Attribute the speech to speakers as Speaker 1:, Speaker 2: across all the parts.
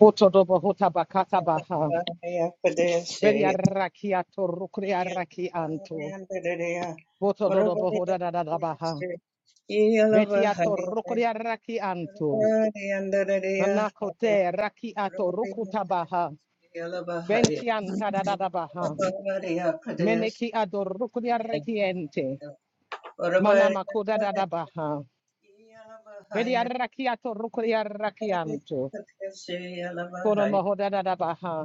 Speaker 1: Hotodobo hotabakatabaha. Beriarakiato rukriarakianto. Botodobo hodadadabaha. Betiato rukriarakianto. Nanakote rakiato rukutabaha. Bentianta dadadabaha. Meneki ador rukria rekiente. Manamako dadadabaha. Beria adorukriarakiente. Manamakoda dadabaha. Beriarakiato rukriarakianto. Konomohodadadabaha.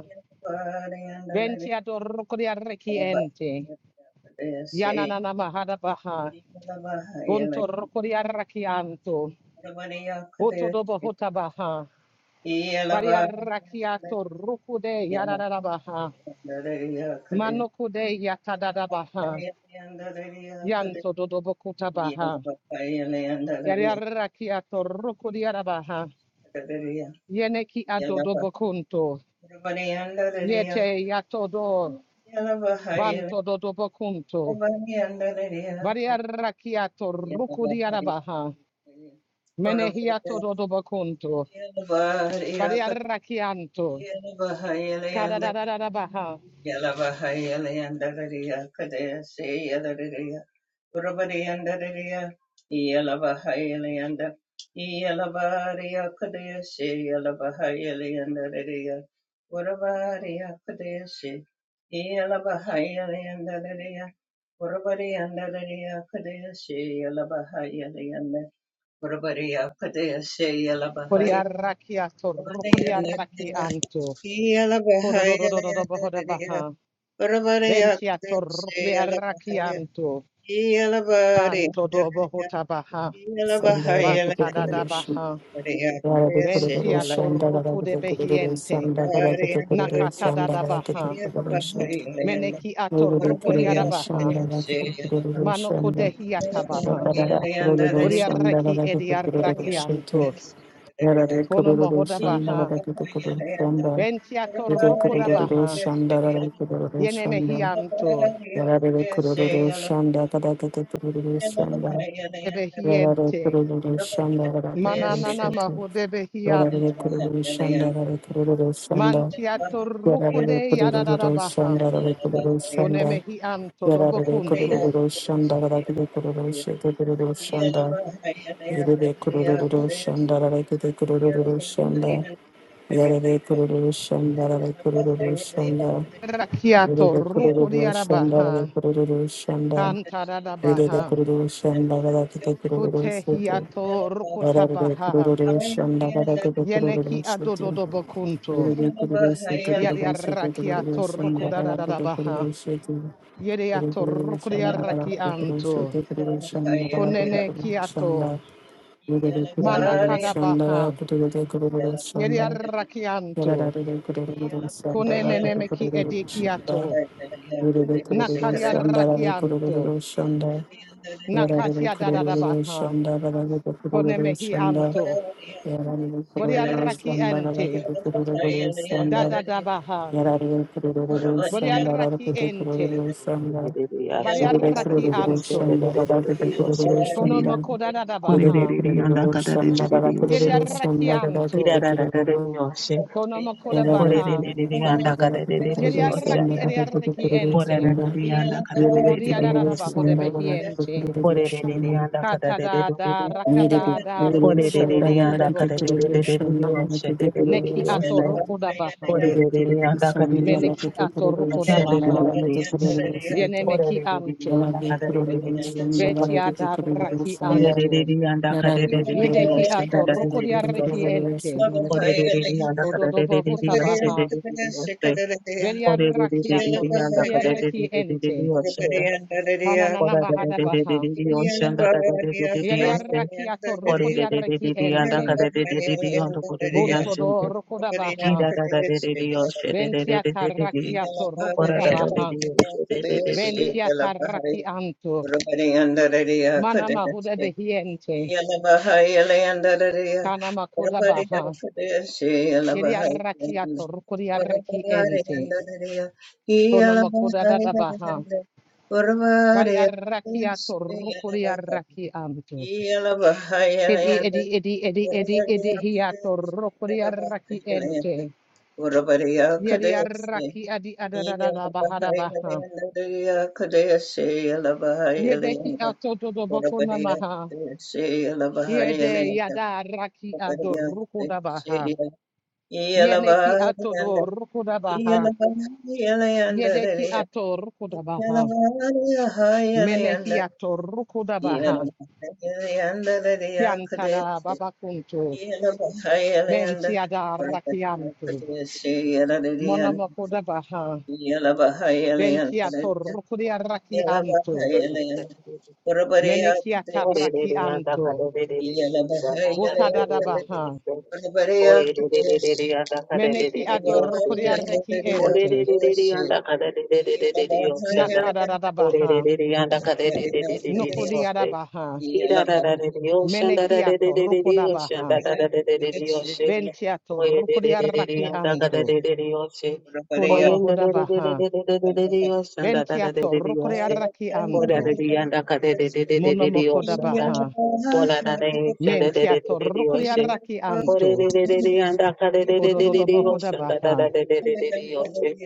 Speaker 1: Bentiato rukriarakiente. Yananana mahadabaha. Bunto rokori arrakianto. Boto dobo hotabaha. Bari arrakiato rukude yararabaha. Manokude yatadadabaha. Yanto dodobo kutabaha. Yari arrakiato rukudi arabaha. Yeneki adodobo kunto. Yete yatodo. Banto dodobo kunto. Bari arrakiato rukudi arabaha. Menehiato dodobo kunto. Bari arrakianto. Kadadadadabaha. Kodiaraki ator, kodiaraki anto. Kodododododo bohoda baha. Ventiator, kodiaraki anto. Kanto do bohota baha. Vantadada
Speaker 2: Sandarakutekurushi,
Speaker 1: baha.
Speaker 2: Yarabikurushi,
Speaker 1: Ventiator,
Speaker 2: Sandarakutekurushi,
Speaker 1: kudebehiente.
Speaker 2: Sandarakutekurushi,
Speaker 1: Nakatadada baha.
Speaker 2: Sandarakutekurushi,
Speaker 1: Meneki ator,
Speaker 2: Nururikurushi,
Speaker 1: kodiarabaha.
Speaker 2: Sandarakutekurushi,
Speaker 1: Manokodehiata baha.
Speaker 2: Sandarakutekurushi,
Speaker 1: Buriaraki ediaraki
Speaker 2: Sandarakutekurushi, Yarabikurushi,
Speaker 1: Kono mohoda
Speaker 2: Sandarakutekurushi,
Speaker 1: baha.
Speaker 2: Sandarakutekurushi,
Speaker 1: Ventiator, kodabaha.
Speaker 2: Sandarakutekurushi, Yarabikurushi,
Speaker 1: Yenemehianto.
Speaker 2: Sandarakutekurushi, Yarare
Speaker 1: debehiente,
Speaker 2: kururu şandara kururu
Speaker 1: mananana
Speaker 2: şutu.
Speaker 1: maho
Speaker 2: Yarare
Speaker 1: debehiante,
Speaker 2: kururu şandara kururu şanda.
Speaker 1: mantiato
Speaker 2: Yarare
Speaker 1: rucude
Speaker 2: kururu
Speaker 1: yadadabaha,
Speaker 2: şandara kururu şanda.
Speaker 1: conemehi anto
Speaker 2: Yarare
Speaker 1: dobocunto,
Speaker 2: kururu şandara kururu şutu kururu şanda. Yarare kururu şandara kururu şanda. Yarare kururu şandara kururu şanda. Yarare kururu şandara kururu şanda.
Speaker 1: rakiato
Speaker 2: Yarare
Speaker 1: rucudi
Speaker 2: kururu
Speaker 1: arabaha,
Speaker 2: şandara kururu
Speaker 1: cantadadabaha,
Speaker 2: şutu.
Speaker 1: cutehiato
Speaker 2: Shanda,
Speaker 1: rucutabaha, yeneki adododobocunto, yadiarakiato rucudadadabaha, yediato rucudi arakianto, conene kiato, manakadabaha,
Speaker 2: Yarare
Speaker 1: Yeriarrakianto, kunenemeki edikiato, nakariarrakianto, nakatia dadadabaha, konemehi anto, boriarraki ente, dadadabaha, boriarraki ente,
Speaker 3: Ora
Speaker 1: bariarraki anto, konomoko dadadabaha, yeriarrakianto,
Speaker 2: Yere
Speaker 1: konomoko dabaha, yeriarraki ediarraki ente, kodiadadabaho debehi ente, Katada da rakada da rukudo rukudo bakuntu. Neki ato rukuda baha. Meneki ato rukuda baha. Yenemeki anto. Betia da raki anto.
Speaker 3: Orererere yanda karererere
Speaker 1: Yedeki
Speaker 3: yose
Speaker 1: ato
Speaker 3: dararerere
Speaker 1: rukudia reki
Speaker 3: yose.
Speaker 1: ente.
Speaker 3: Orererere yanda
Speaker 1: Kododo
Speaker 3: karererere
Speaker 1: bahuta
Speaker 3: yose
Speaker 1: baha.
Speaker 3: dererere yose.
Speaker 1: Beria raki ato
Speaker 3: Orererere yanda
Speaker 1: rukudia
Speaker 3: karererere
Speaker 1: reki ente.
Speaker 3: yose.
Speaker 1: Kananana mahada baha.
Speaker 3: Orererere yose dararerere
Speaker 1: Yedia
Speaker 3: yose.
Speaker 1: raki ato rukudia reki
Speaker 3: Orererere yanda
Speaker 1: ente.
Speaker 3: karererere yonda korere
Speaker 1: Bunto
Speaker 3: yasinde.
Speaker 1: do rukuda baha.
Speaker 3: Kira yose
Speaker 1: Bentia
Speaker 3: dererere.
Speaker 1: tarrakiato rukutabaha.
Speaker 3: Orererere yose dererere.
Speaker 1: Bentia tarrakianto. Manama huda behiente. Kanama kudabaha. Yiriarrakiato rukuriarrakiente. Konama kudadabaha. Variarrakiato rukuriarrakianto. Edi edi edi edi edi edi hiato rukuriarrakiente. Yiriarraki adi adadadabaha. Yedeki ato dodoboko Yede yada raki adorukudabaha. Yeneki atodorukudabaha. Yedeki atorukudabaha. Menehi atorukudabaha. Kiantada babakuntu. Bentiada rakiantu. Monomokudabaha. Bentiato rukudia rakiantu. Meneki atarakiantu. Utadadabaha. Meneki adorukudia rekiente. Nakadadabaha.
Speaker 3: ore you.
Speaker 1: Nukudiyadabaha.
Speaker 3: Da da da da da the ocean. Da da da da da
Speaker 1: Menekiato
Speaker 3: da da the ocean.
Speaker 1: rukodabaha.
Speaker 3: Da da da
Speaker 1: Bentiato rukodiaraki
Speaker 3: da da da da the ocean. Oy da da da da da da
Speaker 1: anto.
Speaker 3: da the ocean. Oy en da da da da da
Speaker 1: Kunomohodabaha.
Speaker 3: da da the ocean. Da da da da da
Speaker 1: Bentiato
Speaker 3: da the ocean.
Speaker 1: rukodiaraki
Speaker 3: Oy da
Speaker 1: anto.
Speaker 3: da da da da da da the ocean. Da.
Speaker 1: Munomokodabaha.
Speaker 3: Ola na ne shanda de de de
Speaker 1: Mentiato
Speaker 3: de de oshe.
Speaker 1: rukodiaraki
Speaker 3: Ore
Speaker 1: anto.
Speaker 3: de de de de anda ka de de de de de de oshe. Da da
Speaker 1: Kodododobohodabaha.
Speaker 3: da de de de de de oshe.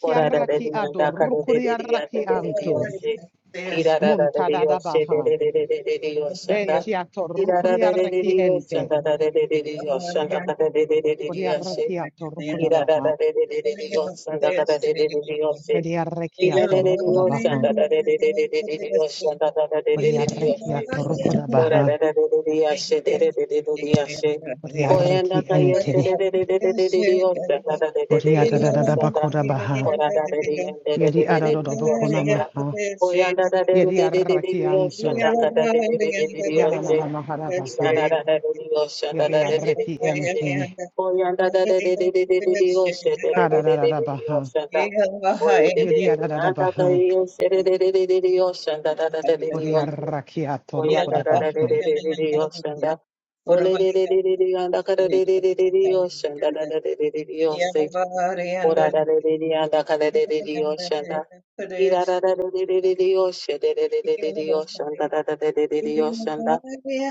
Speaker 3: Ora da de de
Speaker 1: ado
Speaker 3: anda ka de de de de anda
Speaker 1: rukodiaraki
Speaker 3: de de de
Speaker 1: anto.
Speaker 3: oshe. Kira da da de de oshe de
Speaker 1: Muntadadabaha.
Speaker 3: de de de de de de oshe da.
Speaker 1: Bentiato
Speaker 3: Kira da da de de
Speaker 1: rukodiaraki
Speaker 3: de oshe
Speaker 1: ente.
Speaker 3: da da de de de de oshe da ka da de de de de de oshe.
Speaker 1: Kodiarakiato
Speaker 3: Kira da
Speaker 1: rukodabaha.
Speaker 3: da de de de de de oshe da ka da de de de de oshe. Kira
Speaker 1: Bediarakiato
Speaker 3: da de de oshe
Speaker 1: rukodabaha.
Speaker 3: da da de de de de de de oshe da da da de de de de oshe.
Speaker 1: Kodiarakiato
Speaker 3: Kora
Speaker 1: rukodabaha.
Speaker 3: da da da da da yashe da da da da da da yashe. Koya da
Speaker 1: Oriaraki
Speaker 3: da yashe da
Speaker 1: ente.
Speaker 3: da da da da da da da
Speaker 1: Oriadadada
Speaker 3: yosha da
Speaker 1: bakoda baha.
Speaker 3: da da da da da da yosha da. Kora da da da da da da da
Speaker 1: Yedi
Speaker 3: da
Speaker 1: adado
Speaker 3: da
Speaker 1: bokona
Speaker 3: yosha da.
Speaker 1: maha.
Speaker 3: Koya da da da da da
Speaker 1: Yedi
Speaker 3: da da da
Speaker 1: araki
Speaker 3: da yosha
Speaker 1: anto.
Speaker 3: da da da da da da da da da
Speaker 1: Yanana
Speaker 3: yosha.
Speaker 1: mahara
Speaker 3: Ina
Speaker 1: baha.
Speaker 3: da da da da da yosha da
Speaker 1: Yedi
Speaker 3: da da da da da
Speaker 1: araki
Speaker 3: yashe.
Speaker 1: ente.
Speaker 3: Koya da da da da da da da da da yosha da da da da da
Speaker 1: Kadadada
Speaker 3: da da
Speaker 1: baha.
Speaker 3: yosha da. Oye de de
Speaker 1: Yedi
Speaker 3: de de
Speaker 1: adada
Speaker 3: da da da
Speaker 1: baha.
Speaker 3: yosha da da da da da da yosha da da da da da da yosha.
Speaker 1: Oriaraki atorokoda
Speaker 3: Oyanda da da de
Speaker 1: baha.
Speaker 3: de de de de yoshanda. Ole de de de de de yanda kada de de de de de yoshanda da da de de de de yose. Ora da de de de yanda kada de de de yoshanda. Ira da da de de de de de yoshe de de de de de de yoshanda da da de de de de yoshanda.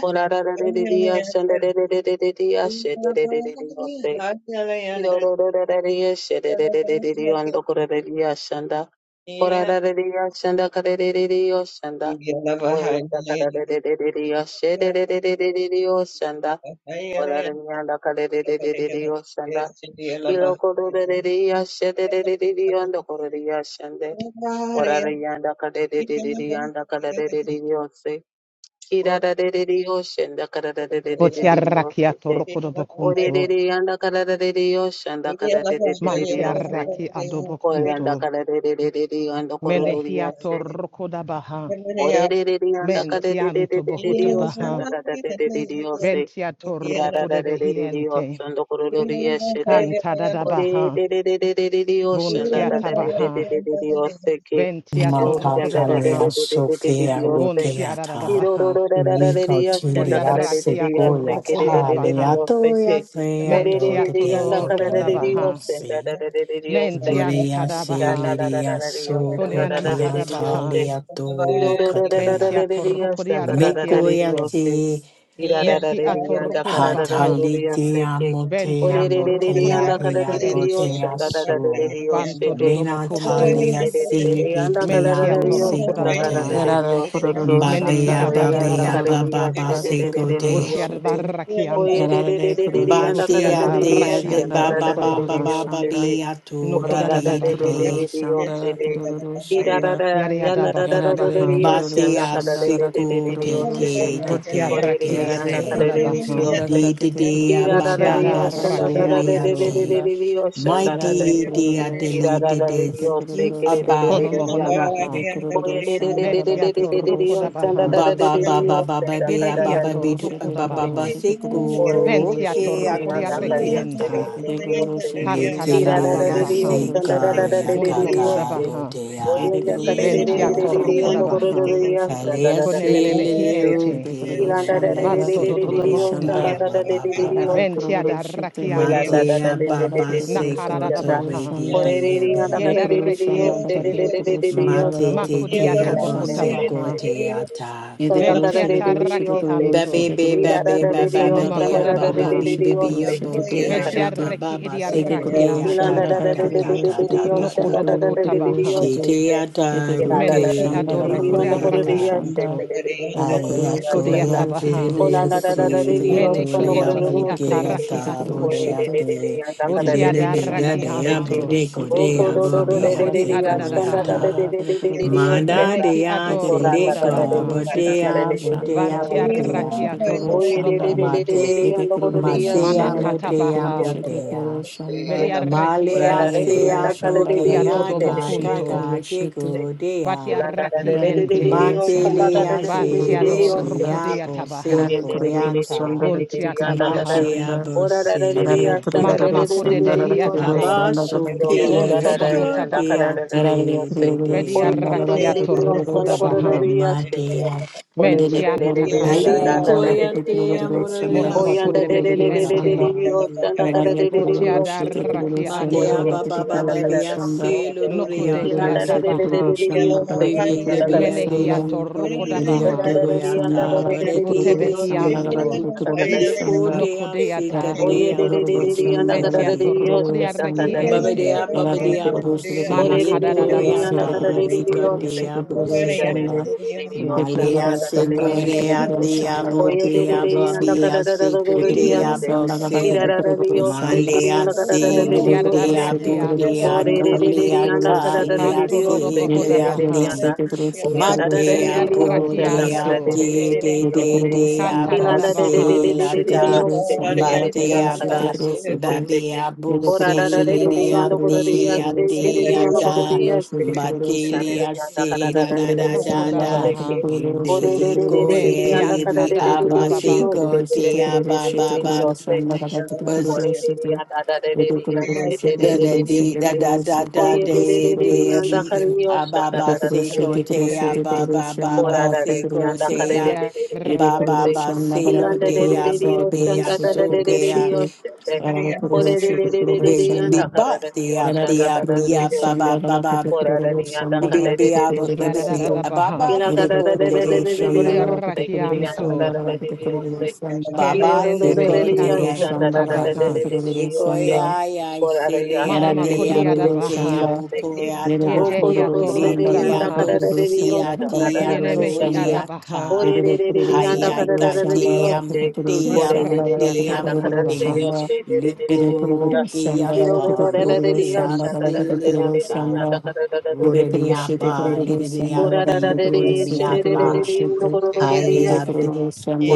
Speaker 3: Ora da da de de de yoshanda de de de de de de yashe de de de de de yose. Iro ro ro da da de yeshe de de de de de de yondo kora de de yashanda. Ora da da de yashanda kada de de de de yoshanda. Oya kada de de de de de yoshe de de de de de de de yoshanda. Ola de miyanda kada de de de de de yoshanda. Ilo kodo de de de yoshe de de de de de yondo kodo de yoshande. Ora de yanda kada de de de de yanda kada de de de yoshe. Kira da de de de yoshanda kada de de de de de de
Speaker 1: Otiaraki
Speaker 3: yoshe.
Speaker 1: atorokoda
Speaker 3: Ode de
Speaker 1: bokunto.
Speaker 3: de yanda kada de de de yoshanda kada de de de de de yoshe.
Speaker 1: Mantiaraki
Speaker 3: Oya yanda
Speaker 1: adobokunto.
Speaker 3: kada de de de de de yondo kodo de
Speaker 1: Menehiato
Speaker 3: yoshe.
Speaker 1: rokoda baha.
Speaker 3: Ore ore ore ore ore ore
Speaker 1: Mentianto bohuta
Speaker 3: ore ocean
Speaker 1: baha.
Speaker 3: da da da ore ore ore ore
Speaker 1: Ventiator
Speaker 3: da da da
Speaker 1: rucude
Speaker 3: ore ore ore ore
Speaker 1: behiente. Cantadadabaha,
Speaker 3: da da da ore ore ore ore da da da
Speaker 1: Buntiatabaha,
Speaker 3: ore ore ore ore da da da
Speaker 4: Makatalea
Speaker 1: Bentiatorukodabaha,
Speaker 4: sokea
Speaker 3: ore
Speaker 4: rokeata.
Speaker 3: ore ore
Speaker 1: Buntiadadabaha,
Speaker 3: ore da da da
Speaker 4: Ricotilia sequoia talia
Speaker 1: Buriarakiatorukodiadabaha,
Speaker 4: toya sea do de devo
Speaker 1: Mentiatodorukodabaha,
Speaker 4: tanabosi. Rodea se
Speaker 1: Mentiantadabaha,
Speaker 4: lidia
Speaker 1: Koniana
Speaker 3: ore
Speaker 4: socotia
Speaker 3: ore
Speaker 1: Mahadabaha,
Speaker 3: ore
Speaker 4: talia
Speaker 3: Yoshe,
Speaker 4: doricotea.
Speaker 1: Bentiatorukodiarakianto,
Speaker 4: Micoyati
Speaker 1: Nekiatorukodabaha,
Speaker 4: hatalitia motea motela
Speaker 1: Bentiatorukodiareki
Speaker 4: dia
Speaker 1: ente,
Speaker 4: gotea so.
Speaker 1: Banto dodobakunto,
Speaker 4: Menatalia si di tiabo
Speaker 1: Mentiatorukodabaha,
Speaker 4: secotea.
Speaker 2: Yarara kururu
Speaker 1: Meneki
Speaker 2: şanda
Speaker 4: Babea
Speaker 2: rada kete
Speaker 4: babea
Speaker 2: kururu
Speaker 1: adadadabaha.
Speaker 4: baba ba
Speaker 2: rada kete
Speaker 4: secote.
Speaker 2: kururu şete.
Speaker 1: Votiadarrakianto.
Speaker 2: Yarara de kururu şete
Speaker 4: Batea
Speaker 2: kururu
Speaker 4: dea de
Speaker 1: Votiadarrakiato
Speaker 2: şanda rada
Speaker 4: baba baba
Speaker 2: kururu
Speaker 1: rukodabaha.
Speaker 4: baba
Speaker 2: şanda.
Speaker 4: bea to
Speaker 3: Ora
Speaker 4: te
Speaker 3: da
Speaker 2: Yarara
Speaker 3: da
Speaker 4: de
Speaker 2: de
Speaker 3: de
Speaker 4: de
Speaker 3: de
Speaker 1: Nukodadadabaha.
Speaker 3: de
Speaker 4: de.
Speaker 2: kururu
Speaker 3: de de yo se
Speaker 2: şanda
Speaker 3: de.
Speaker 2: kururu
Speaker 3: Ki da da
Speaker 2: şanda.
Speaker 3: da ya na da da da
Speaker 2: Yarara
Speaker 3: da da
Speaker 2: de
Speaker 1: Yariadabahodabaha.
Speaker 3: ya shan
Speaker 2: kururu
Speaker 3: da
Speaker 4: Batea
Speaker 3: ka da
Speaker 2: şanda
Speaker 3: de de
Speaker 2: rada
Speaker 3: de de
Speaker 2: kete
Speaker 4: seco
Speaker 3: de de
Speaker 4: te
Speaker 3: yo
Speaker 2: kururu
Speaker 3: se de.
Speaker 4: te te
Speaker 2: şanda.
Speaker 4: te te
Speaker 3: Ore de de
Speaker 4: te te
Speaker 2: Yarara
Speaker 3: ya
Speaker 1: Votiarrakiato
Speaker 3: na
Speaker 2: de
Speaker 3: ka
Speaker 4: te.
Speaker 3: da de
Speaker 2: kururu
Speaker 3: de de
Speaker 1: rukodabaha.
Speaker 3: yo
Speaker 2: şanda
Speaker 3: se.
Speaker 2: rada
Speaker 4: De de
Speaker 2: kete
Speaker 3: Ki
Speaker 4: dea
Speaker 3: da
Speaker 2: kururu
Speaker 3: da da
Speaker 4: baba
Speaker 3: de
Speaker 2: şanda
Speaker 3: yo
Speaker 4: ba
Speaker 2: rada
Speaker 3: shan da
Speaker 2: kete
Speaker 3: da da de
Speaker 4: solea
Speaker 2: kururu
Speaker 3: de de
Speaker 1: Votiadarrakianto.
Speaker 3: de de
Speaker 4: de.
Speaker 2: şanda.
Speaker 3: de de yo shan
Speaker 4: My
Speaker 3: da
Speaker 2: Yarara
Speaker 3: da da
Speaker 2: de
Speaker 4: dea
Speaker 3: de.
Speaker 4: dea
Speaker 2: kururu
Speaker 3: Ki da
Speaker 4: dele
Speaker 3: da
Speaker 2: şanda
Speaker 4: de
Speaker 3: da
Speaker 2: rada
Speaker 3: de de
Speaker 2: kete
Speaker 3: yo se
Speaker 4: You
Speaker 2: kururu
Speaker 3: ki de de de
Speaker 2: şanda.
Speaker 4: about
Speaker 3: de de de ya na.
Speaker 2: エ
Speaker 1: Konomohonamaha.
Speaker 2: デクロロロ
Speaker 3: Oye de
Speaker 2: シャ
Speaker 3: de
Speaker 2: ン
Speaker 3: de
Speaker 2: ダ
Speaker 3: de
Speaker 2: ガ
Speaker 3: de
Speaker 2: ダケ
Speaker 3: de
Speaker 2: テ
Speaker 3: de
Speaker 1: Ventiato
Speaker 2: ク
Speaker 3: de
Speaker 2: ロ
Speaker 3: de
Speaker 2: ロ
Speaker 3: de yo
Speaker 2: シエテ
Speaker 3: shan
Speaker 2: ク
Speaker 3: da
Speaker 1: rukodabaha.
Speaker 2: ロ
Speaker 3: da da
Speaker 2: ロ
Speaker 3: de
Speaker 2: シ
Speaker 4: Baba
Speaker 3: de
Speaker 2: エ
Speaker 3: de
Speaker 2: テ
Speaker 4: baba
Speaker 3: yo shan
Speaker 4: baba
Speaker 3: da ka
Speaker 4: bea
Speaker 2: エ
Speaker 3: da
Speaker 2: デ
Speaker 3: da
Speaker 2: ク
Speaker 4: baba
Speaker 3: de.
Speaker 2: ロ
Speaker 1: Yedehiato
Speaker 4: be
Speaker 2: ロ
Speaker 4: to
Speaker 2: シエテクロ
Speaker 4: baba
Speaker 3: Se
Speaker 2: ロ
Speaker 4: ba
Speaker 1: rukodabaha.
Speaker 3: ki
Speaker 2: シエテク
Speaker 4: seco
Speaker 2: ロロシエテ
Speaker 3: ore
Speaker 2: クロロ
Speaker 3: de de
Speaker 2: シエ
Speaker 3: de
Speaker 1: Ventiato
Speaker 2: テ
Speaker 4: roke
Speaker 3: de
Speaker 2: ク
Speaker 3: de
Speaker 2: ロ
Speaker 3: ya
Speaker 2: ロ
Speaker 3: na
Speaker 2: シエ
Speaker 3: ka
Speaker 4: atole
Speaker 2: テ
Speaker 3: ya she de
Speaker 1: rukodiarrekiente.
Speaker 3: de
Speaker 4: ata.
Speaker 2: エ
Speaker 3: de
Speaker 2: デ
Speaker 3: de
Speaker 2: クロ
Speaker 3: yo
Speaker 2: ロ
Speaker 3: se.
Speaker 2: シエクロロシエテクロ
Speaker 4: Nikili
Speaker 2: ロシエテ
Speaker 1: Cantadadababaha.
Speaker 3: Dios,
Speaker 2: クロロシエテクロ
Speaker 4: asika
Speaker 2: ロシエ
Speaker 4: ya
Speaker 2: テクロロシエ
Speaker 4: kaka
Speaker 2: テ
Speaker 1: Monomokodabaha.
Speaker 4: bote
Speaker 2: エ
Speaker 4: ya
Speaker 2: デクロロ
Speaker 4: bili
Speaker 2: シエクロロ
Speaker 1: Ventiato
Speaker 2: シャ
Speaker 4: nata.
Speaker 2: ンダガダケテク
Speaker 1: rukodabaha.
Speaker 2: ロロシエテクロ
Speaker 4: Hali
Speaker 2: ロシエテ
Speaker 1: Konenene
Speaker 4: asili
Speaker 2: エデ
Speaker 1: ente
Speaker 2: クロ
Speaker 4: liruki
Speaker 2: ロシャンダ
Speaker 4: nalali
Speaker 2: ガダケ
Speaker 1: Banto
Speaker 2: テ
Speaker 1: do
Speaker 2: ク
Speaker 1: do
Speaker 2: ロ
Speaker 4: asiko
Speaker 1: do
Speaker 2: ロ
Speaker 4: ya
Speaker 2: シャンダ
Speaker 1: bocunto.
Speaker 4: ta ba ba
Speaker 2: や
Speaker 4: ba
Speaker 2: ら
Speaker 4: ba.
Speaker 2: れクロ
Speaker 1: Bentia
Speaker 2: ロ
Speaker 1: da
Speaker 2: シエテクロ
Speaker 1: rakianto.
Speaker 2: ロ
Speaker 4: Mate
Speaker 2: シャ
Speaker 4: ya
Speaker 2: ンダガダケ
Speaker 4: baba
Speaker 2: テクロシエ
Speaker 4: seko
Speaker 2: テクロ
Speaker 4: to
Speaker 2: ロシャ
Speaker 1: Nakaradabaha.
Speaker 2: ン
Speaker 4: baby
Speaker 2: ダ
Speaker 4: be heavy.
Speaker 2: レ
Speaker 1: Yeri
Speaker 2: クロロシャンダガダケ
Speaker 1: arrekiente.
Speaker 2: テクロロシャンダガダ
Speaker 4: Mate
Speaker 2: ケテ
Speaker 4: te
Speaker 2: クロ
Speaker 4: te
Speaker 1: Makudia
Speaker 4: ya
Speaker 2: ロシャ
Speaker 4: bo
Speaker 2: ンダ
Speaker 1: tobokota
Speaker 4: seko
Speaker 1: baha
Speaker 4: te ya ta.
Speaker 2: এতে করুণ হচ্ছে
Speaker 1: Bentia
Speaker 2: এতে করুণ হচ্ছে এতে করুণ হচ্ছে
Speaker 1: tarakianto.
Speaker 4: Baby
Speaker 2: এতে
Speaker 4: be
Speaker 2: করুণ হচ্ছে এতে
Speaker 4: baby
Speaker 2: করুণ
Speaker 4: ba ba
Speaker 2: Shanta
Speaker 4: ba di
Speaker 2: কালাকে
Speaker 4: ya
Speaker 1: Konomakoda
Speaker 2: তে
Speaker 4: ba
Speaker 2: করুণ
Speaker 4: ba
Speaker 1: baha
Speaker 4: bi
Speaker 2: হচ্ছে এতে
Speaker 4: bi bi
Speaker 2: করুণ
Speaker 4: yo
Speaker 2: হচ্ছে এতে
Speaker 4: bo
Speaker 2: করুণ
Speaker 4: te ya
Speaker 2: হচ্ছে
Speaker 1: Betia
Speaker 4: ba
Speaker 2: এতে
Speaker 4: ba ba
Speaker 1: reki
Speaker 4: ba
Speaker 1: edia
Speaker 2: এতে
Speaker 4: seko te
Speaker 2: করুণ
Speaker 4: ya ta
Speaker 2: Shanta
Speaker 1: rakianto.
Speaker 4: ta
Speaker 2: কালাকে
Speaker 4: ta
Speaker 2: তে করুণ
Speaker 4: ta
Speaker 2: হচ্ছে
Speaker 4: ta ta
Speaker 3: Oh,
Speaker 4: ta
Speaker 2: এতে
Speaker 4: ta ta.
Speaker 2: করুণ
Speaker 1: Nokodobokota
Speaker 2: হচ্ছে
Speaker 1: baha
Speaker 2: এতে এতে
Speaker 4: Titiata
Speaker 2: করুণ
Speaker 1: Meneki
Speaker 4: Rike
Speaker 2: শান্তা কালাকে তে
Speaker 1: adorokodia
Speaker 2: করুণ হচ্ছে
Speaker 4: Doroyata
Speaker 1: rakianto.
Speaker 4: Ariakoyate
Speaker 1: Kodiatabaha.
Speaker 4: Liasi
Speaker 1: Meneki
Speaker 4: Atolia
Speaker 1: eteki ataraki
Speaker 2: এতে
Speaker 4: Bukeata
Speaker 2: করুণ
Speaker 1: ato.
Speaker 2: হচ্ছে
Speaker 4: Bodeate
Speaker 2: Yedi
Speaker 1: Botia
Speaker 4: Lida
Speaker 2: kurulu
Speaker 4: de
Speaker 2: şanda
Speaker 1: daraki
Speaker 2: kala kuru
Speaker 4: Dadea
Speaker 1: anto.
Speaker 2: kurulu
Speaker 4: Budeko
Speaker 2: şete
Speaker 4: Dea
Speaker 2: kurulu şanda
Speaker 4: Bobe
Speaker 2: kala
Speaker 1: Nokodi
Speaker 2: kuru kurulu şanda
Speaker 1: adadadabaha.
Speaker 2: kala
Speaker 4: Atsekoyata
Speaker 2: kuru kurulu şete.
Speaker 4: Mada
Speaker 1: Meneki
Speaker 4: Dea
Speaker 1: ador
Speaker 2: Yedi kurulu şete
Speaker 4: Silico
Speaker 1: rokodabaha.
Speaker 2: kurulu şete kurulu
Speaker 4: Bodea
Speaker 2: şanda
Speaker 4: Bodea
Speaker 2: kala kuru kurulu
Speaker 4: Bodea
Speaker 2: şete
Speaker 1: Vantiarrakiato
Speaker 2: kurulu şanda.
Speaker 1: rokodobokunto.
Speaker 4: Mate
Speaker 2: Yedi kurulu şanda
Speaker 4: Matea
Speaker 2: kala kuru
Speaker 4: Botea
Speaker 2: kurulu
Speaker 1: Manakatabaha.
Speaker 2: şete
Speaker 4: Bodea
Speaker 2: kurulu şanda.
Speaker 1: Beriarreki
Speaker 3: Ora
Speaker 4: Malea
Speaker 3: da da
Speaker 2: Yararare
Speaker 1: ente.
Speaker 3: di
Speaker 2: kurulu
Speaker 3: anda
Speaker 4: sea
Speaker 3: kada
Speaker 2: şanda
Speaker 3: di
Speaker 2: kala
Speaker 3: di
Speaker 2: kuru
Speaker 3: o
Speaker 4: kokea
Speaker 3: se
Speaker 2: kurulu
Speaker 3: di di di
Speaker 2: şete
Speaker 4: kaka
Speaker 3: di
Speaker 1: Yatodobokunto.
Speaker 3: di
Speaker 2: kurulu
Speaker 4: kake
Speaker 2: şete.
Speaker 3: se
Speaker 4: kodea.
Speaker 3: ilanda da da
Speaker 1: Batiarraki
Speaker 3: di
Speaker 2: Yararare
Speaker 3: di di di
Speaker 1: ente.
Speaker 3: di
Speaker 2: kurulu
Speaker 3: o sanda
Speaker 2: şanda
Speaker 3: da
Speaker 2: kala
Speaker 3: da
Speaker 4: Matelea
Speaker 3: di
Speaker 2: kuru
Speaker 3: di di di
Speaker 4: se
Speaker 3: di
Speaker 2: kurulu
Speaker 3: di
Speaker 1: Bantiador
Speaker 3: o se
Speaker 2: şanda.
Speaker 4: repia
Speaker 3: di
Speaker 4: bose
Speaker 1: rokodiatabaha.
Speaker 3: oye
Speaker 2: Yararare
Speaker 3: di di di
Speaker 2: kurulu
Speaker 3: di di
Speaker 4: koyata.
Speaker 2: şanda
Speaker 3: di
Speaker 2: kala
Speaker 3: di di di di
Speaker 2: kuru
Speaker 3: anda da
Speaker 2: kurulu
Speaker 3: da
Speaker 1: Buntiatabaha.
Speaker 2: şanda.
Speaker 4: Matea
Speaker 3: ora da da di di
Speaker 2: Yararlı
Speaker 4: boselia
Speaker 2: kuruluşun
Speaker 3: asanda da da
Speaker 4: pena.
Speaker 3: di di di di
Speaker 2: daralı
Speaker 3: di o se
Speaker 1: Manamakodedehiataha.
Speaker 2: kuruluşun daralı
Speaker 3: ro ro ro
Speaker 4: Abasoke
Speaker 3: da da da
Speaker 2: kuruluşun
Speaker 4: eko
Speaker 3: anda kada
Speaker 1: Buntobohotabaha.
Speaker 3: da da di di
Speaker 2: yararlı
Speaker 3: o
Speaker 4: geate de
Speaker 3: se
Speaker 5: Andare a
Speaker 4: dea
Speaker 2: kuruluşun
Speaker 3: oye di di di
Speaker 4: bote.
Speaker 3: di
Speaker 2: daralı
Speaker 1: Beriarrakiato
Speaker 3: di o sanda koro
Speaker 2: kuruluşun
Speaker 3: ro
Speaker 2: da
Speaker 1: rokodabaha.
Speaker 3: di ya
Speaker 5: ridere
Speaker 3: se di
Speaker 5: scendere,
Speaker 4: Matea.
Speaker 3: ore di
Speaker 2: mideli
Speaker 3: di di
Speaker 1: Mentianta
Speaker 3: di di di
Speaker 4: Ale
Speaker 3: anda
Speaker 2: kuruluşun
Speaker 3: da da
Speaker 2: daralı
Speaker 1: kadadabaha.
Speaker 3: di di
Speaker 5: scendere,
Speaker 3: di o
Speaker 4: koyate
Speaker 3: se
Speaker 5: sentire, ridere,
Speaker 2: kuruluşun
Speaker 4: amorelea
Speaker 2: daralı
Speaker 3: oye
Speaker 1: Monomoko
Speaker 3: anda
Speaker 1: de
Speaker 3: di di
Speaker 1: behi
Speaker 3: di di di di
Speaker 2: kuruluşun da
Speaker 3: di
Speaker 1: ente.
Speaker 3: di o sanda
Speaker 4: solitaria.
Speaker 3: kada di
Speaker 2: yararlı
Speaker 3: di di di o
Speaker 2: kuruluşun kuruluşun daralı kuruluşun da mideli kuruluşun
Speaker 3: se
Speaker 5: candere,
Speaker 1: Botiadaraki
Speaker 2: kuruluşun
Speaker 4: Matea
Speaker 2: daralı
Speaker 1: anto.
Speaker 4: baba baba bia
Speaker 2: kuruluşun da
Speaker 1: Noko
Speaker 2: mideli
Speaker 1: de
Speaker 4: se
Speaker 2: kuruluşun daralı
Speaker 1: hiatabaha.
Speaker 4: We be there, be out
Speaker 2: kuruluşun
Speaker 4: there,
Speaker 2: daralı
Speaker 1: Menehiato
Speaker 4: do do do do ya
Speaker 1: rokodabaha.
Speaker 4: do ya sa. But it really
Speaker 1: Botebehi
Speaker 4: we
Speaker 1: anto.
Speaker 4: would you the
Speaker 2: kuruluşun
Speaker 4: poor
Speaker 2: da
Speaker 4: day
Speaker 1: Noko
Speaker 4: I sick a
Speaker 1: deata.
Speaker 2: Yakuru
Speaker 4: day
Speaker 5: candere,
Speaker 4: I
Speaker 2: kururu roshanda
Speaker 5: scendere,
Speaker 4: take
Speaker 1: Betiato
Speaker 2: galakuru kururu
Speaker 5: sentire,
Speaker 1: rokodiareki
Speaker 2: roshanda.
Speaker 5: candere,
Speaker 1: ente.
Speaker 4: Babadea,
Speaker 5: scendere,
Speaker 2: Yarare
Speaker 4: babadea,
Speaker 3: Oye,
Speaker 2: kururu shide
Speaker 4: busi,
Speaker 2: kururu shide
Speaker 4: liko,
Speaker 2: kururu
Speaker 1: Manakadadabaha.
Speaker 2: shide
Speaker 4: yata,
Speaker 2: kururu shide
Speaker 4: liko,
Speaker 2: kururu
Speaker 4: dea,
Speaker 2: shide kururu
Speaker 5: sentire,
Speaker 4: busi, koi.
Speaker 2: roshanda.
Speaker 5: ridere,
Speaker 2: Ite kururu
Speaker 4: Malea,
Speaker 2: roshanda
Speaker 4: seko,
Speaker 2: galakuru
Speaker 4: dea,
Speaker 2: kururu
Speaker 4: dea,
Speaker 2: roshanda galakuru
Speaker 4: botea,
Speaker 2: kururu shide.
Speaker 4: babia, seko,
Speaker 2: Ite kururu
Speaker 4: dea,
Speaker 2: roshanda
Speaker 5: candere,
Speaker 4: busi.
Speaker 2: galakuru kururu roshanda.
Speaker 4: Malea,
Speaker 2: Ite
Speaker 4: seko,
Speaker 2: kururu
Speaker 4: dea,
Speaker 2: shide
Speaker 1: Kontiadaraki
Speaker 2: kururu
Speaker 3: O
Speaker 5: scendere,
Speaker 1: anto.
Speaker 4: botea,
Speaker 3: re
Speaker 2: roshanda
Speaker 3: re re re
Speaker 2: galakuru
Speaker 3: re
Speaker 4: kulea,
Speaker 3: anda
Speaker 2: kururu
Speaker 5: ridere,
Speaker 3: kada da re
Speaker 2: shide.
Speaker 4: kalea,
Speaker 3: re re
Speaker 1: Kanto
Speaker 3: o
Speaker 5: candere,
Speaker 3: se
Speaker 4: se,
Speaker 5: scendere, candere,
Speaker 2: 入
Speaker 5: scendere,
Speaker 3: ke
Speaker 2: れ
Speaker 3: re
Speaker 2: て
Speaker 3: re
Speaker 4: dea,
Speaker 5: scendere, candere, scendere,
Speaker 2: く
Speaker 3: re
Speaker 5: candere, scendere,
Speaker 2: る
Speaker 3: re
Speaker 2: る
Speaker 1: dodobohodabaha.
Speaker 2: し入
Speaker 3: anda.
Speaker 4: dea.
Speaker 2: れてくるるし
Speaker 3: O
Speaker 2: 入れ
Speaker 3: ya
Speaker 2: てく
Speaker 3: da
Speaker 2: る
Speaker 3: da
Speaker 2: る
Speaker 3: da
Speaker 2: し入
Speaker 3: re
Speaker 2: ん
Speaker 4: Matea,
Speaker 3: re
Speaker 2: なが
Speaker 3: re
Speaker 2: ら
Speaker 3: o
Speaker 2: けて
Speaker 3: se
Speaker 2: く
Speaker 1: Beliaraki
Speaker 2: る
Speaker 3: anda
Speaker 2: るし入
Speaker 3: kada
Speaker 2: れ
Speaker 4: botea,
Speaker 2: てく
Speaker 3: re
Speaker 1: anto.
Speaker 3: re re
Speaker 4: de,
Speaker 3: re re
Speaker 4: de,
Speaker 3: re o
Speaker 4: de,
Speaker 2: る
Speaker 3: se.
Speaker 2: るし入ん
Speaker 4: dea,
Speaker 2: ながら
Speaker 3: Ilanda
Speaker 2: け
Speaker 3: re
Speaker 2: て
Speaker 3: re
Speaker 2: くる
Speaker 3: re
Speaker 4: busi,
Speaker 3: re
Speaker 1: Kantadadabaha.
Speaker 2: る
Speaker 3: re
Speaker 2: し
Speaker 3: re
Speaker 2: 入れ
Speaker 3: re re
Speaker 2: てくる
Speaker 4: lata.
Speaker 3: o
Speaker 2: る
Speaker 3: se
Speaker 2: し入ん
Speaker 3: ke
Speaker 2: な
Speaker 3: re
Speaker 2: がら
Speaker 3: re
Speaker 2: け
Speaker 3: re
Speaker 2: てくるる
Speaker 3: anda
Speaker 4: Matea,
Speaker 2: し入れ
Speaker 3: kada
Speaker 4: ba
Speaker 2: て
Speaker 3: da
Speaker 2: く
Speaker 3: re
Speaker 2: るる
Speaker 3: re
Speaker 2: し入れてくるるし入れてく
Speaker 3: o
Speaker 2: る
Speaker 3: se.
Speaker 4: Babi
Speaker 3: O
Speaker 2: る
Speaker 3: ra
Speaker 4: abusi
Speaker 3: da
Speaker 2: し
Speaker 3: da
Speaker 2: 入
Speaker 3: re
Speaker 2: れて
Speaker 3: re
Speaker 2: くる
Speaker 3: re
Speaker 4: lidi
Speaker 2: る
Speaker 3: anda kada re
Speaker 2: し入れて
Speaker 4: ati
Speaker 3: ya
Speaker 2: くる
Speaker 3: se
Speaker 2: る
Speaker 4: ati
Speaker 2: し
Speaker 3: ke re re anda kada re
Speaker 4: ata
Speaker 3: ya se.
Speaker 2: 入
Speaker 5: scendere, ridere, candere, scendere, ridere, candere,
Speaker 3: Kada
Speaker 2: れ
Speaker 4: batili
Speaker 2: て
Speaker 3: re ya
Speaker 5: scendere,
Speaker 3: da
Speaker 5: ridere,
Speaker 2: এদের
Speaker 3: kada
Speaker 4: asi
Speaker 3: da
Speaker 4: da
Speaker 3: da re
Speaker 4: da
Speaker 3: re
Speaker 4: da
Speaker 3: re re re
Speaker 4: da
Speaker 3: o se
Speaker 5: candere,
Speaker 4: da
Speaker 1: Rokodabaha.
Speaker 3: ke.
Speaker 4: inde
Speaker 3: O re re re re
Speaker 4: iko
Speaker 3: re re re anda
Speaker 4: e
Speaker 1: Mentianta
Speaker 3: kada
Speaker 4: evi
Speaker 3: re re
Speaker 1: da
Speaker 3: re re re re
Speaker 1: baba
Speaker 4: abase
Speaker 3: o se
Speaker 4: ko
Speaker 3: re re
Speaker 4: te
Speaker 3: re re re re
Speaker 4: ababa
Speaker 3: re re
Speaker 4: ba
Speaker 3: o se. O
Speaker 4: was
Speaker 3: re re re anda da re re re ya se re re re
Speaker 4: bene
Speaker 3: re re o
Speaker 4: di da
Speaker 3: se.
Speaker 4: da da da
Speaker 3: Oye, de de de
Speaker 4: de
Speaker 3: de
Speaker 4: de
Speaker 3: de yanda kare
Speaker 4: evi
Speaker 3: yosha da da
Speaker 4: ababa
Speaker 3: da da
Speaker 4: se
Speaker 3: de de
Speaker 4: ko
Speaker 3: de
Speaker 4: te
Speaker 3: yose de
Speaker 4: ababa ba ba
Speaker 3: ora da de
Speaker 4: se
Speaker 3: de
Speaker 4: ko
Speaker 3: yanda
Speaker 4: te
Speaker 3: kare de de de de de de
Speaker 4: ababa
Speaker 3: yose
Speaker 4: ba se lo
Speaker 3: ilanda
Speaker 4: te
Speaker 3: de de de de
Speaker 4: abobe
Speaker 3: yosha da da da de de de de
Speaker 4: asuke
Speaker 3: yose de ore de de de de de de
Speaker 4: big
Speaker 3: yanda
Speaker 4: big
Speaker 3: kare de
Speaker 4: box
Speaker 3: de
Speaker 4: they have
Speaker 3: yosha
Speaker 4: they
Speaker 3: da
Speaker 2: genelde
Speaker 3: da
Speaker 4: have
Speaker 3: da
Speaker 2: kurulur,
Speaker 4: yeah
Speaker 3: de
Speaker 4: ba
Speaker 3: yose
Speaker 2: şanda
Speaker 4: ba ba
Speaker 2: gala
Speaker 4: ba
Speaker 2: kete
Speaker 3: ora da de
Speaker 2: kurulur,
Speaker 3: yanda
Speaker 2: şanda
Speaker 4: big
Speaker 3: kare
Speaker 4: big
Speaker 2: gala
Speaker 3: de
Speaker 2: kete
Speaker 3: de
Speaker 4: ba
Speaker 3: de
Speaker 4: ba
Speaker 3: de de
Speaker 4: ba ba ba ba- ba- ba-
Speaker 2: kurulur,
Speaker 4: ba-
Speaker 3: yose
Speaker 2: sedu.
Speaker 4: ba-
Speaker 1: Yarararabaha.
Speaker 4: ba- ba-
Speaker 3: kila da
Speaker 2: Yere
Speaker 4: ba-
Speaker 3: da
Speaker 2: de
Speaker 3: da
Speaker 4: ba-
Speaker 3: de de de
Speaker 2: kurulur,
Speaker 3: de de de de
Speaker 2: şanda
Speaker 4: today
Speaker 2: gala
Speaker 3: yose
Speaker 2: kete
Speaker 3: kila
Speaker 2: kurulur,
Speaker 3: yanda
Speaker 5: scendere,
Speaker 3: da
Speaker 2: şanda
Speaker 1: Boriarakianto.
Speaker 3: da da de de
Speaker 2: kete
Speaker 3: de
Speaker 2: kurulur,
Speaker 3: yose
Speaker 5: Kondarasha
Speaker 2: şanda.
Speaker 3: kiro
Speaker 4: Baba
Speaker 3: ro ro
Speaker 1: Kenene
Speaker 2: Yere
Speaker 3: ro de
Speaker 2: de
Speaker 5: sentiri
Speaker 1: mehi
Speaker 3: de
Speaker 4: seko te
Speaker 2: kurulur,
Speaker 3: yosha
Speaker 1: adoboho
Speaker 3: da
Speaker 2: şanda
Speaker 3: da da de de
Speaker 2: kete
Speaker 1: tabaha.
Speaker 3: de
Speaker 4: ayi
Speaker 3: de
Speaker 5: kantiri
Speaker 3: de de
Speaker 2: kurulur,
Speaker 4: seko
Speaker 5: shontara
Speaker 3: yose
Speaker 4: e
Speaker 2: şanda.
Speaker 4: ai ai
Speaker 3: Ora
Speaker 5: suntiri
Speaker 4: sele
Speaker 1: Manama
Speaker 2: Yarare
Speaker 4: ate
Speaker 1: kodi
Speaker 4: abu
Speaker 2: kururu
Speaker 4: te
Speaker 1: adabaha.
Speaker 2: şanda,
Speaker 4: abu
Speaker 2: yerere
Speaker 4: korata
Speaker 1: Yetehi
Speaker 2: kururu
Speaker 4: le
Speaker 1: atoroko
Speaker 2: şanda,
Speaker 4: te
Speaker 2: rabade
Speaker 1: dabaha.
Speaker 4: abu
Speaker 2: kururu
Speaker 4: si
Speaker 2: şanda, rabada
Speaker 4: ate
Speaker 5: kondarasha
Speaker 1: Yene
Speaker 2: kururu
Speaker 4: ako
Speaker 1: mehi
Speaker 4: le
Speaker 2: şanda,
Speaker 5: sentiri
Speaker 1: adabaha.
Speaker 4: aka
Speaker 2: yerere
Speaker 5: kantiri
Speaker 2: kururu
Speaker 4: hai
Speaker 2: şanda,
Speaker 4: ai
Speaker 5: shontara
Speaker 2: kururu
Speaker 4: ka te
Speaker 2: şanda,
Speaker 5: suntiri
Speaker 2: rabade
Speaker 4: amu te
Speaker 2: kururu şanda,
Speaker 5: kantara
Speaker 1: Ediaraki
Speaker 2: rabade
Speaker 5: sentiri
Speaker 1: atoroko
Speaker 2: kururu
Speaker 1: dabaha.
Speaker 2: şanda,
Speaker 4: liko
Speaker 2: yere kururu
Speaker 4: ke
Speaker 2: şanda,
Speaker 4: aka
Speaker 2: rabade
Speaker 4: lo
Speaker 2: kururu
Speaker 4: ke
Speaker 2: şanda, rabade
Speaker 4: sele
Speaker 2: kururu
Speaker 4: ata
Speaker 2: şanda, yere
Speaker 4: rore de
Speaker 2: kururu şanda,
Speaker 4: aba le
Speaker 2: kururu
Speaker 4: de
Speaker 2: şanda,
Speaker 4: ate
Speaker 2: rabade kururu
Speaker 4: kole de
Speaker 2: şanda, kururu
Speaker 4: ata
Speaker 2: şanda,
Speaker 5: kantara
Speaker 2: yere
Speaker 4: Hayab
Speaker 2: kururu şanda,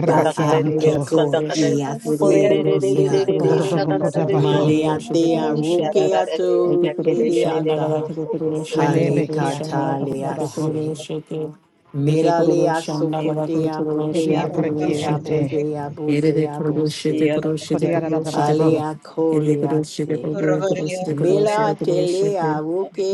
Speaker 2: rabade kururu şanda,
Speaker 4: A
Speaker 2: kururu
Speaker 5: shontara suntara
Speaker 4: Eko
Speaker 2: şanda, ウルク
Speaker 4: Yase
Speaker 2: ルロシテクルロシ
Speaker 4: Yaga
Speaker 2: ャンダ
Speaker 1: Kododoboko
Speaker 2: ガラケテク
Speaker 1: dabaha.
Speaker 2: ルロシテクル
Speaker 4: Maleatea
Speaker 2: ロシテウ
Speaker 4: Rukeato
Speaker 2: テクルロ
Speaker 5: sentiri
Speaker 2: シャンダガラ
Speaker 4: Rideata
Speaker 2: ケ
Speaker 5: sentiri
Speaker 2: テクルロシテ
Speaker 1: Mene
Speaker 2: クル
Speaker 4: Hale
Speaker 5: kantiri
Speaker 2: ロ
Speaker 1: mehi
Speaker 2: シャンダ
Speaker 5: shontara
Speaker 2: ガラ
Speaker 1: atoroko
Speaker 2: ケテク
Speaker 5: suntiri
Speaker 1: dabaha.
Speaker 2: ルロ
Speaker 4: Katalease
Speaker 2: シテウテクルロ
Speaker 4: Miralea
Speaker 2: シャンダガラケテ
Speaker 4: Sokotea
Speaker 2: クル
Speaker 4: Mutea
Speaker 1: Ediaraki
Speaker 2: ロシ
Speaker 4: Bukea
Speaker 2: テ
Speaker 1: ente.
Speaker 4: Botea
Speaker 2: エレレ
Speaker 4: Botea
Speaker 2: コロロシェテ
Speaker 4: Bose
Speaker 2: コロシェテコロシェテコ
Speaker 1: Kodiaradabaha.
Speaker 2: ロ
Speaker 4: Halea
Speaker 2: エレコロシェテコロコ
Speaker 4: Colease
Speaker 2: ロシェテコロシェ
Speaker 4: Mila
Speaker 2: テコロシェテ
Speaker 4: telea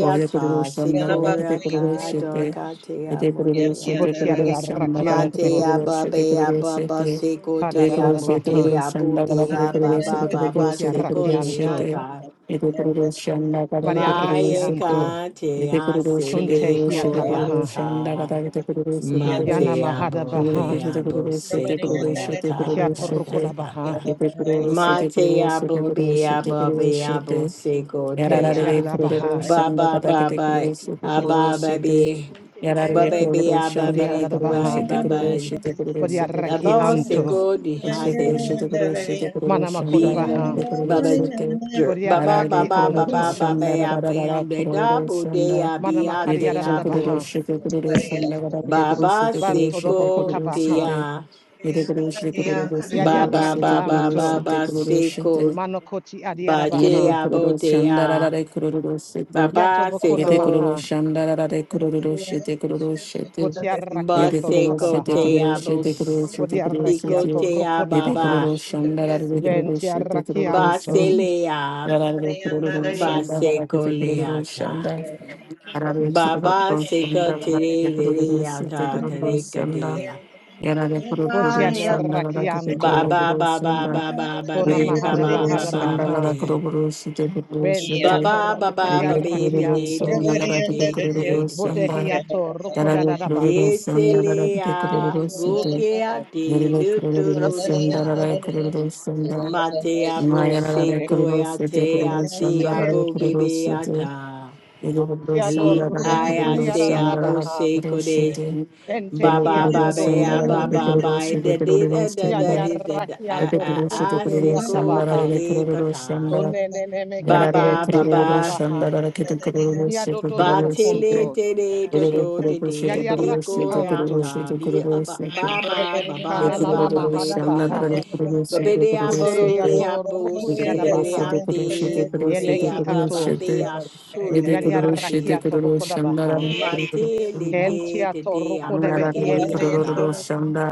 Speaker 2: オレコロロ シャンナガラケテ
Speaker 4: sikora
Speaker 2: コロロシェ
Speaker 4: kador
Speaker 2: テ
Speaker 5: kantara sentiri kantara
Speaker 2: エ
Speaker 4: katea
Speaker 2: レコロロシェ
Speaker 4: motea
Speaker 2: テコロロシャンナガラケテコロ
Speaker 4: Matea
Speaker 1: Botiararakianto.
Speaker 2: ロシェテコロ
Speaker 4: babea
Speaker 2: ロシェ
Speaker 4: baba
Speaker 2: テエ
Speaker 4: seko
Speaker 2: レコ
Speaker 4: tea
Speaker 2: ロ
Speaker 5: suntiri
Speaker 2: シェテコロ
Speaker 5: kantara
Speaker 4: motea
Speaker 2: シャンナガラケテ
Speaker 4: bukea
Speaker 2: コロロシ
Speaker 4: baba
Speaker 2: ェテコロ
Speaker 4: baba
Speaker 1: Boti
Speaker 2: シェテコロ
Speaker 4: seko
Speaker 2: ロシェ
Speaker 1: arrakianto,
Speaker 2: テエ
Speaker 4: leata.
Speaker 2: レコロロシャンナガラケ
Speaker 1: bari
Speaker 2: テコロロシ
Speaker 4: Mae
Speaker 2: ェテ
Speaker 1: arrakianto,
Speaker 2: エレコ
Speaker 4: katea
Speaker 2: ロロシェテコ
Speaker 1: kunte
Speaker 4: sele
Speaker 2: ロシェテコロロ
Speaker 1: hiatabaha,
Speaker 2: シャンナガ
Speaker 4: koreata.
Speaker 2: ラケテコロロシェテコロ
Speaker 1: yana
Speaker 5: Conta
Speaker 4: Matea
Speaker 5: la
Speaker 2: Yarara yedek
Speaker 5: scintola
Speaker 1: mahadabaha,
Speaker 5: lo
Speaker 4: bukea bo
Speaker 5: sentire di
Speaker 4: seko
Speaker 5: te,
Speaker 2: kuruluş
Speaker 5: canta la
Speaker 4: yata.
Speaker 1: kiato
Speaker 5: scintola la sonta di
Speaker 1: rukodabaha,
Speaker 5: te,
Speaker 4: Mate
Speaker 5: conta la
Speaker 4: abo be
Speaker 5: scintola lo
Speaker 4: abo be abo
Speaker 5: sentire di te,
Speaker 4: seko te
Speaker 1: yenti
Speaker 5: canta la
Speaker 4: a.
Speaker 1: adadabaha,
Speaker 4: Ba ba ba ba aba ba
Speaker 5: scintola
Speaker 4: be
Speaker 5: lo sentire
Speaker 4: ba ba
Speaker 5: di te,
Speaker 4: be
Speaker 5: canta
Speaker 4: aba
Speaker 1: kodi
Speaker 4: be di- right
Speaker 1: adadabaha,
Speaker 4: ba ba
Speaker 5: la
Speaker 1: bari
Speaker 4: abo
Speaker 1: arrakianto,
Speaker 4: seko di
Speaker 5: scintola lo
Speaker 4: hades
Speaker 5: sentire di te,
Speaker 2: şirketi
Speaker 5: canta la scintola lo
Speaker 1: manamakodabaha,
Speaker 4: bin
Speaker 5: sentire di te,
Speaker 4: baba jer
Speaker 1: bari
Speaker 4: baba
Speaker 5: canta
Speaker 4: baba baba
Speaker 1: arrakianto,
Speaker 5: la scintola lo
Speaker 4: baba I
Speaker 5: sentire di te, canta la scintola lo sentire di te,
Speaker 4: found the double day I be out
Speaker 1: manamakari
Speaker 5: canta
Speaker 4: there I
Speaker 5: la
Speaker 1: adadabaha,
Speaker 4: bo
Speaker 5: scintola lo sentire di
Speaker 2: kuruluş
Speaker 5: te, canta la scintola
Speaker 2: sonuna kadar bir kuruluş
Speaker 5: lo
Speaker 4: baba
Speaker 2: şirketi
Speaker 5: sentire
Speaker 2: kuruluş
Speaker 1: banto
Speaker 2: şirketi
Speaker 4: seko
Speaker 2: kuruluş
Speaker 5: di
Speaker 4: te
Speaker 5: te,
Speaker 1: dobokotabaha,
Speaker 2: şirketi
Speaker 4: a.
Speaker 2: Yere kuruluşu
Speaker 5: Con dalla
Speaker 2: kuruluşu
Speaker 1: yari
Speaker 4: Ba ba
Speaker 2: kuruluşu
Speaker 5: scendere
Speaker 4: ba ba
Speaker 1: arrakianto,
Speaker 4: ba
Speaker 2: kuruluşu
Speaker 5: Sundari di
Speaker 2: kuruluşu
Speaker 4: ba
Speaker 1: manokoti
Speaker 5: Sundara
Speaker 2: yere
Speaker 1: adiadabaha,
Speaker 4: Batea
Speaker 2: kuruluşu
Speaker 4: botea,
Speaker 2: şandarara kuruluşu
Speaker 1: yato
Speaker 4: baba
Speaker 2: yere
Speaker 4: seco,
Speaker 1: bokonamaha,
Speaker 2: kuruluşu şandarara kuruluşu
Speaker 5: Sundari
Speaker 2: kuruluşu
Speaker 1: boti
Speaker 5: Sundari di
Speaker 2: yere
Speaker 1: arrakiato
Speaker 4: baseco
Speaker 2: kuruluşu kuruluşu
Speaker 5: Sundara
Speaker 1: rukodabaha,
Speaker 4: teabos,
Speaker 2: kuruluşu
Speaker 5: Sundari di
Speaker 2: kuruluşu
Speaker 1: Vodiarrachiato
Speaker 4: picotea
Speaker 2: yere
Speaker 5: Cantara
Speaker 1: rocodabaha.
Speaker 4: baba,
Speaker 2: kuruluşu
Speaker 5: scendere
Speaker 2: şandarara
Speaker 5: Sundari di
Speaker 2: kuruluşu kuruluşu
Speaker 1: Ventiarrachianto.
Speaker 4: baselea,
Speaker 2: yararlı kuruluşu şandarara
Speaker 4: baseco
Speaker 2: kuruluşu şandarara kuruluşu
Speaker 4: leata,
Speaker 2: şandarara
Speaker 5: Sundari di Cantare Sundara
Speaker 4: baba seco
Speaker 2: kuruluşu
Speaker 4: tereata,
Speaker 5: Sundari
Speaker 2: kuruluşu
Speaker 5: Sundari
Speaker 4: terecadea,
Speaker 5: di Cantare
Speaker 2: Yarare kuru
Speaker 5: Sundara
Speaker 2: kuru sanda gada kete
Speaker 1: Votiadarrachianto.
Speaker 2: kuru
Speaker 4: baba
Speaker 2: kuru
Speaker 4: baba
Speaker 2: sanda.
Speaker 5: Cantara
Speaker 4: baba
Speaker 1: Kona
Speaker 4: babe,
Speaker 2: Yarare
Speaker 1: mahada
Speaker 2: kuru
Speaker 4: baba
Speaker 2: kuru
Speaker 5: Sundari
Speaker 1: bahada
Speaker 5: di
Speaker 4: baba
Speaker 2: sanda gada
Speaker 1: baha.
Speaker 2: kuru
Speaker 4: bate,
Speaker 2: kuru sete kuru sete.
Speaker 1: Ventiato
Speaker 4: baba baba
Speaker 2: Yarare kuru
Speaker 4: baby
Speaker 2: kuru
Speaker 4: day to
Speaker 1: rocodiarrachianto.
Speaker 2: sanda
Speaker 4: day to
Speaker 2: gada kete
Speaker 4: day to
Speaker 2: kuru
Speaker 4: day
Speaker 2: kuru
Speaker 4: to day.
Speaker 2: sanda.
Speaker 1: Vodehiato
Speaker 2: Yarare kuru kuru
Speaker 1: rocodadabaha.
Speaker 2: sanda gada kete kuru
Speaker 4: Nyeselea
Speaker 2: kuru sete.
Speaker 4: gokea
Speaker 5: Cantara scendere Sundari di Cantare Sundara
Speaker 4: te
Speaker 2: Yarare
Speaker 5: scendere Sundara
Speaker 2: kuru kuru
Speaker 4: lutururia.
Speaker 2: sanda gada kuru kuru sanda.
Speaker 4: Matea bo
Speaker 2: Maya yarare kuru kuru
Speaker 4: sequoia
Speaker 2: sete
Speaker 4: te
Speaker 2: kuru kuru sanda
Speaker 4: atea
Speaker 2: gada
Speaker 4: bo
Speaker 2: kuru kuru sete.
Speaker 4: bebeata.
Speaker 2: Yararlı
Speaker 1: Chiado
Speaker 4: Aya sea bo
Speaker 1: rocodiarabaha.
Speaker 4: sequode.
Speaker 1: Ente
Speaker 4: Baba
Speaker 1: chiato
Speaker 4: babea baba
Speaker 1: dodobocunto.
Speaker 4: by the did da da da da da a
Speaker 1: Yadiarrachiato
Speaker 4: a a seco te
Speaker 1: rocodiatabaha.
Speaker 4: le
Speaker 1: Onenemeki
Speaker 4: Baba
Speaker 1: enti
Speaker 4: baba
Speaker 1: adabaha.
Speaker 4: Batele
Speaker 1: Yadododobokunto.
Speaker 4: tele toto tete
Speaker 1: Yadiarrachianto.
Speaker 4: bikorata bi ba ba ba ba
Speaker 2: Shanda,
Speaker 4: ba ba ba
Speaker 1: Kananana
Speaker 4: ba ba ba
Speaker 1: mahara
Speaker 4: ba
Speaker 1: baha.
Speaker 4: Babedea
Speaker 1: Kude
Speaker 4: bororea
Speaker 1: yato
Speaker 4: bo
Speaker 1: rukudi yada baha.
Speaker 4: silereate bodea
Speaker 1: Yeneki
Speaker 4: baba
Speaker 1: ato.
Speaker 4: bea
Speaker 1: Yariaraki
Speaker 4: soloreate
Speaker 1: ato rukoda baha.
Speaker 4: matele te
Speaker 1: Kenti
Speaker 4: te
Speaker 1: ato
Speaker 4: te
Speaker 5: Sundara
Speaker 1: rukoda
Speaker 4: aboke
Speaker 1: behiente.
Speaker 5: Sundari di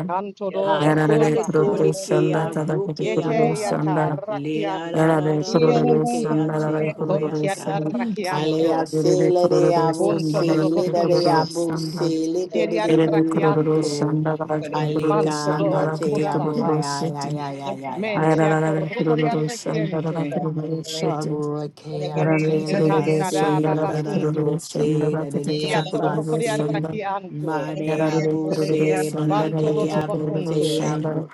Speaker 1: Anto do
Speaker 4: Ha
Speaker 1: rukoda
Speaker 4: kole
Speaker 1: baha.
Speaker 4: kole ke a roke a
Speaker 1: Yete
Speaker 4: ta.
Speaker 1: yata
Speaker 4: Le ra ra
Speaker 1: rakianto.
Speaker 4: ra ra ra roke a se
Speaker 1: Kunti
Speaker 4: koya
Speaker 1: yada
Speaker 4: ka. Hale a
Speaker 1: rakianto.
Speaker 4: se
Speaker 2: Yerebe
Speaker 4: le de
Speaker 2: kororo
Speaker 4: a bo
Speaker 1: Unto
Speaker 2: sanda
Speaker 4: se
Speaker 1: do do
Speaker 4: le
Speaker 2: galakide
Speaker 4: de de
Speaker 2: kororo
Speaker 4: a
Speaker 1: bakunto.
Speaker 4: bo
Speaker 2: sanda.
Speaker 4: se le de
Speaker 1: Kiri
Speaker 4: de de
Speaker 2: Yerebe
Speaker 4: de a
Speaker 2: kororo
Speaker 1: rakianto.
Speaker 4: to.
Speaker 2: sanda galakide
Speaker 4: Hale
Speaker 2: kororo
Speaker 1: Manto
Speaker 4: ka
Speaker 2: sanda
Speaker 1: do
Speaker 4: ma te
Speaker 2: galakide
Speaker 1: rukoda
Speaker 4: a mo
Speaker 2: kororo
Speaker 1: baha.
Speaker 4: ya ya
Speaker 2: şeti.
Speaker 4: ya ya ya ya.
Speaker 1: Menti ato
Speaker 2: Ayararara
Speaker 1: rukodi
Speaker 2: kororo sanda
Speaker 1: rakiente.
Speaker 2: galakide kororo
Speaker 4: Ka
Speaker 2: şeti.
Speaker 4: roke a
Speaker 2: Yararı
Speaker 4: te le a
Speaker 2: kororo
Speaker 1: Cantada
Speaker 4: se
Speaker 2: sanda
Speaker 4: da da da
Speaker 2: galakide
Speaker 4: da bo
Speaker 1: babakunto.
Speaker 2: kororo sanda
Speaker 4: se da de de a
Speaker 2: galakide
Speaker 1: Chiato
Speaker 4: ba
Speaker 2: kororo
Speaker 4: se.
Speaker 2: sanda.
Speaker 1: rocoriarrachianto,
Speaker 4: Ma de a
Speaker 2: Yararı
Speaker 4: bo
Speaker 2: kororo
Speaker 4: se ba
Speaker 2: sanda
Speaker 4: da
Speaker 1: vanto
Speaker 4: de
Speaker 2: galakide
Speaker 4: a bo
Speaker 2: kororo
Speaker 4: se
Speaker 1: dodobacunto,
Speaker 4: a
Speaker 2: sanda.
Speaker 4: bo.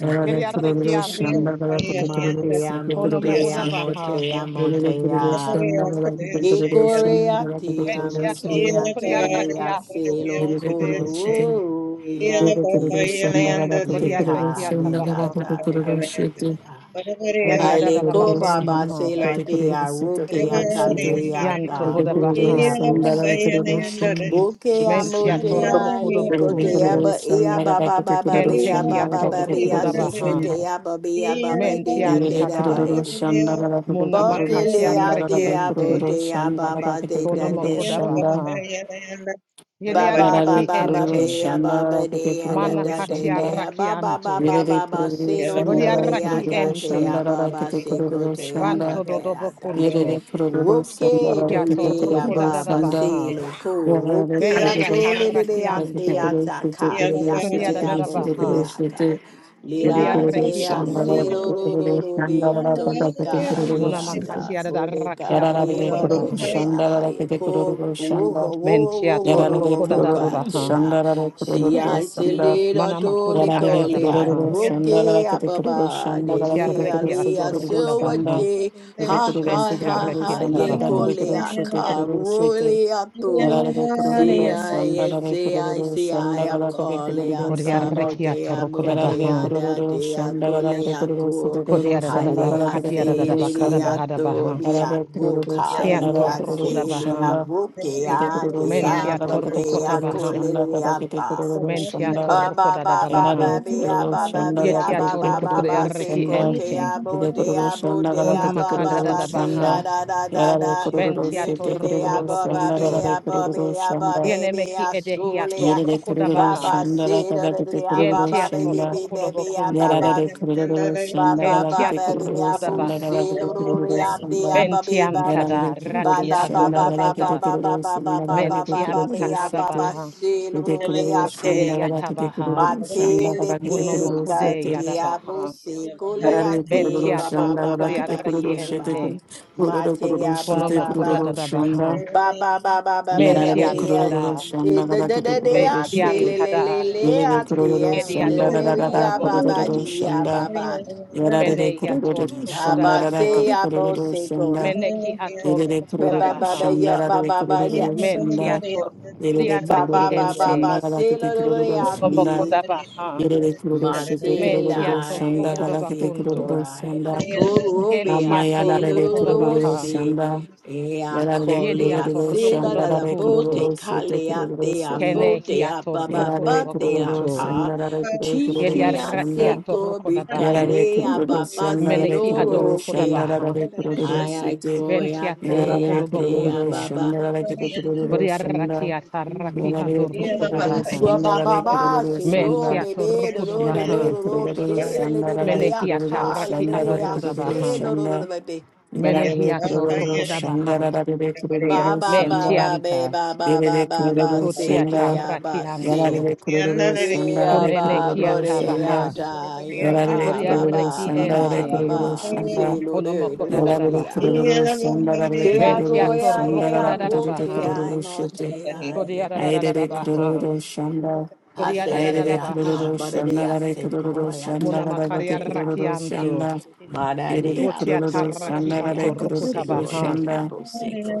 Speaker 2: Yararı kororo sanda
Speaker 1: veriarrechianto,
Speaker 2: galakide kororo
Speaker 4: Matea
Speaker 2: şeti
Speaker 1: cono
Speaker 2: kororo
Speaker 1: mohura
Speaker 4: motea
Speaker 2: şeti.
Speaker 1: baha,
Speaker 4: motea
Speaker 2: Yerebe kororo
Speaker 4: motea.
Speaker 2: sanda galakide kororo sanda
Speaker 4: Ikorea
Speaker 2: galakide
Speaker 4: tia
Speaker 2: kororo
Speaker 1: ventiato
Speaker 2: sanda.
Speaker 4: rukea telea
Speaker 1: rocoriarrachianto,
Speaker 4: selo
Speaker 2: Yarare kururu şanda
Speaker 4: koruya ti. Leka
Speaker 1: voriarrechiata
Speaker 4: nenda
Speaker 1: baha,
Speaker 4: tata mukea. Aleko
Speaker 1: yariadadabacona
Speaker 4: baba
Speaker 1: maha,
Speaker 4: sela dea rukea talerea
Speaker 1: yanto
Speaker 4: ta
Speaker 1: hoda baha,
Speaker 4: motea bose. Bukea
Speaker 1: mentiato
Speaker 4: motea yekotea
Speaker 1: rocodobacunto,
Speaker 4: ba ia baba baba bia
Speaker 1: kentechiato
Speaker 4: baba bia
Speaker 1: rocodabaha,
Speaker 4: sekotea ba bia baba deda deda
Speaker 1: mentiantada,
Speaker 4: ba Bodelia dea
Speaker 1: monamacachiarrechiente,
Speaker 4: bodea baba de
Speaker 1: cono
Speaker 4: da de
Speaker 1: mocodabaha,
Speaker 4: baba baba
Speaker 1: veriarrachiente,
Speaker 4: babea baba
Speaker 2: rakete
Speaker 4: dea da
Speaker 1: Mana
Speaker 2: kururu
Speaker 4: da de
Speaker 1: katia
Speaker 2: şanda
Speaker 4: dea baba
Speaker 1: rakianto.
Speaker 4: baba
Speaker 2: Yerere
Speaker 4: baba
Speaker 2: kururu
Speaker 4: sero do
Speaker 1: Bodia
Speaker 4: do
Speaker 2: şandalara
Speaker 4: dea
Speaker 1: raki
Speaker 2: kururu
Speaker 1: ente.
Speaker 4: gatea
Speaker 2: şandalara
Speaker 4: baba
Speaker 2: kete
Speaker 4: seco
Speaker 2: kururu
Speaker 5: Ramba
Speaker 4: dea
Speaker 2: şanda.
Speaker 1: Banto
Speaker 4: baba
Speaker 5: rashinze
Speaker 1: dodobo dobo
Speaker 5: rusinte
Speaker 1: kunto.
Speaker 2: Yerere kururu
Speaker 4: Roke
Speaker 2: şandalara
Speaker 1: Kiato
Speaker 2: kete
Speaker 4: tole
Speaker 1: roko da
Speaker 2: kururu
Speaker 1: da da
Speaker 4: ababa
Speaker 2: şanda.
Speaker 4: se
Speaker 1: baha.
Speaker 5: rushinto
Speaker 4: loko
Speaker 5: rurerure
Speaker 2: Yerere
Speaker 4: roke
Speaker 1: Bentia
Speaker 2: kururu
Speaker 5: rishamba
Speaker 4: atole de de
Speaker 2: şandalara
Speaker 5: rasonto rirerure
Speaker 2: kete
Speaker 4: ate
Speaker 1: tarrakianto.
Speaker 2: kururu kete
Speaker 4: ataka le
Speaker 2: kururu
Speaker 5: gonda
Speaker 1: Kodia
Speaker 2: şete
Speaker 4: ate
Speaker 1: da da
Speaker 2: kururu
Speaker 1: da
Speaker 5: rashinto
Speaker 4: abo
Speaker 2: şete kururu
Speaker 1: baha.
Speaker 4: aka
Speaker 2: şete.
Speaker 5: rusinte
Speaker 2: Yerere
Speaker 1: Bodia
Speaker 5: rurerure
Speaker 4: lira
Speaker 2: kururu
Speaker 1: reki
Speaker 4: te
Speaker 5: rishamba
Speaker 2: şandalara
Speaker 4: ase
Speaker 1: anto.
Speaker 4: ro
Speaker 2: kete
Speaker 5: rasonto
Speaker 4: ro ro
Speaker 2: kururu
Speaker 5: rirerure
Speaker 4: ro de
Speaker 2: şandalara kete
Speaker 4: atole
Speaker 2: kete
Speaker 4: ka
Speaker 5: gonda
Speaker 2: kururu
Speaker 4: le
Speaker 1: Mona
Speaker 5: rishamba
Speaker 2: şete.
Speaker 4: ata
Speaker 1: da da
Speaker 5: rasonto
Speaker 4: bodeka
Speaker 5: rirerure
Speaker 1: rakiato
Speaker 4: ye
Speaker 2: Yararare
Speaker 1: roko
Speaker 4: ro
Speaker 1: da
Speaker 5: rukende
Speaker 2: kururu
Speaker 1: baha.
Speaker 5: rishamba
Speaker 4: boke aha
Speaker 2: şandalara
Speaker 4: ye
Speaker 2: kete
Speaker 4: ko
Speaker 2: kururu
Speaker 4: roho
Speaker 2: şanda.
Speaker 4: ho wo wo
Speaker 1: Mentia
Speaker 4: wo wo
Speaker 1: to
Speaker 4: wo
Speaker 2: Yararare
Speaker 4: wo
Speaker 1: roko da
Speaker 4: wo
Speaker 1: da da
Speaker 2: kururu
Speaker 4: ka te
Speaker 1: baha.
Speaker 4: ya
Speaker 2: şandalara
Speaker 4: si
Speaker 2: kururu
Speaker 4: I se
Speaker 2: şanda.
Speaker 5: gonda
Speaker 4: le ro
Speaker 1: Mana
Speaker 5: rashinto
Speaker 4: tole
Speaker 1: makodi ada
Speaker 2: Yararere
Speaker 4: ko
Speaker 1: da da
Speaker 5: rusinte
Speaker 4: le
Speaker 1: baha.
Speaker 2: kururu şanda
Speaker 4: agroke
Speaker 2: galakete
Speaker 5: rurerure
Speaker 2: kururu
Speaker 4: ababa
Speaker 5: rishamba
Speaker 2: şanda
Speaker 4: de
Speaker 1: Botia
Speaker 2: galakete
Speaker 4: de
Speaker 5: rasonto
Speaker 1: reki
Speaker 2: kururu
Speaker 4: ale
Speaker 2: sede
Speaker 1: ato
Speaker 5: rirerure
Speaker 1: roko
Speaker 2: kururu
Speaker 1: da baha.
Speaker 2: şanda
Speaker 4: aso
Speaker 5: gonda
Speaker 2: ede
Speaker 4: Ha
Speaker 2: kururu
Speaker 5: rashinto
Speaker 4: ha
Speaker 5: rusinte rurerure
Speaker 2: sede
Speaker 1: Bentia
Speaker 4: ha
Speaker 2: kururu
Speaker 1: reki
Speaker 4: ha
Speaker 1: ata
Speaker 2: şanda
Speaker 4: ye
Speaker 1: baha.
Speaker 2: galakete kururu şete
Speaker 4: goleaka
Speaker 5: rishamba
Speaker 2: kururu şete
Speaker 4: roleato.
Speaker 2: yararere
Speaker 4: See
Speaker 2: kururu
Speaker 5: gonda
Speaker 2: şanda
Speaker 4: I
Speaker 2: galakete
Speaker 5: rashinto
Speaker 4: see I
Speaker 2: kururu
Speaker 5: rusinte
Speaker 4: see I
Speaker 2: şanda
Speaker 4: a
Speaker 2: galakete kururu
Speaker 1: Bodia
Speaker 4: coleata
Speaker 2: şanda
Speaker 5: rishamba
Speaker 1: reki ato
Speaker 4: modea
Speaker 5: rasonto
Speaker 1: roko da
Speaker 2: yararere
Speaker 1: baha.
Speaker 4: modea da
Speaker 2: kururu
Speaker 4: dea
Speaker 2: şanda galakete
Speaker 5: rirerure
Speaker 2: kururu sede
Speaker 4: goleaco.
Speaker 2: kururu
Speaker 1: Kodiada da da
Speaker 2: şanda
Speaker 1: da
Speaker 4: Halea
Speaker 2: galakete
Speaker 1: Katiada da da
Speaker 5: Kendere
Speaker 2: kururu
Speaker 1: Bakada
Speaker 2: şanda
Speaker 5: shandara
Speaker 1: Bahada
Speaker 4: celiato
Speaker 1: Baha
Speaker 5: sondere riri
Speaker 2: yararere
Speaker 4: mia
Speaker 2: kururu
Speaker 4: goca
Speaker 2: şanda
Speaker 1: Kian
Speaker 2: galakete
Speaker 4: lea
Speaker 5: kondara
Speaker 2: kururu
Speaker 1: Torkoda
Speaker 5: shindere
Speaker 4: celia
Speaker 1: Baha
Speaker 2: şanda ede
Speaker 4: bukea
Speaker 2: kururu
Speaker 5: kendere
Speaker 2: şanda
Speaker 4: dea
Speaker 1: Mentia
Speaker 5: shandara
Speaker 2: galakete
Speaker 1: Torkota
Speaker 4: modea
Speaker 2: kururu
Speaker 1: Baha
Speaker 5: sondere
Speaker 2: şanda galakete
Speaker 4: coleata.
Speaker 2: kururu
Speaker 1: Mentia
Speaker 2: şanda
Speaker 4: Ah,
Speaker 5: shindere
Speaker 4: ba
Speaker 1: Torkoda da
Speaker 4: ba
Speaker 1: da
Speaker 4: ba
Speaker 1: Baha
Speaker 4: ba,
Speaker 2: Yarare
Speaker 4: be ah,
Speaker 2: kururu
Speaker 4: ba ba
Speaker 2: şanda
Speaker 4: be
Speaker 5: sindere
Speaker 4: ah,
Speaker 1: Yetia
Speaker 4: ba
Speaker 2: galatete
Speaker 4: ba ba ba,
Speaker 2: kururu
Speaker 4: say
Speaker 1: Torkodareki
Speaker 5: kendere
Speaker 4: go
Speaker 2: şanda
Speaker 4: te
Speaker 1: Ente
Speaker 4: ah, bo
Speaker 2: de
Speaker 5: shandara sondere
Speaker 4: te
Speaker 2: kururu
Speaker 4: ah,
Speaker 5: riri kandara
Speaker 4: bo
Speaker 2: şanda
Speaker 4: te
Speaker 1: Kuna
Speaker 4: ah,
Speaker 2: galatete
Speaker 4: ba
Speaker 1: Makada
Speaker 4: ba
Speaker 1: da
Speaker 2: kururu
Speaker 4: ba,
Speaker 1: da
Speaker 4: say da
Speaker 2: şanda
Speaker 1: Baha
Speaker 4: da da da
Speaker 2: yarare
Speaker 4: da,
Speaker 5: shindere
Speaker 2: kururu
Speaker 1: Ventia
Speaker 4: look
Speaker 2: sete
Speaker 4: at the
Speaker 1: Torkoda
Speaker 4: ah,
Speaker 2: kururu
Speaker 4: ba ba
Speaker 2: şanda
Speaker 4: be
Speaker 1: Bakunto
Speaker 4: ah,
Speaker 5: kendere
Speaker 2: galatete
Speaker 5: shandara
Speaker 4: ba
Speaker 2: kururu
Speaker 4: be ah, ba
Speaker 2: şanda
Speaker 4: baby
Speaker 1: Yenemeki
Speaker 4: ah,
Speaker 1: Edehia
Speaker 4: surely ah,
Speaker 2: yerere
Speaker 5: sondere
Speaker 1: Torkoda
Speaker 2: kururu
Speaker 4: ba
Speaker 1: Baha
Speaker 4: ba
Speaker 2: şanda
Speaker 4: say da da da
Speaker 2: galatete
Speaker 4: da da, look at the ah, ba
Speaker 2: kururu
Speaker 4: ba
Speaker 1: Yentia
Speaker 4: be be
Speaker 2: şanda
Speaker 4: be
Speaker 1: Torkoda
Speaker 4: baby ah, ba
Speaker 1: Bakunto
Speaker 4: ba
Speaker 2: yarare
Speaker 4: ba
Speaker 2: kururu şanda
Speaker 4: ba ba ba ba
Speaker 1: Kentia
Speaker 2: galatete
Speaker 4: ba
Speaker 2: kururu
Speaker 4: ba ba ba ba ba ba be ah, ba
Speaker 1: Torkoda
Speaker 2: şanda
Speaker 4: ba
Speaker 1: Baha
Speaker 5: kondara
Speaker 4: say da
Speaker 2: galatete
Speaker 4: da
Speaker 5: shindere
Speaker 4: da da
Speaker 2: kururu
Speaker 4: da, be ah,
Speaker 2: şanda
Speaker 5: riri
Speaker 4: ba ba ba ba ba ba ba
Speaker 5: kendara
Speaker 1: Mentianta da
Speaker 2: yarare
Speaker 1: Raki
Speaker 2: kururu şanda
Speaker 4: ba
Speaker 2: galatete
Speaker 1: Adorokoda
Speaker 4: ba ba
Speaker 2: kururu şanda
Speaker 4: ba ba
Speaker 2: galatete
Speaker 4: ba ba
Speaker 1: Mentianta
Speaker 4: be
Speaker 2: kururu
Speaker 4: ah, ba
Speaker 2: sete
Speaker 4: ba
Speaker 1: Kadabaha
Speaker 5: shindere
Speaker 4: say da
Speaker 5: riri
Speaker 2: de
Speaker 4: da
Speaker 5: kendere
Speaker 4: da
Speaker 2: kururu
Speaker 4: da
Speaker 1: Kote
Speaker 2: şanda
Speaker 4: da.
Speaker 5: shandara
Speaker 2: galatete
Speaker 1: yatabaha,
Speaker 2: kururu şanda
Speaker 4: Matele
Speaker 2: galatete
Speaker 4: ke
Speaker 2: kururu
Speaker 1: munomokode
Speaker 5: sondere
Speaker 2: sete
Speaker 5: shindere
Speaker 4: katiabo
Speaker 1: yadabaha,
Speaker 4: se
Speaker 5: sindere riri
Speaker 2: Hare
Speaker 4: koleate
Speaker 2: Kururu
Speaker 1: mentia
Speaker 4: ba ba
Speaker 2: Shanda
Speaker 4: ba
Speaker 1: torukuri
Speaker 4: ba
Speaker 2: Rakete
Speaker 4: ba
Speaker 2: Kururu
Speaker 4: bia
Speaker 5: kendere
Speaker 2: Shete
Speaker 4: ba
Speaker 2: Kuru
Speaker 1: arrekiente,
Speaker 2: Kururu Kururu
Speaker 4: matea ba
Speaker 2: Shete
Speaker 4: ba
Speaker 1: konomokoda
Speaker 4: ba
Speaker 2: Kururu
Speaker 5: shandara
Speaker 2: Shanda
Speaker 1: dadabaha,
Speaker 4: ba ba ba ba ba
Speaker 5: sondere
Speaker 4: bia
Speaker 2: Yarare
Speaker 5: kondara
Speaker 1: mentian
Speaker 4: bia
Speaker 2: Kururu
Speaker 1: tada,
Speaker 5: shindere riri
Speaker 4: Eh,
Speaker 2: Shanda
Speaker 4: da da
Speaker 2: Rakete
Speaker 4: da
Speaker 2: Kururu
Speaker 4: da se
Speaker 1: mentian
Speaker 2: Shete
Speaker 4: le le le
Speaker 1: tada,
Speaker 5: Kondara
Speaker 4: le
Speaker 2: Yere
Speaker 5: shindara
Speaker 4: ate
Speaker 2: Kururu
Speaker 4: le
Speaker 2: Shanda
Speaker 1: ediador
Speaker 4: se
Speaker 5: siriri
Speaker 2: Rara
Speaker 4: bia ba ba
Speaker 2: Kururu
Speaker 1: kudobokuntu,
Speaker 5: shindara
Speaker 4: dia ba
Speaker 2: Shanda
Speaker 5: so
Speaker 4: ba
Speaker 2: Yarare
Speaker 1: mene yator
Speaker 2: Kururu
Speaker 5: kondara
Speaker 4: lida
Speaker 2: Shanda
Speaker 4: ba
Speaker 5: shindara
Speaker 4: se
Speaker 1: kudabaha,
Speaker 2: Rakete
Speaker 4: ya bo
Speaker 2: Kururu
Speaker 4: se
Speaker 5: siriri
Speaker 4: ko
Speaker 2: Shanda
Speaker 1: meneki
Speaker 5: shindara
Speaker 1: ator
Speaker 2: Yere
Speaker 4: ba ba
Speaker 2: Kururu
Speaker 4: ba ba
Speaker 1: kudabaha,
Speaker 4: ya
Speaker 2: Shanda
Speaker 4: ba
Speaker 2: Rare
Speaker 4: ba ba ya
Speaker 1: mentiator kuri
Speaker 4: ba ba
Speaker 2: Kururu Shanda
Speaker 4: ba
Speaker 2: Yerere
Speaker 4: ba
Speaker 2: kururu
Speaker 4: ba
Speaker 1: arrekiente,
Speaker 2: şanda
Speaker 4: se
Speaker 2: galakete
Speaker 4: lo lo lo
Speaker 2: kururu şanda.
Speaker 4: ate
Speaker 5: shandara
Speaker 1: konomokodabaha,
Speaker 2: Yerere kururu şidde kururu
Speaker 1: mentiator
Speaker 2: şanda
Speaker 4: Matilai, I
Speaker 2: galakete
Speaker 4: say
Speaker 5: shindara
Speaker 1: kudobokuntu,
Speaker 2: kururu
Speaker 4: Korai, I
Speaker 2: şanda.
Speaker 4: Korobe, I
Speaker 2: Amaya da
Speaker 1: kentiator
Speaker 4: say
Speaker 2: Amayarare kururu
Speaker 1: kudabaha,
Speaker 4: Lurose,
Speaker 2: şanda,
Speaker 5: shindara
Speaker 4: I
Speaker 2: yarare
Speaker 4: call
Speaker 1: Yedi
Speaker 4: it, I
Speaker 2: kururu
Speaker 5: siriri
Speaker 4: say
Speaker 1: atoroko
Speaker 4: la
Speaker 1: da
Speaker 2: şanda,
Speaker 4: da da
Speaker 5: shindara
Speaker 2: rare
Speaker 1: bakunto.
Speaker 2: kururu
Speaker 4: bote,
Speaker 5: siriri
Speaker 2: şete
Speaker 4: Kale, I
Speaker 2: kururu
Speaker 4: say I
Speaker 2: şanda,
Speaker 1: Kene
Speaker 4: bote,
Speaker 5: shindara
Speaker 1: hi
Speaker 4: I
Speaker 5: shindiri
Speaker 4: baba
Speaker 1: atoroko da
Speaker 2: yarare
Speaker 4: bate, I
Speaker 2: kururu
Speaker 1: bakunto.
Speaker 4: ta.
Speaker 2: şanda, rare
Speaker 5: kandara shindara
Speaker 1: Yedi
Speaker 2: kururu
Speaker 4: Tiki, I
Speaker 1: araki
Speaker 4: say
Speaker 2: şanda,
Speaker 1: atoroko da baha.
Speaker 2: yarare
Speaker 4: Kobrikale, I
Speaker 2: kururu
Speaker 4: baba
Speaker 2: şanda,
Speaker 4: say
Speaker 2: rare
Speaker 1: Meneki
Speaker 2: kururu
Speaker 1: adoroko da
Speaker 2: şanda,
Speaker 4: Lorokea.
Speaker 1: baha.
Speaker 2: rare
Speaker 5: kondara shindara siriri kandara
Speaker 2: kururu
Speaker 4: I
Speaker 5: shindara siriri kandara
Speaker 4: I
Speaker 5: shindara kandara shindara siriri kandara shondara sendiriri kandara shindara
Speaker 2: şete,
Speaker 4: koi,
Speaker 5: siriri
Speaker 1: Venti
Speaker 4: I say,
Speaker 1: atoroko
Speaker 2: yarare
Speaker 4: I
Speaker 1: da
Speaker 4: say, I
Speaker 2: kururu
Speaker 1: bakunto.
Speaker 4: baba.
Speaker 2: şanda, rare kururu
Speaker 1: Vodi
Speaker 2: şanda,
Speaker 1: araki ataraki
Speaker 2: yarare
Speaker 1: adoroko da
Speaker 2: kururu
Speaker 1: baha.
Speaker 4: Wa
Speaker 2: şanda,
Speaker 4: ba ba
Speaker 2: rare kururu şanda, yarare
Speaker 4: ba,
Speaker 2: kururu
Speaker 4: she lo
Speaker 1: Menti
Speaker 2: şanda, rare
Speaker 4: baby, do
Speaker 1: atoroko da
Speaker 4: do do do
Speaker 1: baha.
Speaker 4: do do, ke le de de de ya
Speaker 1: Menehi
Speaker 2: kururu
Speaker 4: ka le
Speaker 1: ataraki
Speaker 4: de
Speaker 2: şanda,
Speaker 4: de
Speaker 2: rare
Speaker 4: ya
Speaker 1: adoho da
Speaker 2: kururu
Speaker 4: se
Speaker 1: baha.
Speaker 4: lo do do do
Speaker 2: şanda,
Speaker 4: baby.
Speaker 1: Menehi
Speaker 2: Yararlı kurulur
Speaker 1: atoroko da
Speaker 2: şanda
Speaker 1: baha.
Speaker 2: yararlı
Speaker 4: Ba
Speaker 2: kurulur
Speaker 4: ba ba
Speaker 1: Menti
Speaker 2: şanda
Speaker 4: ba ba
Speaker 1: anta.
Speaker 4: ba ba ba
Speaker 2: yararlı
Speaker 4: ba ba
Speaker 2: kurulur
Speaker 1: Koti
Speaker 4: se de
Speaker 2: şanda
Speaker 4: ya
Speaker 1: ataraki
Speaker 4: ba
Speaker 5: kandara shindara
Speaker 4: se.
Speaker 1: anso.
Speaker 2: yararlı kurulur şanda
Speaker 4: Yeah
Speaker 2: yararlı
Speaker 1: Kunene
Speaker 4: ba
Speaker 1: ki
Speaker 4: ba
Speaker 2: kurulur
Speaker 4: de ya
Speaker 2: şanda
Speaker 1: atabaha.
Speaker 4: da yo
Speaker 5: Ishandarasundari,
Speaker 2: yararlı
Speaker 4: ah ba
Speaker 2: kurulur
Speaker 4: ba
Speaker 1: Boriareki
Speaker 4: ba
Speaker 2: şanda yararlı
Speaker 4: ba ba
Speaker 1: ente.
Speaker 2: kurulur
Speaker 4: ba
Speaker 2: şanda
Speaker 4: se lo de
Speaker 1: Onomoko
Speaker 4: do
Speaker 1: da da
Speaker 4: do
Speaker 1: da
Speaker 2: yararlı
Speaker 4: de ya.
Speaker 1: baha.
Speaker 5: Yandarasundari,
Speaker 2: kurulur şanda yararlı
Speaker 4: Se ya
Speaker 2: kurulur
Speaker 4: go
Speaker 1: Bentiato
Speaker 4: ya
Speaker 2: şanda
Speaker 4: ya
Speaker 1: roko
Speaker 4: ya
Speaker 1: da da da
Speaker 4: go
Speaker 2: yararlı
Speaker 4: ke
Speaker 5: Kondarasundari,
Speaker 1: baha.
Speaker 4: ya
Speaker 2: kurulur
Speaker 4: mo
Speaker 2: şanda
Speaker 4: te ya
Speaker 5: Kandarasundari,
Speaker 1: Kodia
Speaker 4: ye
Speaker 1: da da
Speaker 4: ko
Speaker 1: da da da
Speaker 2: ayrılı
Speaker 4: te ya.
Speaker 1: baha.
Speaker 2: kurulur şanda
Speaker 1: Kodia da da da da
Speaker 2: ayrılı
Speaker 5: Kinti,
Speaker 1: baha.
Speaker 4: Haseleriata,
Speaker 2: kurulur şanda
Speaker 4: Badadia
Speaker 2: yararlı
Speaker 5: Ishandarasundari,
Speaker 2: kurulur şanda
Speaker 4: Sequoiata,
Speaker 1: Munamakaria
Speaker 2: yararlı
Speaker 4: Bateabo
Speaker 2: kurulur
Speaker 4: Se,
Speaker 1: rakianto.
Speaker 2: şanda
Speaker 5: Kandarasundari,
Speaker 2: Yerere
Speaker 4: Madadia
Speaker 1: Botiata
Speaker 2: kurururu
Speaker 4: Boseco,
Speaker 1: raki
Speaker 2: sandara
Speaker 1: ato
Speaker 2: de
Speaker 4: Teabo
Speaker 1: roko
Speaker 2: kurururu
Speaker 4: Seco,
Speaker 1: tabaha.
Speaker 5: Kondarasundari,
Speaker 2: şanda.
Speaker 4: Teabo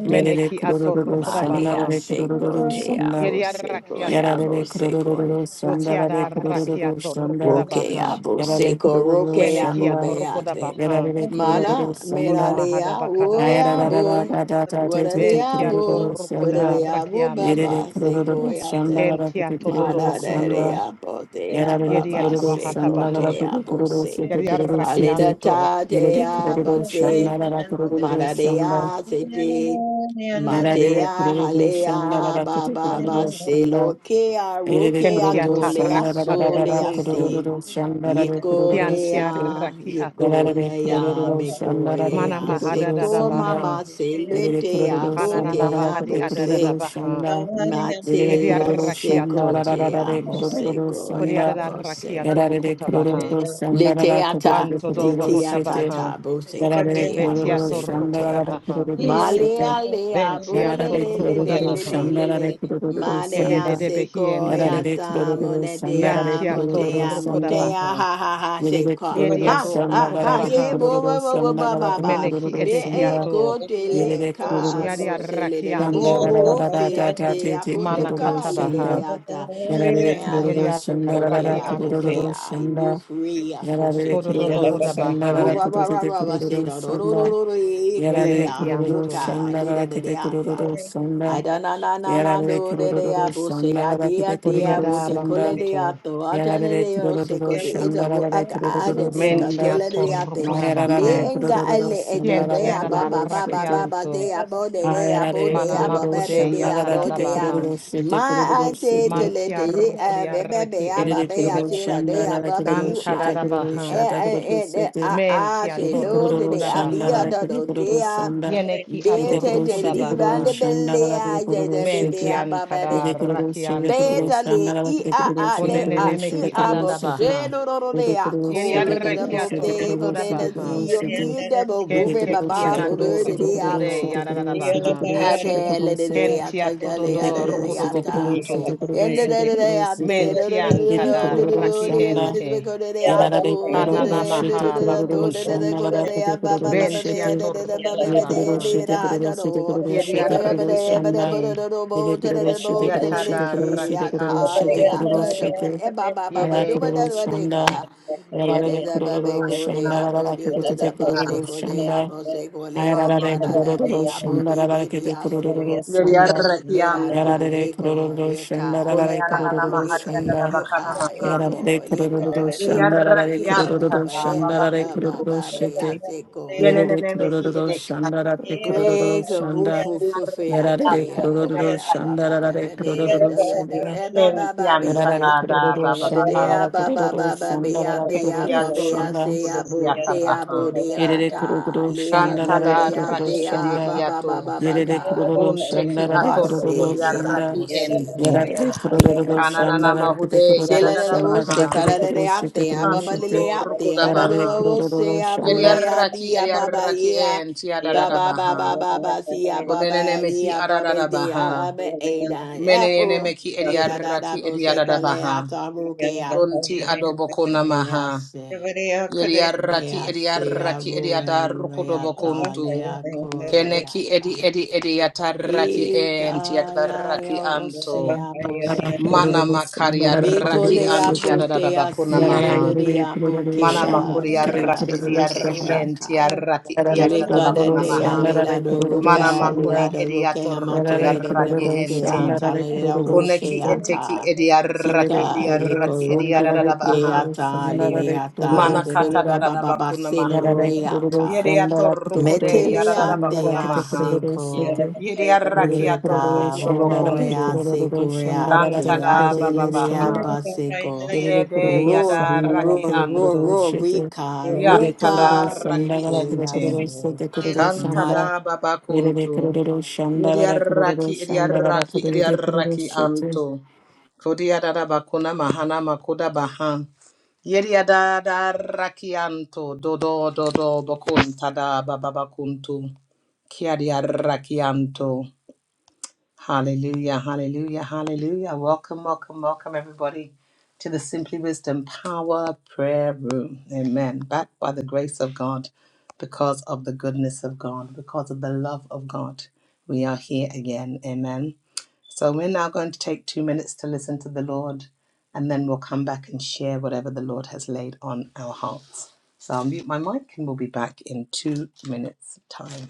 Speaker 5: Kandara,
Speaker 2: Yerere
Speaker 1: Meneki ato
Speaker 2: kurururu
Speaker 1: roko da
Speaker 2: sandara
Speaker 4: Malia
Speaker 1: baha.
Speaker 2: de
Speaker 4: sego
Speaker 2: kurururu
Speaker 4: te
Speaker 2: sanda.
Speaker 4: abo
Speaker 1: Yeria
Speaker 4: sego e
Speaker 5: Yandarasundari,
Speaker 1: rakiato.
Speaker 2: Yarare
Speaker 4: abo
Speaker 2: de
Speaker 4: sego
Speaker 2: kurururu sandara
Speaker 1: Botiada
Speaker 2: de kurururu
Speaker 1: rakiato roko da
Speaker 2: şanda.
Speaker 4: roke
Speaker 1: baha.
Speaker 5: Kondarasundari,
Speaker 4: abo
Speaker 2: Yarare
Speaker 4: sego
Speaker 2: kurururu
Speaker 4: roke
Speaker 5: Kandarasundari,
Speaker 1: Meneki
Speaker 4: abo
Speaker 1: ato
Speaker 2: şanda.
Speaker 1: roko da
Speaker 4: beate
Speaker 1: baha.
Speaker 2: Yarare de kurururu
Speaker 4: mana mera
Speaker 2: sanda.
Speaker 4: de
Speaker 1: Kunamahada bakada
Speaker 4: abo e
Speaker 1: baha.
Speaker 2: Ayarararara
Speaker 4: abo
Speaker 2: da da da de
Speaker 4: wara
Speaker 2: de
Speaker 4: de
Speaker 2: de
Speaker 1: Bentiato
Speaker 2: kurururu
Speaker 4: abo
Speaker 1: roko
Speaker 4: but are
Speaker 1: da
Speaker 2: şanda.
Speaker 4: the abo
Speaker 1: rakianto.
Speaker 2: Yerere
Speaker 4: baba sego
Speaker 2: kurururu
Speaker 4: e
Speaker 2: şanda.
Speaker 4: ate
Speaker 2: Yarare
Speaker 1: Kentiato dodo
Speaker 2: kurururu
Speaker 4: mana de
Speaker 2: şanda.
Speaker 4: de
Speaker 1: bocunto,
Speaker 4: abo te
Speaker 2: Yararlı
Speaker 1: yedia
Speaker 4: ababa
Speaker 2: kururu
Speaker 1: tabaha
Speaker 4: sego
Speaker 1: tabaha,
Speaker 2: sandala
Speaker 4: te
Speaker 2: kururu
Speaker 4: abo
Speaker 5: Kandarasundari,
Speaker 2: kururu
Speaker 4: se
Speaker 2: sete
Speaker 1: yedia
Speaker 2: kururu sete.
Speaker 4: halila
Speaker 1: rakianto,
Speaker 4: ta te
Speaker 2: Yerede
Speaker 4: abo
Speaker 2: kururu
Speaker 5: Andarashindarus,
Speaker 4: te
Speaker 2: sandala kururu
Speaker 4: mana
Speaker 5: Kiridiririririri,
Speaker 4: de
Speaker 2: sanda.
Speaker 4: a se
Speaker 2: Yararlı
Speaker 4: Matea
Speaker 2: kururu
Speaker 5: Andarashindarus,
Speaker 4: halea
Speaker 2: sandala
Speaker 4: baba
Speaker 2: kururu sanda.
Speaker 4: baselo kea
Speaker 2: Erere
Speaker 4: rokea
Speaker 1: kentia
Speaker 2: kururu
Speaker 4: tolea
Speaker 1: taraki
Speaker 2: sandara da da da da
Speaker 4: solea
Speaker 1: adobocunto,
Speaker 4: se
Speaker 2: kururu
Speaker 5: Kondarashindarus, Kondarashindarus,
Speaker 2: sandara da kururu
Speaker 1: kiantia
Speaker 2: sütü.
Speaker 4: yekonea
Speaker 1: rakiato,
Speaker 2: Darara da
Speaker 4: yekonea
Speaker 2: kururu
Speaker 5: Kandarashindarus,
Speaker 2: sandara da
Speaker 1: mana
Speaker 4: mekoea
Speaker 1: mahada
Speaker 2: kururu
Speaker 1: da da
Speaker 4: seko
Speaker 2: sanda.
Speaker 1: baha,
Speaker 4: mama
Speaker 2: Erere
Speaker 4: selete
Speaker 2: kururu
Speaker 1: kananana
Speaker 2: sandara
Speaker 4: aboke
Speaker 2: da
Speaker 1: mahadi
Speaker 2: da
Speaker 1: adada da
Speaker 5: Kiridiririririri,
Speaker 4: abose
Speaker 2: kururu
Speaker 1: baha,
Speaker 2: sanda. Erere
Speaker 1: yedia
Speaker 4: matea
Speaker 2: kururu
Speaker 4: seko
Speaker 1: rakiato,
Speaker 2: sandara da da
Speaker 4: te
Speaker 2: da da
Speaker 4: amo
Speaker 2: kururu
Speaker 5: Kondarashindarus,
Speaker 4: seko
Speaker 1: kodiada
Speaker 2: sanda.
Speaker 1: da
Speaker 4: abose
Speaker 1: rakiato
Speaker 5: Kiridiririririri,
Speaker 2: Erere de
Speaker 1: bocota baha,
Speaker 2: kururu
Speaker 4: Le
Speaker 2: sandara da
Speaker 4: Leteata
Speaker 2: kururu
Speaker 1: banto dobo
Speaker 2: kururu
Speaker 1: hota
Speaker 2: sütü.
Speaker 1: baha,
Speaker 4: titiatata
Speaker 2: Darara da
Speaker 5: Kondarashindarus,
Speaker 4: bosekotea
Speaker 2: kururu
Speaker 1: betiato
Speaker 5: Kondarashindarus, Kondarashindarus, Kiridiririririri, Kandarashindarus, Kondarashindarus,
Speaker 1: rukoda
Speaker 2: sandara
Speaker 5: Kiridiririririri,
Speaker 2: da
Speaker 4: bosekotea.
Speaker 1: baha,
Speaker 2: kururu sütü.
Speaker 4: Malea
Speaker 5: Kandarashindarus, Kondarashindarus,
Speaker 4: lea
Speaker 1: bentiato
Speaker 2: Yarare
Speaker 1: rukoda
Speaker 2: kururu
Speaker 5: Kiridiririririri,
Speaker 1: baha,
Speaker 2: şandare
Speaker 4: bolelelelelelele.
Speaker 2: kururu
Speaker 4: Manea
Speaker 2: şanda.
Speaker 1: kedede behiente,
Speaker 2: Yarare
Speaker 4: sekoyata
Speaker 2: kururu şandare
Speaker 4: monedea
Speaker 1: yantia to
Speaker 2: kururu
Speaker 4: motea
Speaker 1: rukoda
Speaker 2: şanda.
Speaker 4: motea
Speaker 1: baha.
Speaker 4: ha ha ha
Speaker 2: Yerebe
Speaker 4: seka.
Speaker 2: kururu
Speaker 4: Ha
Speaker 1: Yediato
Speaker 2: sanda
Speaker 4: ha ha
Speaker 2: garagebe
Speaker 4: ye
Speaker 1: rukodabaha.
Speaker 4: bo
Speaker 2: kururu
Speaker 4: bo bo bo
Speaker 2: sanda
Speaker 4: ba ba
Speaker 2: garagebe
Speaker 4: ba.
Speaker 1: Meneki
Speaker 2: kururu
Speaker 4: Me
Speaker 2: sanda
Speaker 1: edehiato.
Speaker 4: eko te
Speaker 2: yerebe kururu
Speaker 4: leka
Speaker 1: Yadia
Speaker 4: mosele de
Speaker 2: sanda
Speaker 4: bo
Speaker 1: rakianto.
Speaker 4: bo rofia
Speaker 2: rarararararara
Speaker 4: te
Speaker 2: tete
Speaker 1: Mana
Speaker 2: kururu
Speaker 1: katabaha.
Speaker 2: sanda
Speaker 4: aboteka
Speaker 2: yararere
Speaker 4: Aya
Speaker 2: kururu
Speaker 1: Yadia
Speaker 2: sanda
Speaker 4: soko te
Speaker 2: rarara
Speaker 4: aboke
Speaker 2: kururu
Speaker 1: rakianto.
Speaker 4: I no
Speaker 2: sanda
Speaker 4: free
Speaker 2: yararere
Speaker 4: afoseti
Speaker 1: Kododoba
Speaker 2: kururu
Speaker 4: ase.
Speaker 2: sanda rarara
Speaker 1: hodabaha.
Speaker 4: Rova rova rova rava
Speaker 2: kururu
Speaker 4: rava se
Speaker 2: kururu
Speaker 4: da do do do
Speaker 2: sanda
Speaker 4: do do eki
Speaker 2: yararere
Speaker 4: a
Speaker 2: kururu
Speaker 1: Yenemekianto.
Speaker 4: roka
Speaker 2: sanda
Speaker 4: leda
Speaker 2: rarara
Speaker 4: de
Speaker 2: kete
Speaker 4: de asa.
Speaker 2: kururu
Speaker 4: I
Speaker 2: sanda
Speaker 4: da na na na na
Speaker 2: yararere
Speaker 4: do de de
Speaker 2: kururu
Speaker 4: abose
Speaker 2: sanda
Speaker 4: adia
Speaker 2: rarara kete
Speaker 4: dia dia
Speaker 2: kururu
Speaker 1: Kodiada
Speaker 4: bote
Speaker 2: sanda
Speaker 4: kole de
Speaker 1: bakunto.
Speaker 4: ato atane
Speaker 2: Yarare
Speaker 4: de ose
Speaker 2: kurururu
Speaker 4: ko de ita bo
Speaker 2: şandarare
Speaker 4: aka ada
Speaker 2: kurururu
Speaker 4: de
Speaker 2: sanda.
Speaker 4: katela
Speaker 1: Mentiato
Speaker 4: de ate le
Speaker 2: Mayarare
Speaker 1: rukodabaha.
Speaker 4: enga
Speaker 2: kurururu
Speaker 4: ele edo de
Speaker 2: sandarare
Speaker 4: aba
Speaker 1: Kientiada
Speaker 4: ba
Speaker 2: kurururu
Speaker 4: ba ba
Speaker 2: şete.
Speaker 4: ba ba
Speaker 1: rakianto.
Speaker 4: de abo de de abo
Speaker 2: Ayarare
Speaker 4: de
Speaker 1: Mana
Speaker 4: aba
Speaker 2: kurururu
Speaker 4: ba ba
Speaker 1: makude
Speaker 2: şandagada kete
Speaker 4: de abo
Speaker 1: yatadabaha.
Speaker 2: kurururu
Speaker 4: my
Speaker 2: şete
Speaker 4: I
Speaker 2: kurururu
Speaker 5: Candela
Speaker 4: said
Speaker 2: şete.
Speaker 4: to let the
Speaker 1: Mantia
Speaker 4: she- uh
Speaker 1: rukodia
Speaker 4: baby
Speaker 1: reki
Speaker 4: baby I
Speaker 2: Yerere
Speaker 4: baby
Speaker 1: ente.
Speaker 4: I
Speaker 2: kurururu
Speaker 4: said I day I
Speaker 2: şandarare
Speaker 4: baby
Speaker 2: kurururu
Speaker 4: you
Speaker 2: şete
Speaker 4: I
Speaker 2: kurururu
Speaker 1: Kantadabaha.
Speaker 4: and
Speaker 2: şata kurururu
Speaker 4: and and
Speaker 2: şete.
Speaker 4: I I
Speaker 1: Mentia
Speaker 2: エ
Speaker 4: say
Speaker 2: デクロ
Speaker 4: Lord
Speaker 2: ロ
Speaker 4: today
Speaker 2: シ
Speaker 4: I
Speaker 2: ャンダ
Speaker 4: be
Speaker 2: ラ
Speaker 4: a
Speaker 1: torrukodabaha.
Speaker 2: レクデ
Speaker 4: the
Speaker 2: クロロ
Speaker 4: day
Speaker 2: シャ
Speaker 4: I
Speaker 2: ンダ
Speaker 1: Yeneki
Speaker 2: エデク
Speaker 4: better
Speaker 1: ador
Speaker 2: ロ
Speaker 4: to
Speaker 2: シデク
Speaker 4: leave
Speaker 2: ロ
Speaker 4: and
Speaker 2: ロ
Speaker 4: the
Speaker 1: kodabaha.
Speaker 2: シャンダラ
Speaker 4: belly
Speaker 2: ラクデ
Speaker 4: I
Speaker 2: クロ
Speaker 4: said
Speaker 2: ロ
Speaker 4: the
Speaker 2: シ
Speaker 4: baby
Speaker 2: デ
Speaker 4: I
Speaker 1: Mentian
Speaker 2: エ
Speaker 4: baby
Speaker 1: kada
Speaker 2: デクロロシデクロロ
Speaker 1: rakianto.
Speaker 2: シ
Speaker 4: better
Speaker 2: ャン
Speaker 4: le
Speaker 2: ダララク
Speaker 4: e
Speaker 2: デクロ
Speaker 4: I
Speaker 2: ロ
Speaker 4: I
Speaker 2: シデク
Speaker 4: they
Speaker 2: ロ
Speaker 4: I
Speaker 2: ロシ
Speaker 4: e
Speaker 2: デ
Speaker 1: Konenenemehi
Speaker 2: クロ
Speaker 4: I
Speaker 2: ロ
Speaker 4: but
Speaker 2: シデエデクロシデク
Speaker 4: say
Speaker 1: adadabaha.
Speaker 4: no no no they I
Speaker 2: ロロ
Speaker 1: Yeri
Speaker 2: シ
Speaker 4: call
Speaker 2: デ
Speaker 4: it
Speaker 2: クロロ
Speaker 4: the both
Speaker 2: シ
Speaker 1: arrekiato
Speaker 2: デクロ
Speaker 4: day
Speaker 2: ロ
Speaker 4: but
Speaker 2: シ
Speaker 4: then
Speaker 2: デエデクロシデ
Speaker 4: I
Speaker 2: クロ
Speaker 1: rukodabaha.
Speaker 4: see
Speaker 2: ロ
Speaker 4: you
Speaker 2: シデク
Speaker 4: me
Speaker 2: ロ
Speaker 4: the both
Speaker 2: ロ
Speaker 4: woman my
Speaker 2: シデ
Speaker 1: Kenteki
Speaker 2: クロロ
Speaker 1: ador
Speaker 4: baby
Speaker 2: シデクロロシ
Speaker 4: the
Speaker 2: デク
Speaker 4: day
Speaker 2: ロ
Speaker 4: I
Speaker 2: ロ
Speaker 1: rukode
Speaker 2: シ
Speaker 4: but
Speaker 2: デエデクロロシデ
Speaker 1: yadadabaha.
Speaker 2: クロロ
Speaker 4: I
Speaker 2: シデク
Speaker 4: tell
Speaker 2: ロロシデクロロ
Speaker 4: it the
Speaker 2: シデ
Speaker 4: day I take
Speaker 1: Kentiato
Speaker 4: the
Speaker 2: エ
Speaker 4: day I
Speaker 2: デ
Speaker 1: dodo
Speaker 4: the day
Speaker 2: ク
Speaker 4: I
Speaker 1: rukodobokunto.
Speaker 4: what is a
Speaker 1: Mentian tada
Speaker 2: ロロシャンダ
Speaker 1: rakiente.
Speaker 2: Yararare kororo şete
Speaker 1: Kananamaha
Speaker 4: baby
Speaker 2: kororo
Speaker 4: go to
Speaker 1: bakunto.
Speaker 2: şanlara
Speaker 4: day
Speaker 2: kote
Speaker 4: out ba ba
Speaker 2: kororo
Speaker 4: ba ba ba
Speaker 2: şete
Speaker 4: da
Speaker 1: Bentiato
Speaker 4: da da ba ba
Speaker 2: ile
Speaker 4: ba da
Speaker 2: kororo
Speaker 1: rukodabaha.
Speaker 4: ba
Speaker 2: şete
Speaker 4: da
Speaker 2: kororo
Speaker 4: ja
Speaker 2: şete
Speaker 4: do.
Speaker 2: kororo
Speaker 1: Yeri
Speaker 4: O
Speaker 2: şete
Speaker 4: da ba
Speaker 2: kororo
Speaker 4: da ba da
Speaker 2: şanda
Speaker 4: ba
Speaker 1: arrekiente.
Speaker 4: da do do bo
Speaker 2: ile
Speaker 4: da da
Speaker 2: kororo
Speaker 4: da
Speaker 2: şete
Speaker 4: bo da
Speaker 2: kororo
Speaker 4: da le
Speaker 2: şete
Speaker 1: Yatada
Speaker 2: kororo
Speaker 4: ki
Speaker 2: şete kororo
Speaker 4: ata
Speaker 2: şete
Speaker 4: le
Speaker 1: rakianto.
Speaker 2: kororo
Speaker 4: ata da pre
Speaker 2: şete
Speaker 4: ba ba ba ba
Speaker 2: ara
Speaker 4: do
Speaker 1: Yede
Speaker 4: ba da
Speaker 2: kororo
Speaker 4: do de
Speaker 2: şanda
Speaker 4: abo
Speaker 2: yararare kororo şanda yararare
Speaker 4: do
Speaker 2: kote
Speaker 4: to
Speaker 2: kote
Speaker 4: the bossy go de
Speaker 2: şanda
Speaker 4: abo se go le
Speaker 2: ayararare
Speaker 4: atana da da di
Speaker 2: kororo
Speaker 4: abo
Speaker 2: şanda
Speaker 4: bi
Speaker 2: yararare
Speaker 4: bi bi
Speaker 2: kote
Speaker 4: asu.
Speaker 2: şanda
Speaker 1: Yeriarrakianto.
Speaker 4: Merara,
Speaker 2: yararare
Speaker 4: ego,
Speaker 2: kororo şanda
Speaker 4: eka,
Speaker 2: yararare
Speaker 1: Kunianana
Speaker 4: eka,
Speaker 2: kororo
Speaker 4: li,
Speaker 1: mahariada
Speaker 2: şanda
Speaker 4: e,
Speaker 1: da
Speaker 4: you
Speaker 1: bakana
Speaker 4: are,
Speaker 1: maha.
Speaker 2: Yarare
Speaker 4: ego,
Speaker 2: kururu
Speaker 4: ligo, bigo,
Speaker 2: şandarare
Speaker 4: ego,
Speaker 2: kururu
Speaker 1: Yeriarrakianta
Speaker 4: but
Speaker 1: da
Speaker 4: they are,
Speaker 2: şandarare
Speaker 4: uh, ba,
Speaker 1: babakunto.
Speaker 2: kururu
Speaker 4: ba, ba, ya,
Speaker 2: şete.
Speaker 4: se, go,
Speaker 1: Yenene
Speaker 4: ya.
Speaker 2: Yerere
Speaker 1: mehi
Speaker 2: kururu
Speaker 1: edekia.
Speaker 2: şandarare kururu
Speaker 4: Break a woof,
Speaker 2: şanda.
Speaker 4: woof, woof, ya,
Speaker 2: Yarare
Speaker 4: te,
Speaker 1: Yeriarrakianta
Speaker 4: ya, bo,
Speaker 1: da
Speaker 4: be,
Speaker 2: kururu
Speaker 4: ya, ba, ba, ba,
Speaker 2: şandarare
Speaker 4: ba, ba,
Speaker 1: rakianto.
Speaker 4: ya,
Speaker 2: kururu
Speaker 4: da, da, do,
Speaker 2: şanda.
Speaker 4: eh, ba, ba, ba, ba,
Speaker 1: Yentianta
Speaker 4: ya,
Speaker 2: Yarare
Speaker 4: li.
Speaker 1: da da
Speaker 2: kururu
Speaker 4: Ba, de,
Speaker 1: bababaha.
Speaker 2: şandarare
Speaker 4: ya, ba, ba,
Speaker 2: kururu
Speaker 4: ba, ba, ba, ya,
Speaker 2: şandarare
Speaker 4: de, ya, ba,
Speaker 2: kururu
Speaker 4: ba,
Speaker 1: Yetiator
Speaker 4: ya,
Speaker 2: şanda.
Speaker 4: se, ya, bo,
Speaker 1: odehiata
Speaker 4: de, ya, bo,
Speaker 1: baha.
Speaker 4: de, la,
Speaker 2: Yerere
Speaker 4: ta,
Speaker 2: kururu
Speaker 4: li, ya,
Speaker 1: Kanta
Speaker 4: lo,
Speaker 2: şandarare
Speaker 4: de, ya,
Speaker 2: kururu
Speaker 4: de,
Speaker 1: raki
Speaker 4: ya,
Speaker 2: şanda.
Speaker 4: ba, ba, ba,
Speaker 1: edehiato.
Speaker 4: ba, ba,
Speaker 2: Yerere
Speaker 4: ga.
Speaker 2: kururu
Speaker 1: Bunteki
Speaker 2: şandarare
Speaker 1: ator
Speaker 2: kururu
Speaker 4: Masele
Speaker 2: şanda.
Speaker 1: raki
Speaker 4: abose
Speaker 1: ente.
Speaker 4: koya
Speaker 2: Yarare kururu
Speaker 4: haya
Speaker 1: Kananana
Speaker 2: şandara
Speaker 4: mukea.
Speaker 2: kete
Speaker 1: mahude
Speaker 4: Sele
Speaker 2: kururu
Speaker 4: le
Speaker 1: yadada
Speaker 4: le
Speaker 2: şanda
Speaker 4: bose
Speaker 1: baha.
Speaker 2: kada kete
Speaker 4: kala le
Speaker 2: kururu
Speaker 4: le
Speaker 2: şete
Speaker 4: ate
Speaker 2: kururu
Speaker 4: ababa le
Speaker 2: şete
Speaker 4: le
Speaker 1: Kantodo
Speaker 4: ate
Speaker 1: rukuda
Speaker 4: adoro
Speaker 2: yarare
Speaker 4: le
Speaker 1: baha.
Speaker 2: kururu
Speaker 4: bose
Speaker 2: şanda
Speaker 4: abore
Speaker 1: Yediaraki
Speaker 4: adi ababa
Speaker 1: eliaraki
Speaker 4: ya
Speaker 1: en tiadada
Speaker 4: baba
Speaker 1: baha.
Speaker 4: baba baba si
Speaker 1: Unenene
Speaker 4: ababa ni
Speaker 1: mehi
Speaker 4: ababa
Speaker 1: adada
Speaker 4: di
Speaker 1: baha.
Speaker 4: abe eda
Speaker 1: Menene
Speaker 4: abu
Speaker 1: meki
Speaker 4: ida da da
Speaker 1: eliaraki
Speaker 4: bose
Speaker 1: eliadada
Speaker 4: kole
Speaker 1: baha.
Speaker 4: ata mukea.
Speaker 1: Kunti adoboko
Speaker 4: Mea
Speaker 1: namaha.
Speaker 4: se
Speaker 1: Yediaraki
Speaker 4: mea se
Speaker 1: eliaraki
Speaker 4: aru
Speaker 1: eliada
Speaker 4: eru
Speaker 1: rukudobo
Speaker 4: ata
Speaker 1: kuntu.
Speaker 4: le
Speaker 1: Keneki
Speaker 4: akoreata.
Speaker 1: edi edi edi yataraki en tiadaraki
Speaker 4: Igaya
Speaker 1: anto.
Speaker 4: osea bose.
Speaker 2: kada
Speaker 1: Mana
Speaker 2: kururu
Speaker 1: makaria
Speaker 2: şandara
Speaker 1: raki
Speaker 2: kururu
Speaker 4: Mekolea
Speaker 1: anti
Speaker 2: şete
Speaker 1: adada
Speaker 4: botea
Speaker 1: bakuna
Speaker 2: yarare
Speaker 1: maha.
Speaker 2: yarare
Speaker 4: selurea
Speaker 2: kururu
Speaker 1: Mana
Speaker 2: şandara
Speaker 4: bukea
Speaker 1: makuri
Speaker 2: kete
Speaker 4: chea
Speaker 1: yarraki
Speaker 2: kururu
Speaker 1: idiarraki
Speaker 2: şanda
Speaker 4: sekoraka.
Speaker 1: entiarraki
Speaker 2: yarare
Speaker 1: idiarada
Speaker 4: Leka da
Speaker 1: bakuna
Speaker 2: kururu
Speaker 4: dea
Speaker 1: maha.
Speaker 4: leda
Speaker 2: şandara
Speaker 4: do
Speaker 2: kururu
Speaker 1: Mana
Speaker 4: roca,
Speaker 1: makuri
Speaker 4: leda
Speaker 2: şanda
Speaker 4: do roca
Speaker 1: idiatorroko
Speaker 4: amante,
Speaker 2: yarare
Speaker 4: leda de
Speaker 1: yarraki
Speaker 2: kururu şandara kururu şete yarare kururu
Speaker 1: ente.
Speaker 4: bukeata,
Speaker 2: şandara kururu
Speaker 4: leda
Speaker 1: Kuneki eteki
Speaker 4: rokeata.
Speaker 1: idiarraki
Speaker 4: Sika yeko
Speaker 1: idiarraki
Speaker 4: roke
Speaker 1: idiarada
Speaker 4: roke
Speaker 1: baha.
Speaker 4: ata lele
Speaker 2: şandara
Speaker 4: ata
Speaker 1: Mana
Speaker 2: kururu
Speaker 4: de do do
Speaker 1: kata
Speaker 4: ba
Speaker 2: şanda
Speaker 4: ba
Speaker 1: dada
Speaker 4: ba ba
Speaker 1: bakuna
Speaker 4: se no
Speaker 1: maha.
Speaker 4: ro
Speaker 2: Yarara
Speaker 4: re
Speaker 2: kururu
Speaker 4: aka
Speaker 2: şandara kite
Speaker 1: Yediatorroko de
Speaker 2: kururu
Speaker 4: metele
Speaker 1: yarada
Speaker 4: ate
Speaker 2: şandara
Speaker 1: bakuna
Speaker 2: kite
Speaker 1: maha.
Speaker 2: kururu
Speaker 4: aseko
Speaker 2: şete.
Speaker 1: Yediarraki
Speaker 2: Yere kururu
Speaker 4: Yega
Speaker 1: atorroko do
Speaker 2: şandara re
Speaker 1: bakuntu.
Speaker 4: Hohorea
Speaker 2: kururu
Speaker 4: Sekurea
Speaker 2: şandara re
Speaker 1: Kantada baba
Speaker 2: kururu
Speaker 1: baha.
Speaker 4: Jayajelerea
Speaker 2: şanda.
Speaker 4: Baseko
Speaker 2: Yere
Speaker 1: Yede
Speaker 2: kururu
Speaker 4: Rory
Speaker 2: şandara
Speaker 1: yadarraki
Speaker 4: Rory
Speaker 2: kite kururu
Speaker 1: anto.
Speaker 4: Rory
Speaker 2: şete.
Speaker 4: Rika
Speaker 2: Yere
Speaker 1: Yantada
Speaker 2: kururu
Speaker 4: Ruka
Speaker 1: raki
Speaker 2: şandara kite
Speaker 4: Litea
Speaker 1: ente.
Speaker 2: kururu
Speaker 4: Se
Speaker 2: şete kururu
Speaker 4: Ma-
Speaker 2: şanda.
Speaker 1: Kantada
Speaker 2: Yere
Speaker 1: babakuntu.
Speaker 2: kururu
Speaker 1: Yediaraki, idiaraki,
Speaker 2: kururu
Speaker 1: idiaraki
Speaker 2: şete.
Speaker 1: anto. Kodiadada bakuna mahana makuda baha. Yediadada raki anto. Dodo dodo bakuntada babakuntu. Kiadiaraki anto. Hallelujah, hallelujah, hallelujah. Welcome, welcome, welcome, everybody, to the Simply Wisdom Power Prayer Room. Amen. Backed by the grace of God, because of the goodness of God, because of the love of God, we are here again. Amen. So we're now going to take two minutes to listen to the Lord, and then we'll come back and share whatever the Lord has laid on our hearts. So I'll mute my mic and we'll be back in two minutes' time.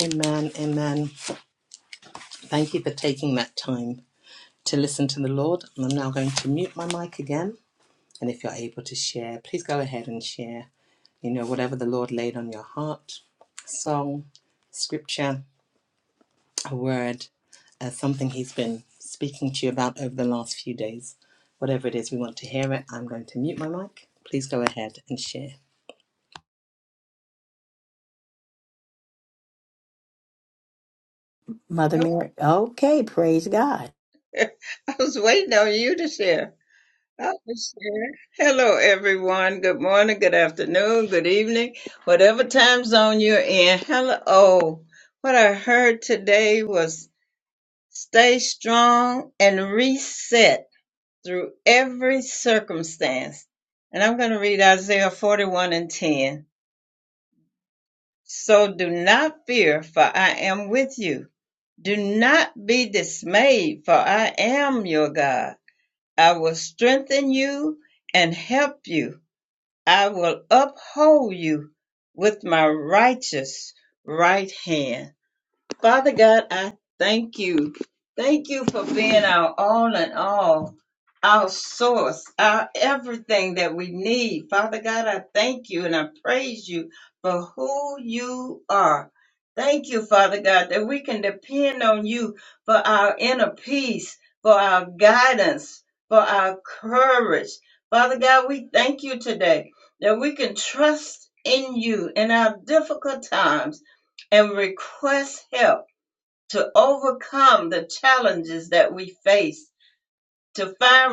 Speaker 1: Amen, amen. Thank you for taking that time to listen to the Lord. And I'm now going to mute my mic again. And if you're able to share, please go ahead and share, you know, whatever the Lord laid on your heart song, scripture, a word, uh, something He's been speaking to you about over the last few days. Whatever it is, we want to hear it. I'm going to mute my mic. Please go ahead and share.
Speaker 4: Mother Mary. Okay, praise God.
Speaker 6: help to challenge that race to find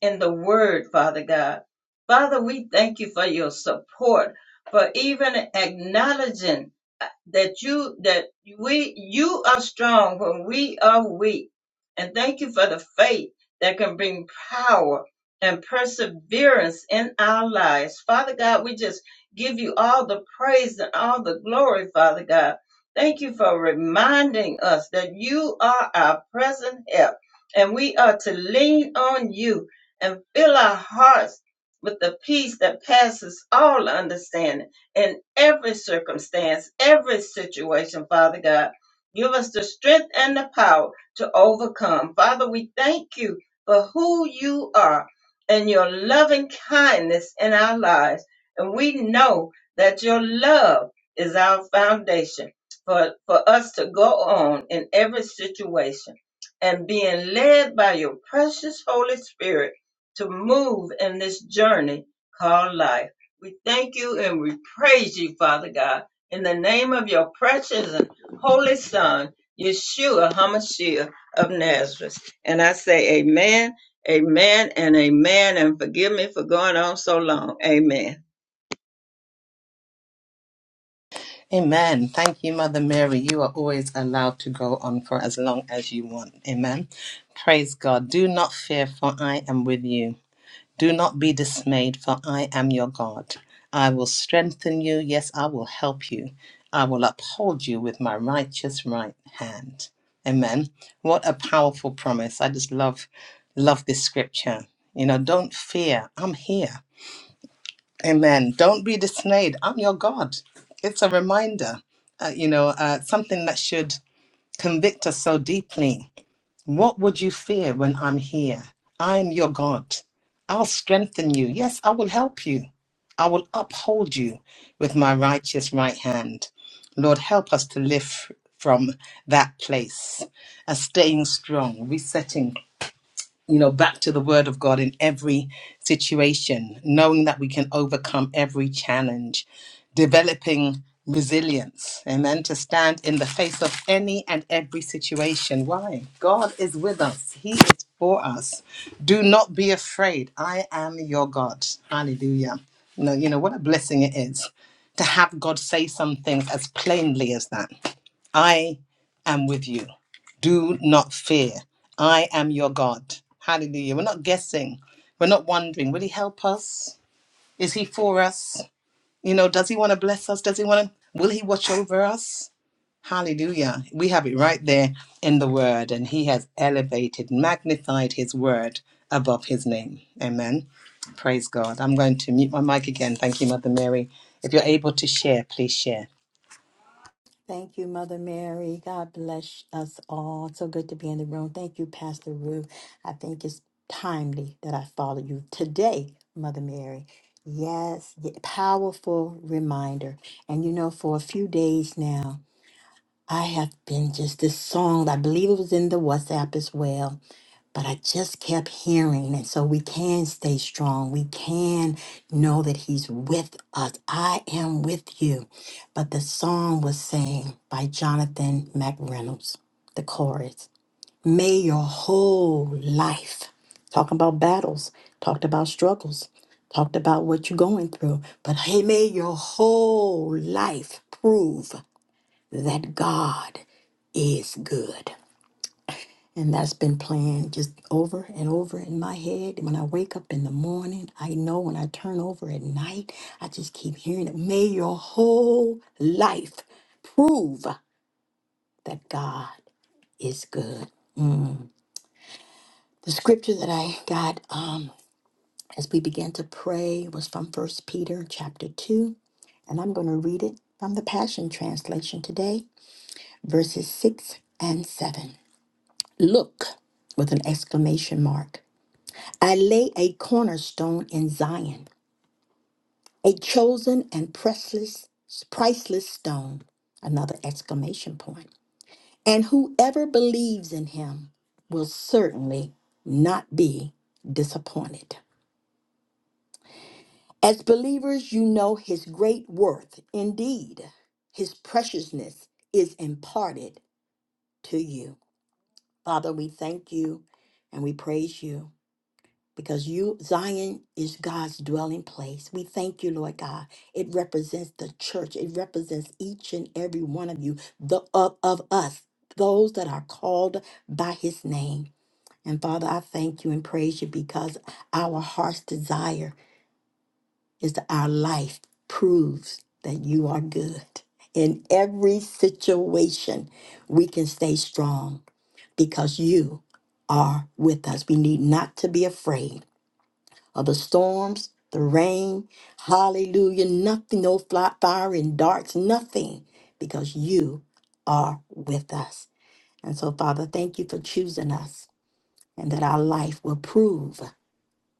Speaker 6: in the word, Father God. Father, we thank you for your support, for even acknowledging that you, that we you are. we are weak. And thank you for the faith that can bring power and perseverance in our lives. Father God, we just give you all the praise and all the glory, Father God. Thank you for reminding us that you are our present help and we are to lean on you and fill our hearts with the peace that passes all understanding in every circumstance, every situation, Father God. Give us the strength and the power to overcome. Father, we thank you for who you are and your loving kindness in our lives. And we know that your love is our foundation for, for us to go on in every situation and being led by your precious Holy Spirit to move in this journey called life. We thank you and we praise you, Father God, in the name of your precious and holy Son, Yeshua HaMashiach of Nazareth. And I say, Amen.
Speaker 1: Amen. Thank you, Mother Mary. You are always allowed to go on for as long as you want. Amen. Praise God. Do not fear, for I am with you. Do not be dismayed, for I am your God. I will strengthen you. Yes, I will help you. I will uphold you with my righteous right hand. Amen. What a powerful promise. I just love, love this scripture. You know, don't fear. I'm here. Amen. Don't be dismayed. I'm your God. It's a reminder, uh, you know, uh, something that should convict us so deeply what would you fear when I'm here? I am your God. I'll strengthen you. Yes, I will help you. I will uphold you with my righteous right hand. Lord, help us to live from that place, a staying strong, resetting you know, back to the word of God in every situation, knowing that we can overcome every challenge, developing resilience, amen, to stand in the face of any and every situation. Why? God is with us, He is for us. Do not be afraid. I am your God. Hallelujah. No, you know what a blessing it is to have God say some things as plainly as that. I am with you. Do not fear. I am your God. Hallelujah. We're not guessing. We're not wondering. Will he help us? Is he for us? You know, does he want to bless us? Does he want to? Will he watch over us? Hallelujah. We have it right there in the word, and he has elevated, magnified his word above his name. Amen. Praise God. I'm going to mute my mic again. Thank you, Mother Mary. If you're able to share, please share.
Speaker 4: Thank you, Mother Mary. God bless us all. So good to be in the room. Thank you, Pastor Ruth. I think it's timely that I follow you today, Mother Mary. Yes, y- powerful reminder. And you know, for a few days now, I have been just this song. I believe it was in the WhatsApp as well but I just kept hearing. And so we can stay strong. We can know that He's with us. I am with you. But the song was saying by Jonathan McReynolds, the chorus May your whole life, talking about battles, talked about struggles, talked about what you're going through, but hey, may your whole life prove that God is good. And that's been playing just over and over in my head. When I wake up in the morning, I know when I turn over at night, I just keep hearing it. May your whole life prove that God is good. Mm. The scripture that I got um, as we began to pray was from First Peter chapter 2. And I'm going to read it from the Passion Translation today, verses 6 and 7. Look with an exclamation mark. I lay a cornerstone in Zion, a chosen and priceless, priceless stone. Another exclamation point. And whoever believes in him will certainly not be disappointed. As believers, you know his great worth. Indeed, his preciousness is imparted to you. Father, we thank you and we praise you. because you, Zion, is God's dwelling place. We thank you, Lord God. It represents the church, it represents each and every one of you, the of, of us, those that are called by his name. And Father, I thank you and praise you because our heart's desire is that our life proves that you are good. In every situation, we can stay strong because you are with us. We need not to be afraid of the storms, the rain. Hallelujah. Nothing, no fly, fire and darts, nothing, because you are with us. And so, Father, thank you for choosing us and that our life will prove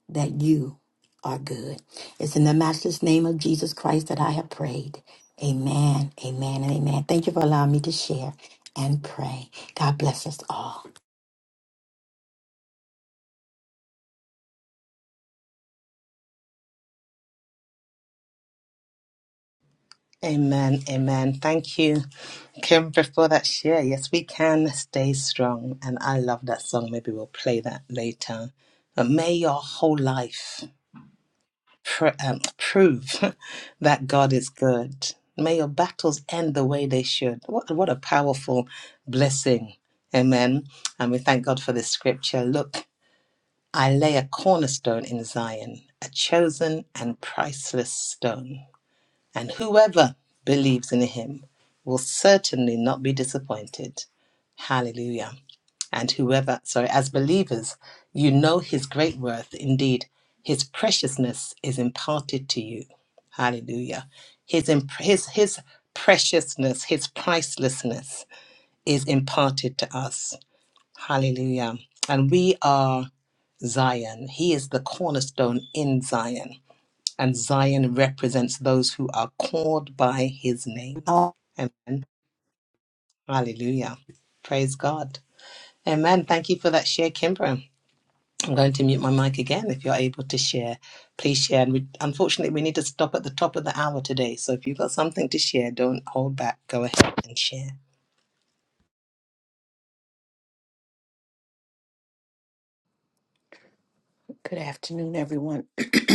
Speaker 4: that you are good. It's in the matchless name of Jesus Christ that I have prayed. Amen, amen, and amen. Thank you for allowing me to share and pray. God bless us all.
Speaker 1: Amen, amen. Thank you, Kimber, for that share. Yes, we can stay strong. And I love that song. Maybe we'll play that later. But may your whole life pr- um, prove that God is good. May your battles end the way they should. What, what a powerful blessing. Amen. And we thank God for this scripture. Look, I lay a cornerstone in Zion, a chosen and priceless stone and whoever believes in him will certainly not be disappointed. Hallelujah. And whoever, sorry, as believers, you know his great worth. Indeed, his preciousness is imparted to you. Hallelujah. His, imp- his, his preciousness, his pricelessness is imparted to us. Hallelujah. And we are Zion. He is the cornerstone in Zion and Zion represents those who are called by his name.
Speaker 4: Oh,
Speaker 1: Amen. Hallelujah. Praise God. Amen. Thank you for that share, Kimbra. I'm going to mute my mic again. If you're able to share, please share. And we, unfortunately, we need to stop at the top of the hour today. So if you've got something to share, don't hold back. Go ahead and share.
Speaker 7: Good afternoon, everyone.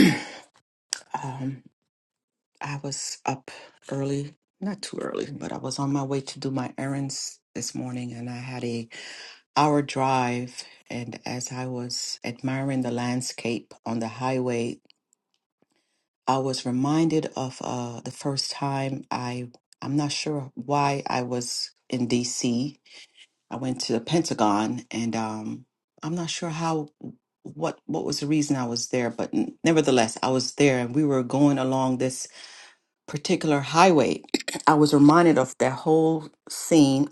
Speaker 7: um, I was up early, not too early, but I was on my way to do my errands this morning, and I had a hour drive. And as I was admiring the landscape on the highway, I was reminded of uh, the first time I. I'm not sure why I was in D.C. I went to the Pentagon, and um, I'm not sure how what what was the reason I was there, but n- nevertheless, I was there, and we were going along this particular highway. I was reminded of that whole scene,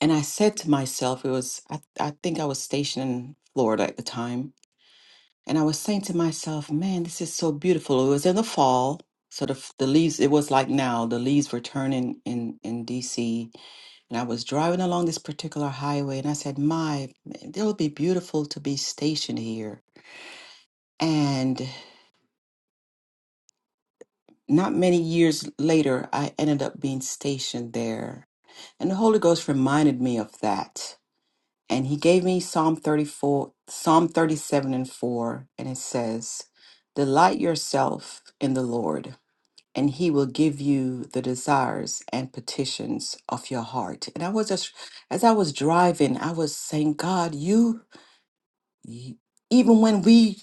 Speaker 7: and I said to myself, it was I, I think I was stationed in Florida at the time, and I was saying to myself, man, this is so beautiful. It was in the fall. So the, f- the leaves, it was like now, the leaves were turning in, in DC and I was driving along this particular highway and I said, My, it'll be beautiful to be stationed here. And not many years later, I ended up being stationed there. And the Holy Ghost reminded me of that. And he gave me Psalm 34, Psalm 37 and 4. And it says, Delight yourself in the Lord, and he will give you the desires and petitions of your heart. And I was just, as I was driving, I was saying, God, you Y- Even when we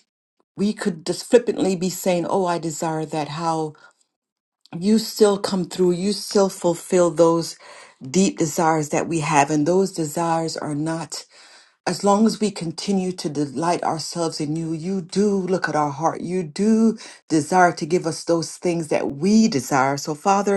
Speaker 7: we could just flippantly be saying, "Oh, I desire that," how you still come through, you still fulfill those deep desires that we have, and those desires are not. As long as we continue to delight ourselves in you, you do look at our heart. You do desire to give us those things that we desire. So, Father,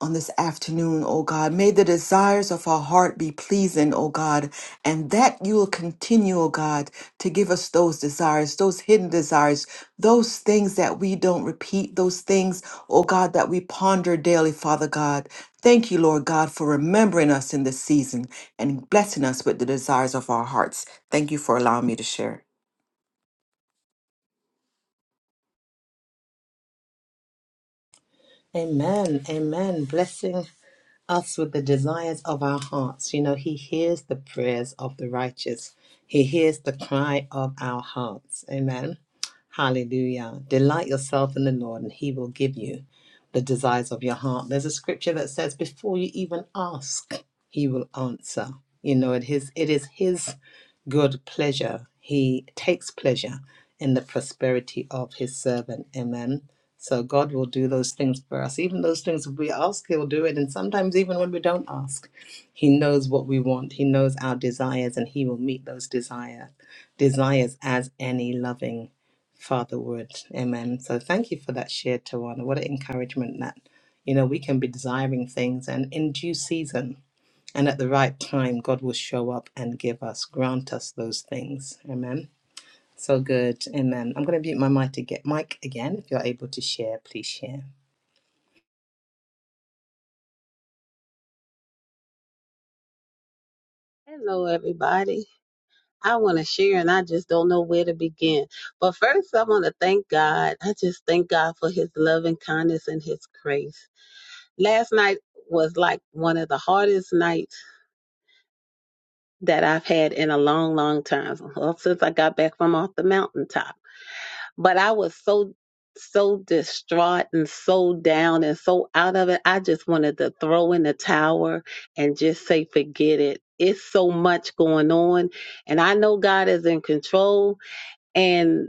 Speaker 7: on this afternoon, O God. May the desires of our heart be pleasing, O God, and that you will continue, O God, to give us those desires, those hidden desires, those things that we don't repeat, those things, O God, that we ponder daily, Father God. Thank you, Lord God, for remembering us in this season and blessing us with the desires of our hearts. Thank you for allowing me to share.
Speaker 1: Amen. Amen. Blessing. us with the desires of our hearts. You know, He hears the prayers of the righteous, He hears the cry of our hearts. Amen. Hallelujah. Delight yourself in the Lord, and He will give you the desires of your heart. There's a scripture that says, Before you even ask, He will answer. You know, it is, it is His good pleasure. He takes pleasure in the prosperity of His servant. Amen. So God will do those things for us. Even those things if we ask, He'll do it. And sometimes, even when we don't ask, He knows what we want. He knows our desires, and He will meet those desire desires as any loving Father would. Amen. So thank you for that share, Tawana. What an encouragement that you know we can be desiring things, and in due season and at the right time, God will show up and give us, grant us those things. Amen. So good. Amen. I'm going to mute my mic to get mic again. If you're able to share, please share.
Speaker 3: Hello, everybody. I want to share and I just don't know where to begin. But first, I want to thank God. I just thank God for his love and kindness and his grace. Last night was like one of the hardest nights that I've had in a long, long time, well, since I got back from off the mountaintop. but I was so so distraught and so down and so out of it. I just wanted to throw in the tower and just say forget it. It's so much going on and I know God is in control and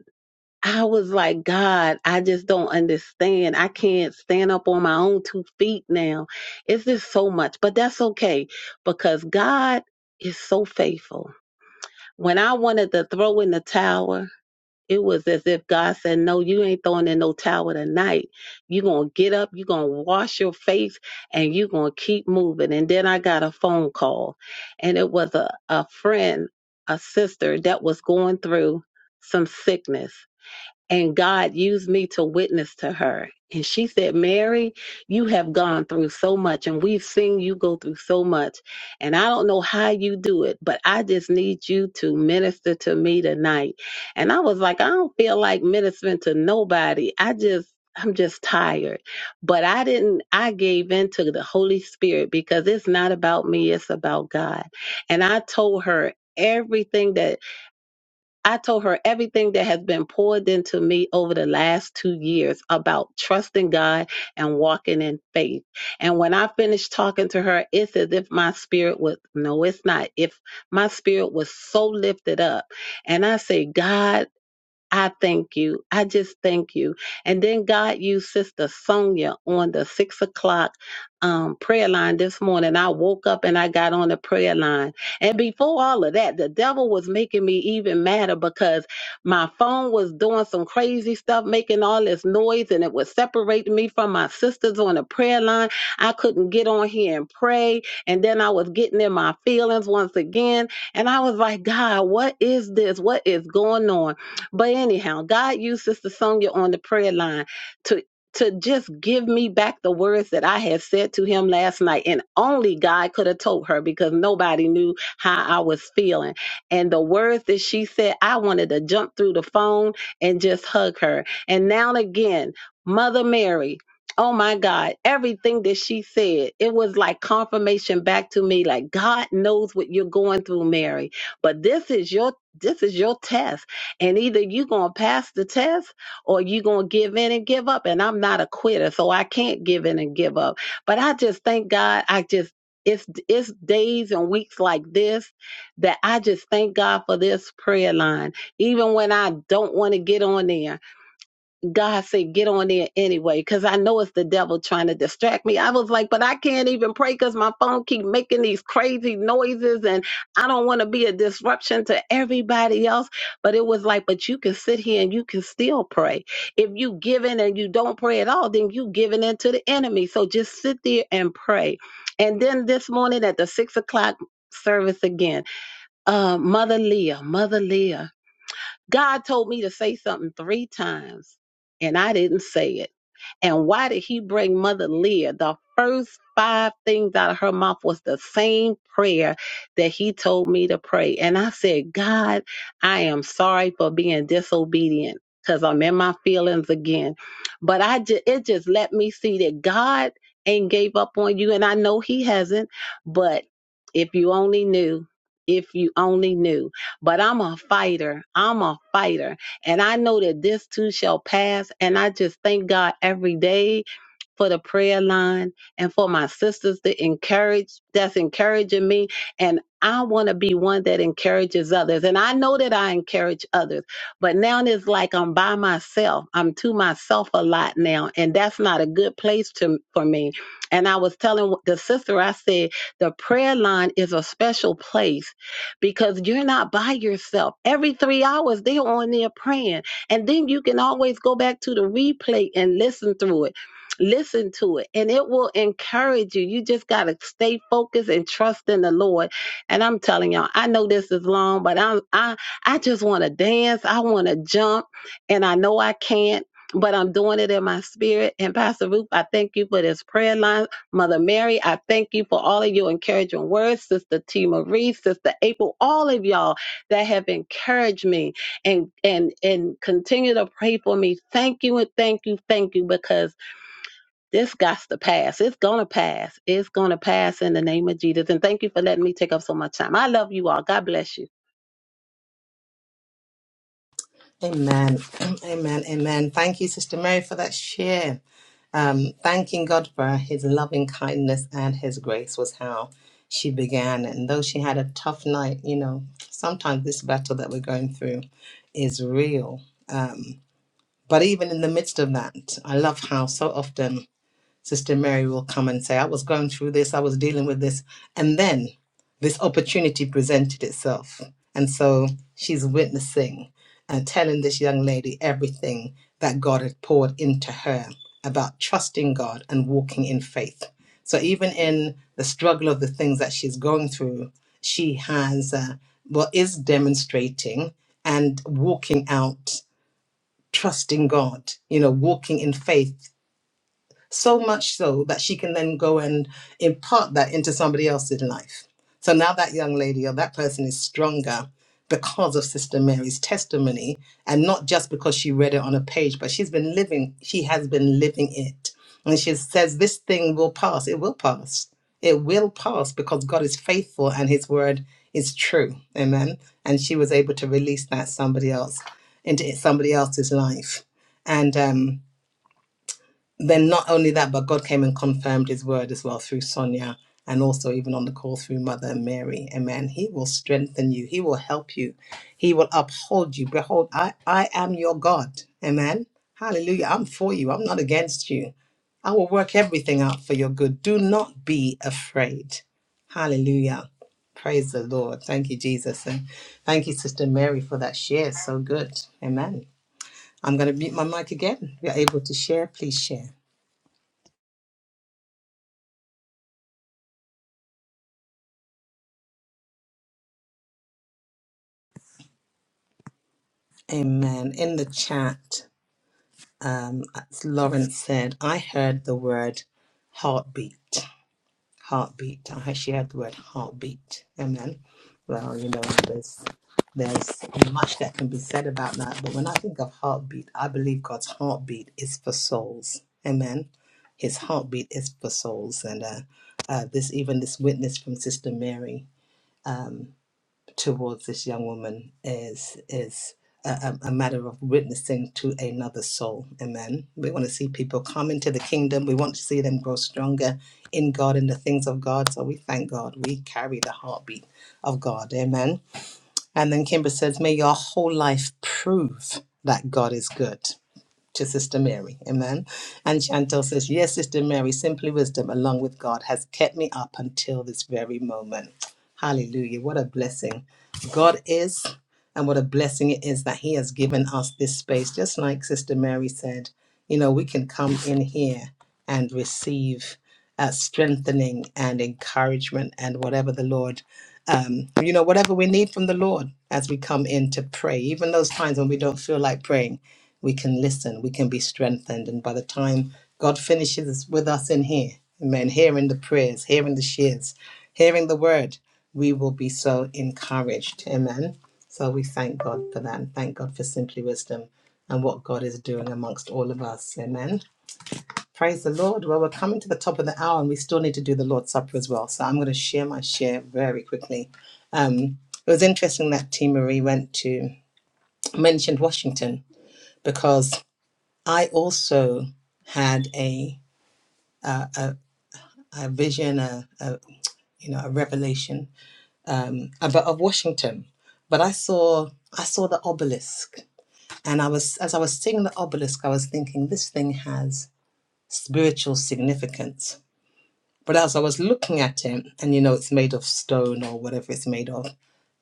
Speaker 3: I was like, God, I just don't understand. I can't stand up on my own two feet now. It's just so much, but that's okay because God is so faithful. When I wanted to throw in the tower, it was as if God said, No, you ain't throwing in no towel tonight. You're going to get up, you're going to wash your face, and you're going to keep moving. And then I got a phone call, and it was a, a friend, a sister that was going through some sickness. And God used me to witness to her. And she said, Mary, you have gone through so much, and we've seen you go through so much. And I don't know how you do it, but I just need you to minister to me tonight. And I was like, I don't feel like ministering to nobody. I just, I'm just tired. But I didn't, I gave in to the Holy Spirit because it's not about me, it's about God. And I told her, Everything I told her everything that has been poured into me over the last two years about trusting God and walking in faith. And when I finished talking to her, it's as if my spirit was, no, it's not. If my spirit was so lifted up. And I say, God, I thank you. I just thank you. And then God used Sister Sonia on the six o'clock um, prayer line this morning. I woke up and I got on the prayer line. And before all of that, the devil was making me even madder because my phone was doing some crazy stuff, making all this noise, and it was separating me from my sisters on the prayer line. I couldn't get on here and pray. And then I was getting in my feelings once again. And I was like, God, what is this? What is going on? But anyhow, God used Sister Sonia on the prayer line to to just give me back the words that I had said to him last night. And only God could have told her because nobody knew how I was feeling. And the words that she said, I wanted to jump through the phone and just hug her. And now and again, Mother Mary. Oh my God, everything that she said, it was like confirmation back to me like God knows what you're going through, Mary. But this is your this is your test and either you're going to pass the test or you're going to give in and give up. And I'm not a quitter, so I can't give in and give up. But I just thank God. I just, it's, it's days and weeks like this that I just thank God for this prayer line. Even when I don't want to get on there, God said, get on there anyway, because I know it's the devil trying to distract me. I was like, but I can't even pray because my phone keep making these crazy noises and I don't want to be a disruption to everybody else. But it was like, but you can sit here and you can still pray. If you give in and you don't pray at all, then you giving in to the enemy. So just sit there and pray. And then this morning at the six o'clock service again, uh, Mother Leah, Mother Leah. God told me to say something three times and I didn't say it. And why did he bring Mother Leah? The first five things out of her mouth was the same prayer that he told me to pray. And I said, God, I am sorry for being disobedient because I'm in my feelings again. But I just, it just let me see that God ain't gave up on you. And I know he hasn't, but if you only knew, if you only knew, but I'm a fighter. I'm a fighter and I know that this too shall pass. And I just thank God every day for the prayer line and for my sisters to encourage that's encouraging me and I want to be one that encourages others and I know that I encourage others but now it's like I'm by myself I'm to myself a lot now and that's not a good place to for me and I was telling the sister I said the prayer line is a special place because you're not by yourself every 3 hours they're on there praying and then you can always go back to the replay and listen through it listen to it and it will encourage you. You just got to stay focused and trust in the Lord. And I'm telling y'all, I know this is long, but I'm, I, I just want to dance. I want to jump and I know I can't. But I'm doing it in my spirit. And Pastor Ruth, I thank you for this prayer line. Mother Mary, I thank you for all of your encouraging words. Sister T. Marie, Sister April, all of y'all that have encouraged me and and and continue to pray for me. Thank you and thank you, thank you, because this got to pass. It's going to pass. It's going to pass in the name of Jesus. And thank you for letting me take up so much time. I love you all. God bless you.
Speaker 1: Amen. Amen. Amen. Thank you, Sister Mary, for that share. Um, thanking God for his loving kindness and his grace was how she began. And though she had a tough night, you know, sometimes this battle that we're going through is real. Um, but even in the midst of that, I love how so often Sister Mary will come and say, I was going through this, I was dealing with this. And then this opportunity presented itself. And so she's witnessing and telling this young lady everything that God had poured into her about trusting God and walking in faith. So even in the struggle of the things that she's going through, she has uh, well is demonstrating and walking out trusting God. You know, walking in faith so much so that she can then go and impart that into somebody else's life. So now that young lady or that person is stronger because of Sister Mary's testimony, and not just because she read it on a page, but she's been living, she has been living it. And she says, This thing will pass. It will pass. It will pass because God is faithful and his word is true. Amen. And she was able to release that somebody else into somebody else's life. And um then not only that, but God came and confirmed his word as well through Sonia and also even on the call through Mother Mary. Amen. He will strengthen you, he will help you, he will uphold you. Behold, I, I am your God. Amen. Hallelujah. I'm for you, I'm not against you. I will work everything out for your good. Do not be afraid. Hallelujah. Praise the Lord. Thank you, Jesus. And thank you, Sister Mary, for that share. So good. Amen. I'm going to mute my mic again. If you're able to share, please share. Amen. In the chat, um, Lawrence said, I heard the word heartbeat. Heartbeat. I actually heard the word heartbeat. Amen. Well, you know, there's there's much that can be said about that, but when I think of heartbeat, I believe God's heartbeat is for souls. Amen. His heartbeat is for souls, and uh, uh, this even this witness from Sister Mary. um, towards this young woman is is a, a a matter of witnessing to another soul. Amen. We want to see people come into the kingdom. We want to see them grow stronger in God and the things of God. So we thank God. We carry the heartbeat of God. Amen. And then Kimber says, May your whole life prove that God is good to Sister Mary. Amen. And Chantel says, Yes, Sister Mary, simply wisdom along with God has kept me up until this very moment. Hallelujah. What a blessing God is, and what a blessing it is that He has given us this space. Just like Sister Mary said, you know, we can come in here and receive uh, strengthening and encouragement and whatever the Lord, um, you know, whatever we need from the Lord as we come in to pray. Even those times when we don't feel like praying, we can listen, we can be strengthened. And by the time God finishes with us in here, amen, hearing the prayers, hearing the shears, hearing the word, we will be so encouraged. Amen. So we thank God for that and thank God for simply wisdom and what God is doing amongst all of us. Amen. Praise the Lord. Well, we're coming to the top of the hour and we still need to do the Lord's Supper as well. So I'm going to share my share very quickly. It was interesting that T. Marie went to mentioned Washington because I also had a, a vision, a, a you know, a revelation about of Washington. But I saw I saw the obelisk, and I was as I was seeing the obelisk, I was thinking this thing has spiritual significance. But as I was looking at it, and you know, it's made of stone or whatever it's made of,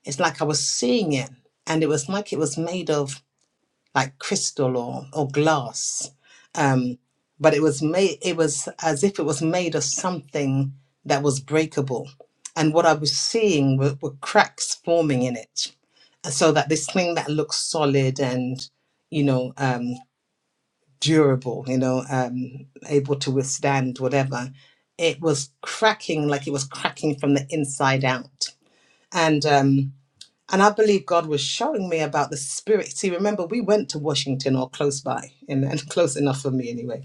Speaker 1: it's like I was seeing it, and it was like it was made of like crystal or or glass um, but it was made it was as if it was made of something that was breakable and what i was seeing were, were cracks forming in it so that this thing that looks solid and you know um, durable you know um, able to withstand whatever it was cracking like it was cracking from the inside out and um, and I believe God was showing me about the spirit. See, remember, we went to Washington or close by, and and close enough for me anyway.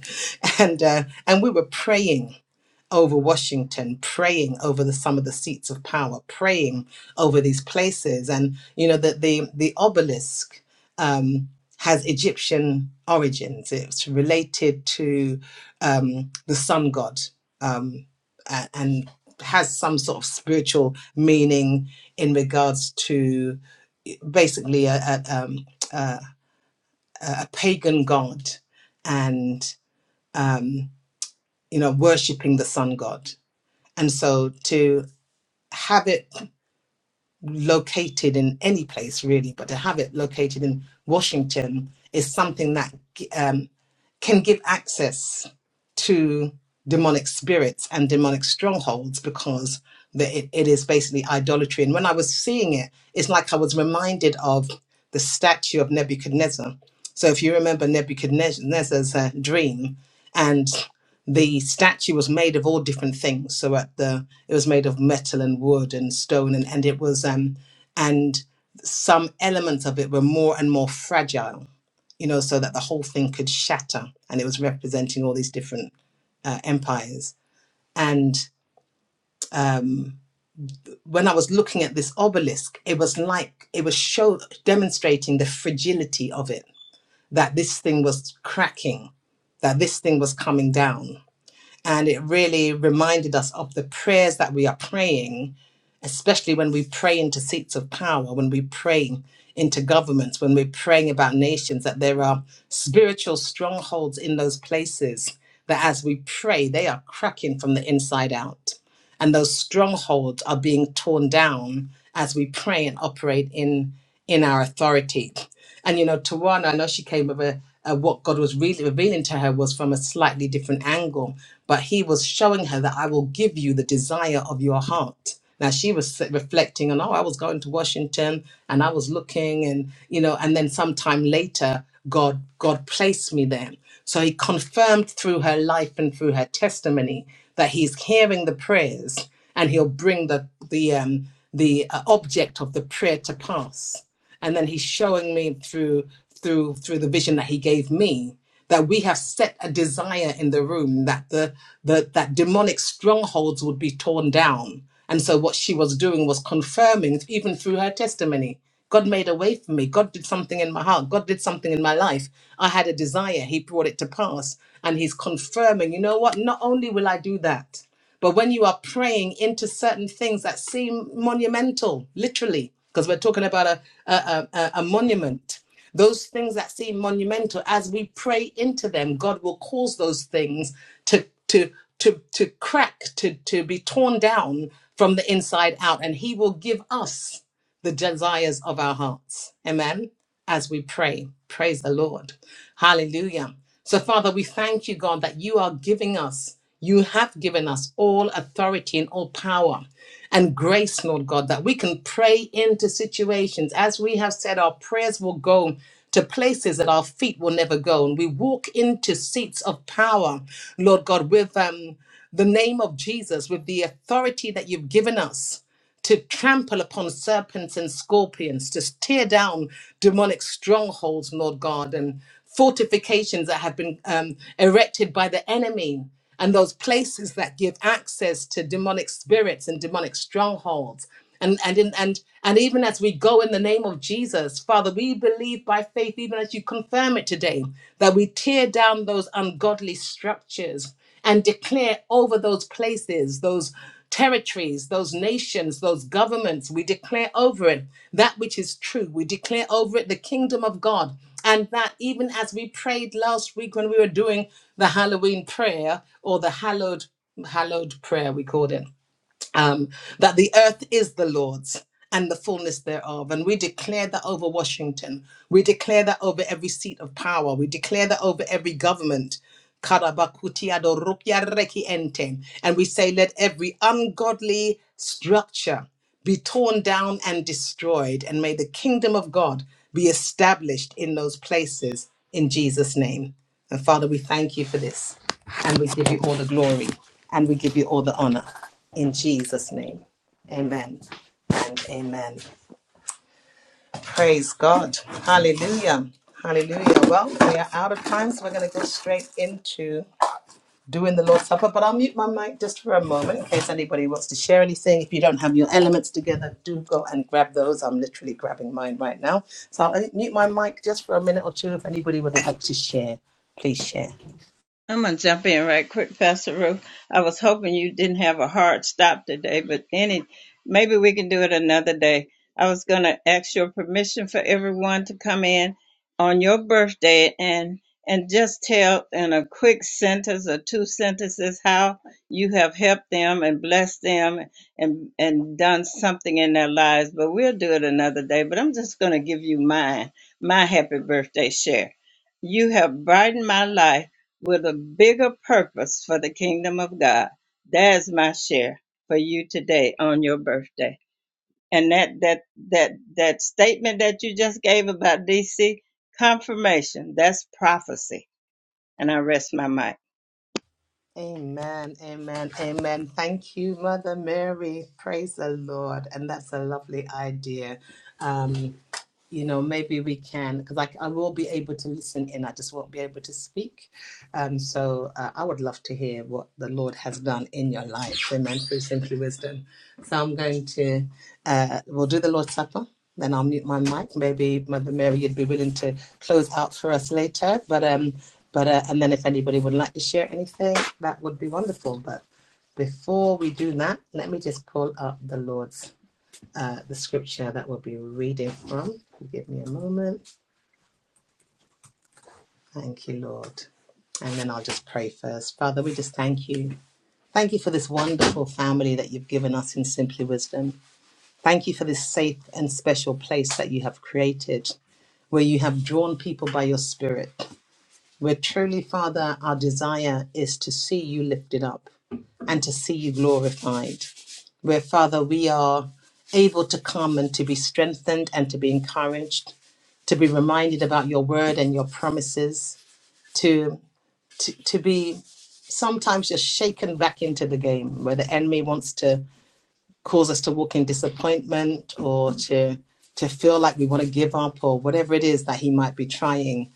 Speaker 1: And uh, and we were praying over Washington, praying over the some of the seats of power, praying over these places, and you know that the the obelisk um, has Egyptian origins. It's related to um, the sun god um, a- and has some sort of spiritual meaning in regards to basically a, a, um, a, a pagan god and um, you know worshiping the sun god and so to have it located in any place really, but to have it located in Washington is something that um, can give access to demonic spirits and demonic strongholds because that it, it is basically idolatry. And when I was seeing it, it's like I was reminded of the statue of Nebuchadnezzar. So if you remember Nebuchadnezzar's uh, dream, and the statue was made of all different things. So at the it was made of metal and wood and stone, and and it was um and some elements of it were more and more fragile you know, so that the whole thing could shatter. And it was representing all these different uh, empires. And um, when I was looking at this obelisk, it was like it was show demonstrating the fragility of it. That this thing was cracking, that this thing was coming down, and it really reminded us of the prayers that we are praying, especially when we pray into seats of power, when we pray into governments, when we're praying about nations, that there are spiritual strongholds in those places that as we pray, they are cracking from the inside out. And those strongholds are being torn down as we pray and operate in, in our authority. And you know, Tawana, I know she came with a, a what God was really revealing to her was from a slightly different angle, but He was showing her that I will give you the desire of your heart. Now she was s- reflecting on, oh, I was going to Washington and I was looking, and you know, and then sometime later, God God placed me there. So He confirmed through her life and through her testimony that He's hearing the prayers and He'll bring the the um, the uh, object of the prayer to pass and then he's showing me through through through the vision that he gave me that we have set a desire in the room that the, the that demonic strongholds would be torn down and so what she was doing was confirming even through her testimony god made a way for me god did something in my heart god did something in my life i had a desire he brought it to pass and he's confirming you know what not only will i do that but when you are praying into certain things that seem monumental, literally, because we're talking about a, a, a, a monument, those things that seem monumental, as we pray into them, God will cause those things to, to, to, to crack, to, to be torn down from the inside out. And He will give us the desires of our hearts. Amen. As we pray, praise the Lord. Hallelujah. So, Father, we thank you, God, that you are giving us, you have given us all authority and all power and grace, Lord God, that we can pray into situations. As we have said, our prayers will go to places that our feet will never go. And we walk into seats of power, Lord God, with um, the name of Jesus, with the authority that you've given us to trample upon serpents and scorpions, to tear down demonic strongholds, Lord God, and fortifications that have been um, erected by the enemy, and those places that give access to demonic spirits and demonic strongholds. And, and, in, and, and even as we go in the name of Jesus, Father, we believe by faith, even as you confirm it today, that we tear down those ungodly structures and declare over those places, those territories, those nations, those governments. We declare over it that which is true. We declare over it the kingdom of God. And that even as we prayed last week when we were doing the Halloween prayer or the hallowed hallowed prayer we called it um, that the earth is the Lord's and the fullness thereof. And we declare that over Washington. We declare that over every seat of power. We declare that over every government. Karabakutia do rupia reki ente. And we say, let every ungodly structure be torn down and destroyed, and may the kingdom of God be established in those places in Jesus' name. And Father, we thank you for this, and we give you all the glory, and we give you all the honor in Jesus' name. Amen and amen. Praise God. Hallelujah. Hallelujah. Well, we are out of time, so we're going to go straight into doing the Lord's Supper, but I'll mute my mic just for a moment in case anybody wants to share anything. If you don't have your elements together, do go and grab those. I'm literally grabbing mine right now. So I'll mute my mic just for a minute or two if anybody would like to share. Please share.
Speaker 6: I'm gonna jump in right quick, Pastor Ruth. I was hoping you didn't have a hard stop today, but any maybe we can do it another day. I was gonna ask your permission for everyone to come in on your birthday and and just tell in a quick sentence or two sentences how you have helped them and blessed them and and done something in their lives. But we'll do it another day. But I'm just gonna give you mine, my happy birthday share. You have brightened my life with a bigger purpose for the kingdom of God. That's my share for you today on your birthday. And that that that that statement that you just gave about DC confirmation, that's prophecy. And I rest my mic.
Speaker 1: Amen, amen, amen. Thank you, Mother Mary. Praise the Lord. And that's a lovely idea. Um, you know, maybe we can, because I, I will be able to listen in, I just won't be able to speak. Um, so uh, I would love to hear what the Lord has done in your life, amen, through Simply Wisdom. So I'm going to, uh, we'll do the Lord's Supper, then I'll mute my mic. Maybe Mother Mary, you'd be willing to close out for us later, but, um, but uh, and then if anybody would like to share anything, that would be wonderful. But before we do that, let me just pull up the Lord's uh, the scripture that we'll be reading from. Give me a moment. Thank you, Lord. And then I'll just pray first. Father, we just thank you. Thank you for this wonderful family that you've given us in Simply Wisdom. Thank you for this safe and special place that you have created, where you have drawn people by your spirit. Where truly, Father, our desire is to see you lifted up and to see you glorified. Where, Father, we are able to come and to be strengthened and to be encouraged to be reminded about your word and your promises, to, to, to be sometimes just shaken back into the game where the enemy wants to cause us to walk in disappointment or to to feel like we want to give up or whatever it is that he might be trying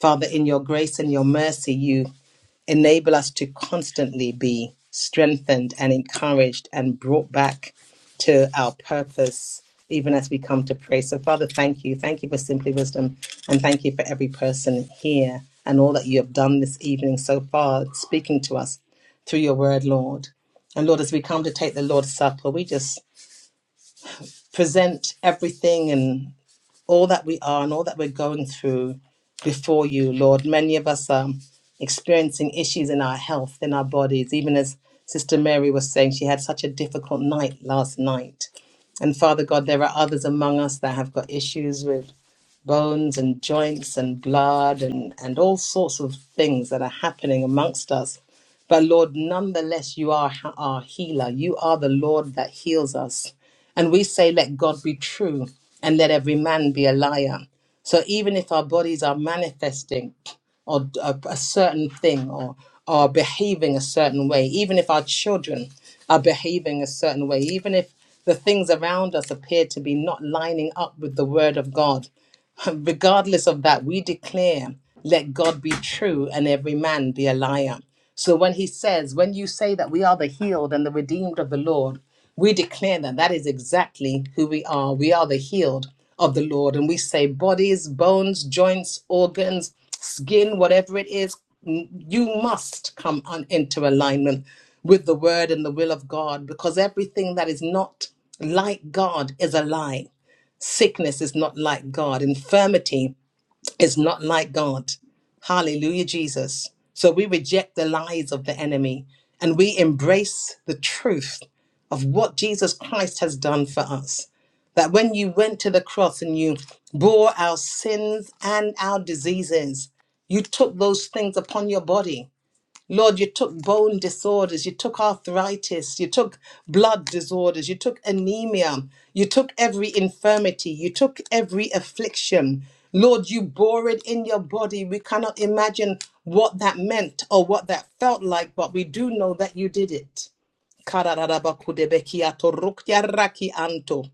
Speaker 1: father in your grace and your mercy you enable us to constantly be strengthened and encouraged and brought back to our purpose even as we come to pray so father thank you thank you for simply wisdom and thank you for every person here and all that you have done this evening so far speaking to us through your word lord and Lord, as we come to take the Lord's Supper, we just present everything and all that we are and all that we're going through before you, Lord. Many of us are experiencing issues in our health, in our bodies, even as Sister Mary was saying, she had such a difficult night last night. And Father God, there are others among us that have got issues with bones and joints and blood and, and all sorts of things that are happening amongst us. But Lord, nonetheless, you are h- our healer. You are the Lord that heals us. And we say, let God be true and let every man be a liar. So even if our bodies are manifesting or a, a certain thing or are behaving a certain way, even if our children are behaving a certain way, even if the things around us appear to be not lining up with the word of God, regardless of that, we declare, let God be true and every man be a liar. So when he says, when you say that we are the healed and the redeemed of the Lord, we declare that that is exactly who we are. We are the healed of the Lord. And we say, bodies, bones, joints, organs, skin, whatever it is, m- you must come on into alignment with the word and the will of God because everything that is not like God is a lie. Sickness is not like God. Infirmity is not like God. Hallelujah, Jesus. So we reject the lies of the enemy and we embrace the truth of what Jesus Christ has done for us. That when you went to the cross and you bore our sins and our diseases, you took those things upon your body Lord, you took bone disorders, you took arthritis, you took blood disorders, you took anemia, you took every infirmity, you took every affliction. Lord, you bore it in your body. We cannot imagine what that meant or what that felt like, but we do know that you did it. Karararabakudebekiato rukya raki anto.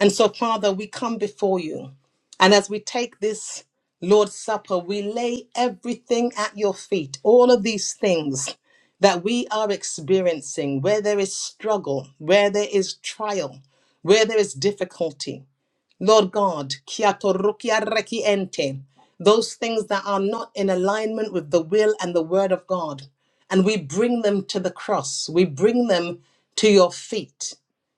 Speaker 1: And so, Father, we come before you. And as we take this Lord's Supper, we lay everything at your feet, all of these things that we are experiencing, where there is struggle, where there is trial, where there is difficulty. Lord God, kia torukia reki ente, those things that are not in alignment with the will and the word of God. And we bring them to the cross. We bring them to your feet.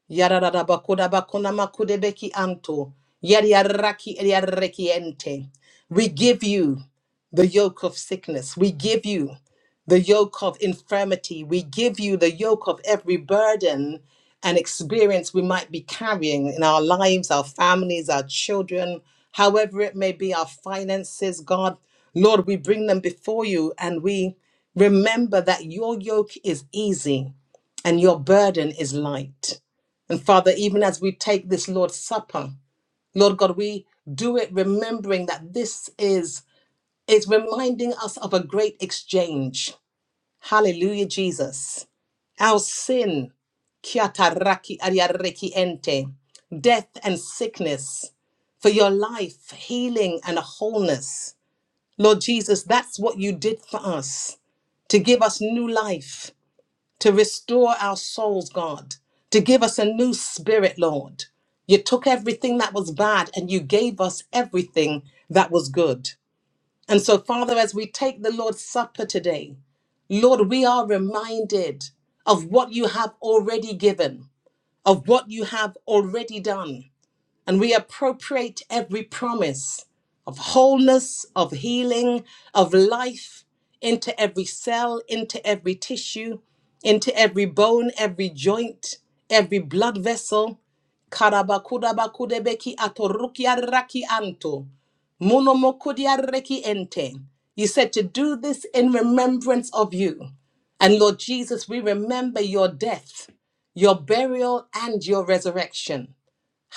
Speaker 1: Yarararabakuda bakuna makudebeki anto. Yariaraki eriareki ente. We give you the yoke of sickness. We give you the yoke of infirmity. We give you the yoke of every burden and experience we might be carrying in our lives, our families, our children, however it may be, our finances, God, Lord, we bring them before you and we remember that your yoke is easy and your burden is light. And Father, even as we take this Lord's Supper, Lord God, we do it remembering that this is is reminding us of a great exchange. Hallelujah, Jesus our sin, kiataraki ariareki ente, death and sickness, for your life, healing and wholeness. Lord Jesus, that's what you did for us to give us new life, to restore our souls, God, to give us a new spirit, Lord. You took everything that was bad and you gave us everything that was good. And so, Father, as we take the Lord's Supper today, Lord, we are reminded of what you have already given, of what you have already done and we appropriate every promise of wholeness, of healing, of life into every cell, into every tissue, into every bone, every joint, every blood vessel. Karabakudabakudebeki atorukiaraki anto. Monomokudiareki ente. You said to do this in remembrance of you. And Lord Jesus, we remember your death, your burial, and your resurrection.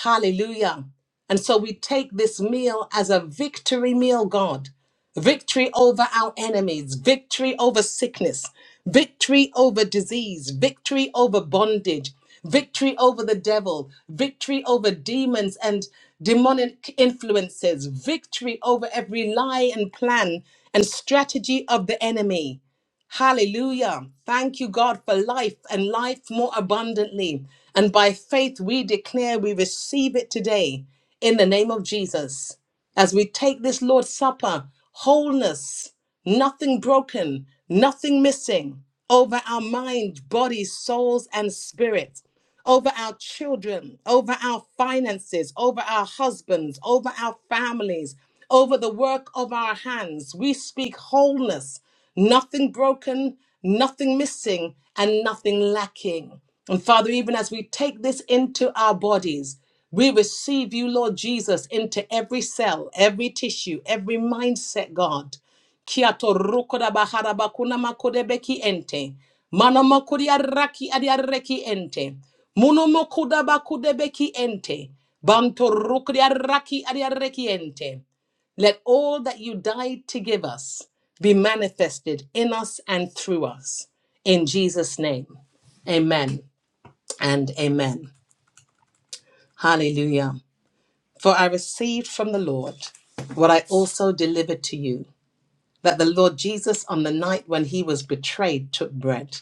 Speaker 1: Hallelujah. And so we take this meal as a victory meal, God. Victory over our enemies, victory over sickness, victory over disease, victory over bondage, victory over the devil, victory over demons and demonic influences, victory over every lie and plan and strategy of the enemy. Hallelujah. Thank you, God, for life and life more abundantly. And by faith, we declare we receive it today in the name of Jesus. As we take this Lord's Supper, wholeness, nothing broken, nothing missing over our mind, body, souls, and spirit over our children, over our finances, over our husbands, over our families, over the work of our hands. We speak wholeness, nothing broken, nothing missing, and nothing lacking. And Father, even as we take this into our bodies, we receive you, Lord Jesus, into every cell, every tissue, every mindset, God. Kia torukoda bahara bakuna makodebeki ente. Mana makuri araki adiareki ente. Muno makuda bakudebeki ente. Banto rukri araki adiareki ente. Let all that you died to give us be manifested in us and through us. In Jesus' name, amen and amen. Hallelujah. For I received from the Lord what I also delivered to you that the Lord Jesus, on the night when he was betrayed, took bread.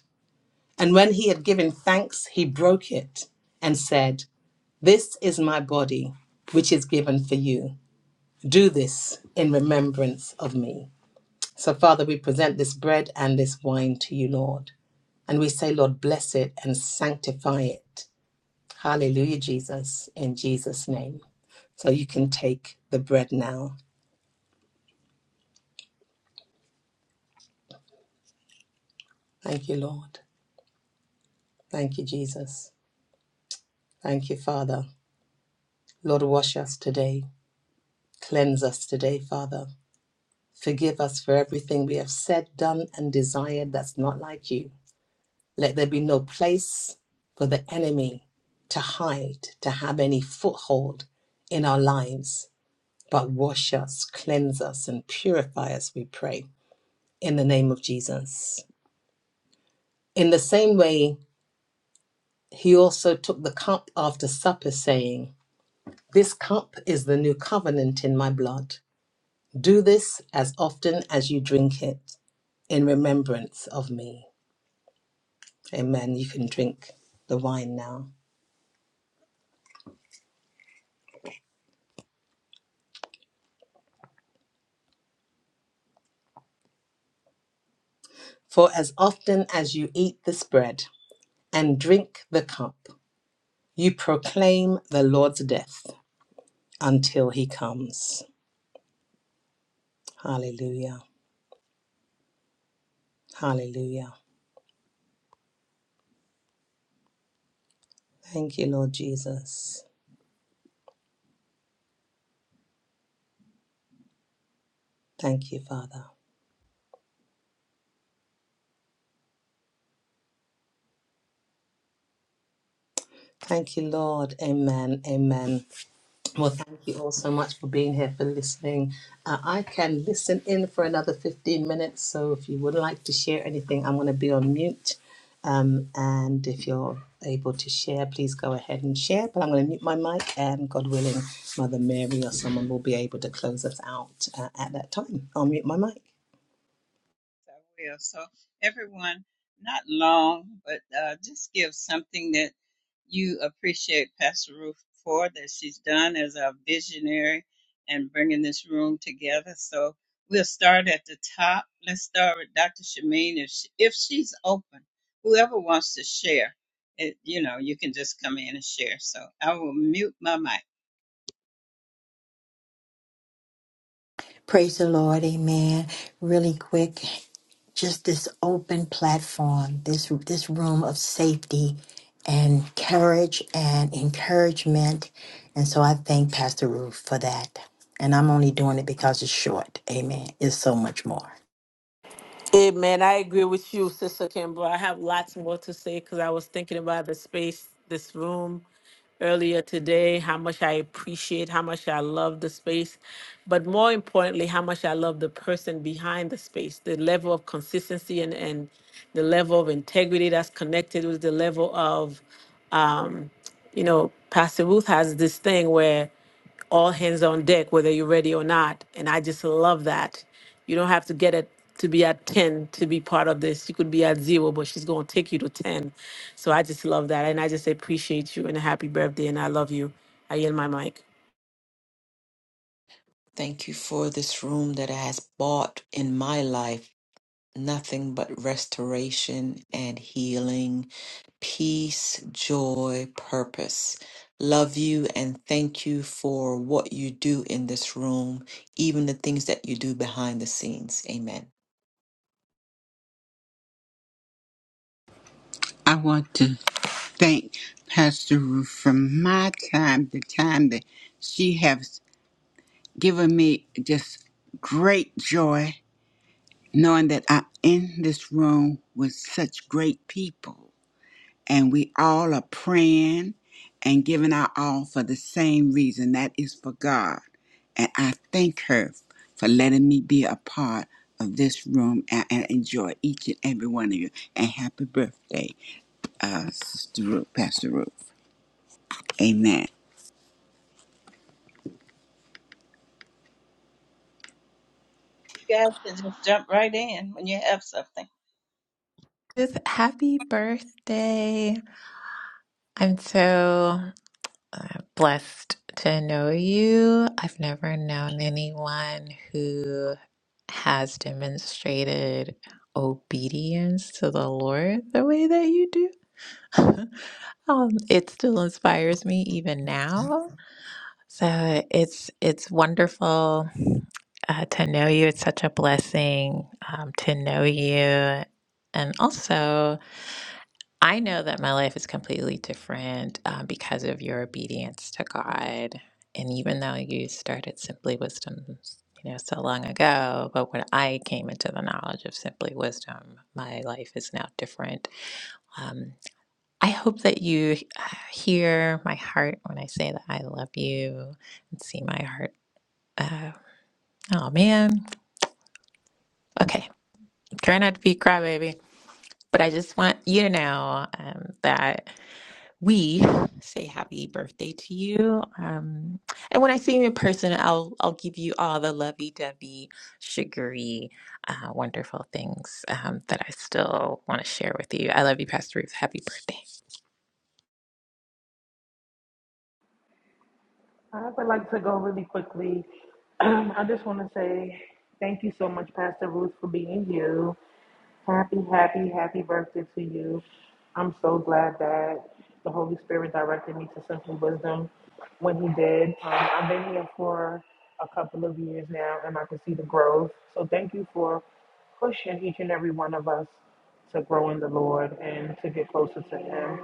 Speaker 1: And when he had given thanks, he broke it and said, This is my body, which is given for you. Do this in remembrance of me. So, Father, we present this bread and this wine to you, Lord. And we say, Lord, bless it and sanctify it. Hallelujah, Jesus, in Jesus' name. So you can take the bread now. Thank you, Lord. Thank you, Jesus. Thank you, Father. Lord, wash us today. Cleanse us today, Father. Forgive us for everything we have said, done, and desired that's not like you. Let there be no place for the enemy to hide, to have any foothold in our lives. But wash us, cleanse us, and purify us, we pray, in the name of Jesus. In the same way, he also took the cup after supper, saying, This cup is the new covenant in my blood. Do this as often as you drink it in remembrance of me. Amen. You can drink the wine now. For as often as you eat this bread and drink the cup, you proclaim the Lord's death until he comes. Hallelujah. Hallelujah. Thank you, Lord Jesus. Thank you, Father. Thank you, Lord. Amen. Amen. Well, thank you all so much for being here, for listening. Uh, I can listen in for another 15 minutes, so if you would like to share anything, I'm going to be on mute. Um, and if you're able to share, please go ahead and share. But I'm going to mute my mic, and God willing, Mother Mary or someone will be able to close us out uh, at that time. I'll mute my mic.
Speaker 6: I will. So, everyone, not long, but uh, just give something that you appreciate Pastor Ruth for that she's done as a visionary and bringing this room together. So, we'll start at the top. Let's start with Dr. Shamin if, she, if she's open. Whoever wants to share, it, you know, you can just come in and share. So, I will mute my mic.
Speaker 4: praise the Lord. Amen. Really quick. just this open platform, this this room of safety and courage and encouragement. And so I thank Pastor Ruth for that. And I'm only doing it because it's short. Amen. It's so much more.
Speaker 2: Amen. I agree with you, Sister Kimbra. I have lots more to say because I was thinking about the space, this room earlier today, how much I appreciate, how much I love the space, but more importantly, how much I love the person behind the space, the level of consistency and, and the level of integrity that's connected with the level of um, you know, Pastor Ruth has this thing where all hands on deck, whether you're ready or not. And I just love that. You don't have to get it to be at 10 to be part of this. You could be at zero, but she's going to take you to 10. So I just love that. And I just appreciate you and happy birthday. And I love you. I yield my mic.
Speaker 7: Thank you for this room that has bought in my life. nothing but restoration and healing, peace, joy, purpose. Love you and thank you for what you do in this room, even the things that you do behind the scenes. Amen.
Speaker 8: I want to thank Pastor Ruth from my time, the time that she has given me just great joy, knowing that I'm in this room with such great people. And we all are praying and giving our all for the same reason that is for God. And I thank her for letting me be a part of this room and, and enjoy each and every one of you. And happy birthday uh, Stu- Pastor Ruth. Amen.
Speaker 6: You guys can just jump right in when you have something.
Speaker 9: Just happy birthday. I'm so uh, blessed to know you. I've never known anyone who has demonstrated obedience to the Lord the way that you do. um, it still inspires me even now. So it's it's wonderful uh, to know you. It's such a blessing um, to know you, and also. I know that my life is completely different um, because of your obedience to God. And even though you started Simply Wisdom, you know, so long ago, but when I came into the knowledge of Simply Wisdom, my life is now different. Um, I hope that you uh, hear my heart when I say that I love you and see my heart. Uh, oh, man. Okay. Try not to be a crybaby, but I just want you to know um, that. we say happy birthday to you. Um, and when I see you in person, I'll I'll give you all the lovey-dovey, sugary, uh, wonderful things um, that I still want to share with you. I love you, Pastor Ruth. Happy birthday.
Speaker 10: I would like to go really quickly. I just want to say thank you so much, Pastor Ruth, for being you. Happy, happy, happy birthday to you. I'm so glad that the Holy Spirit directed me to Simply Wisdom when He did. Um, I've been here for a couple of years now and I can see the growth. So thank you for pushing each and every one of us to grow in the Lord and to get closer to Him.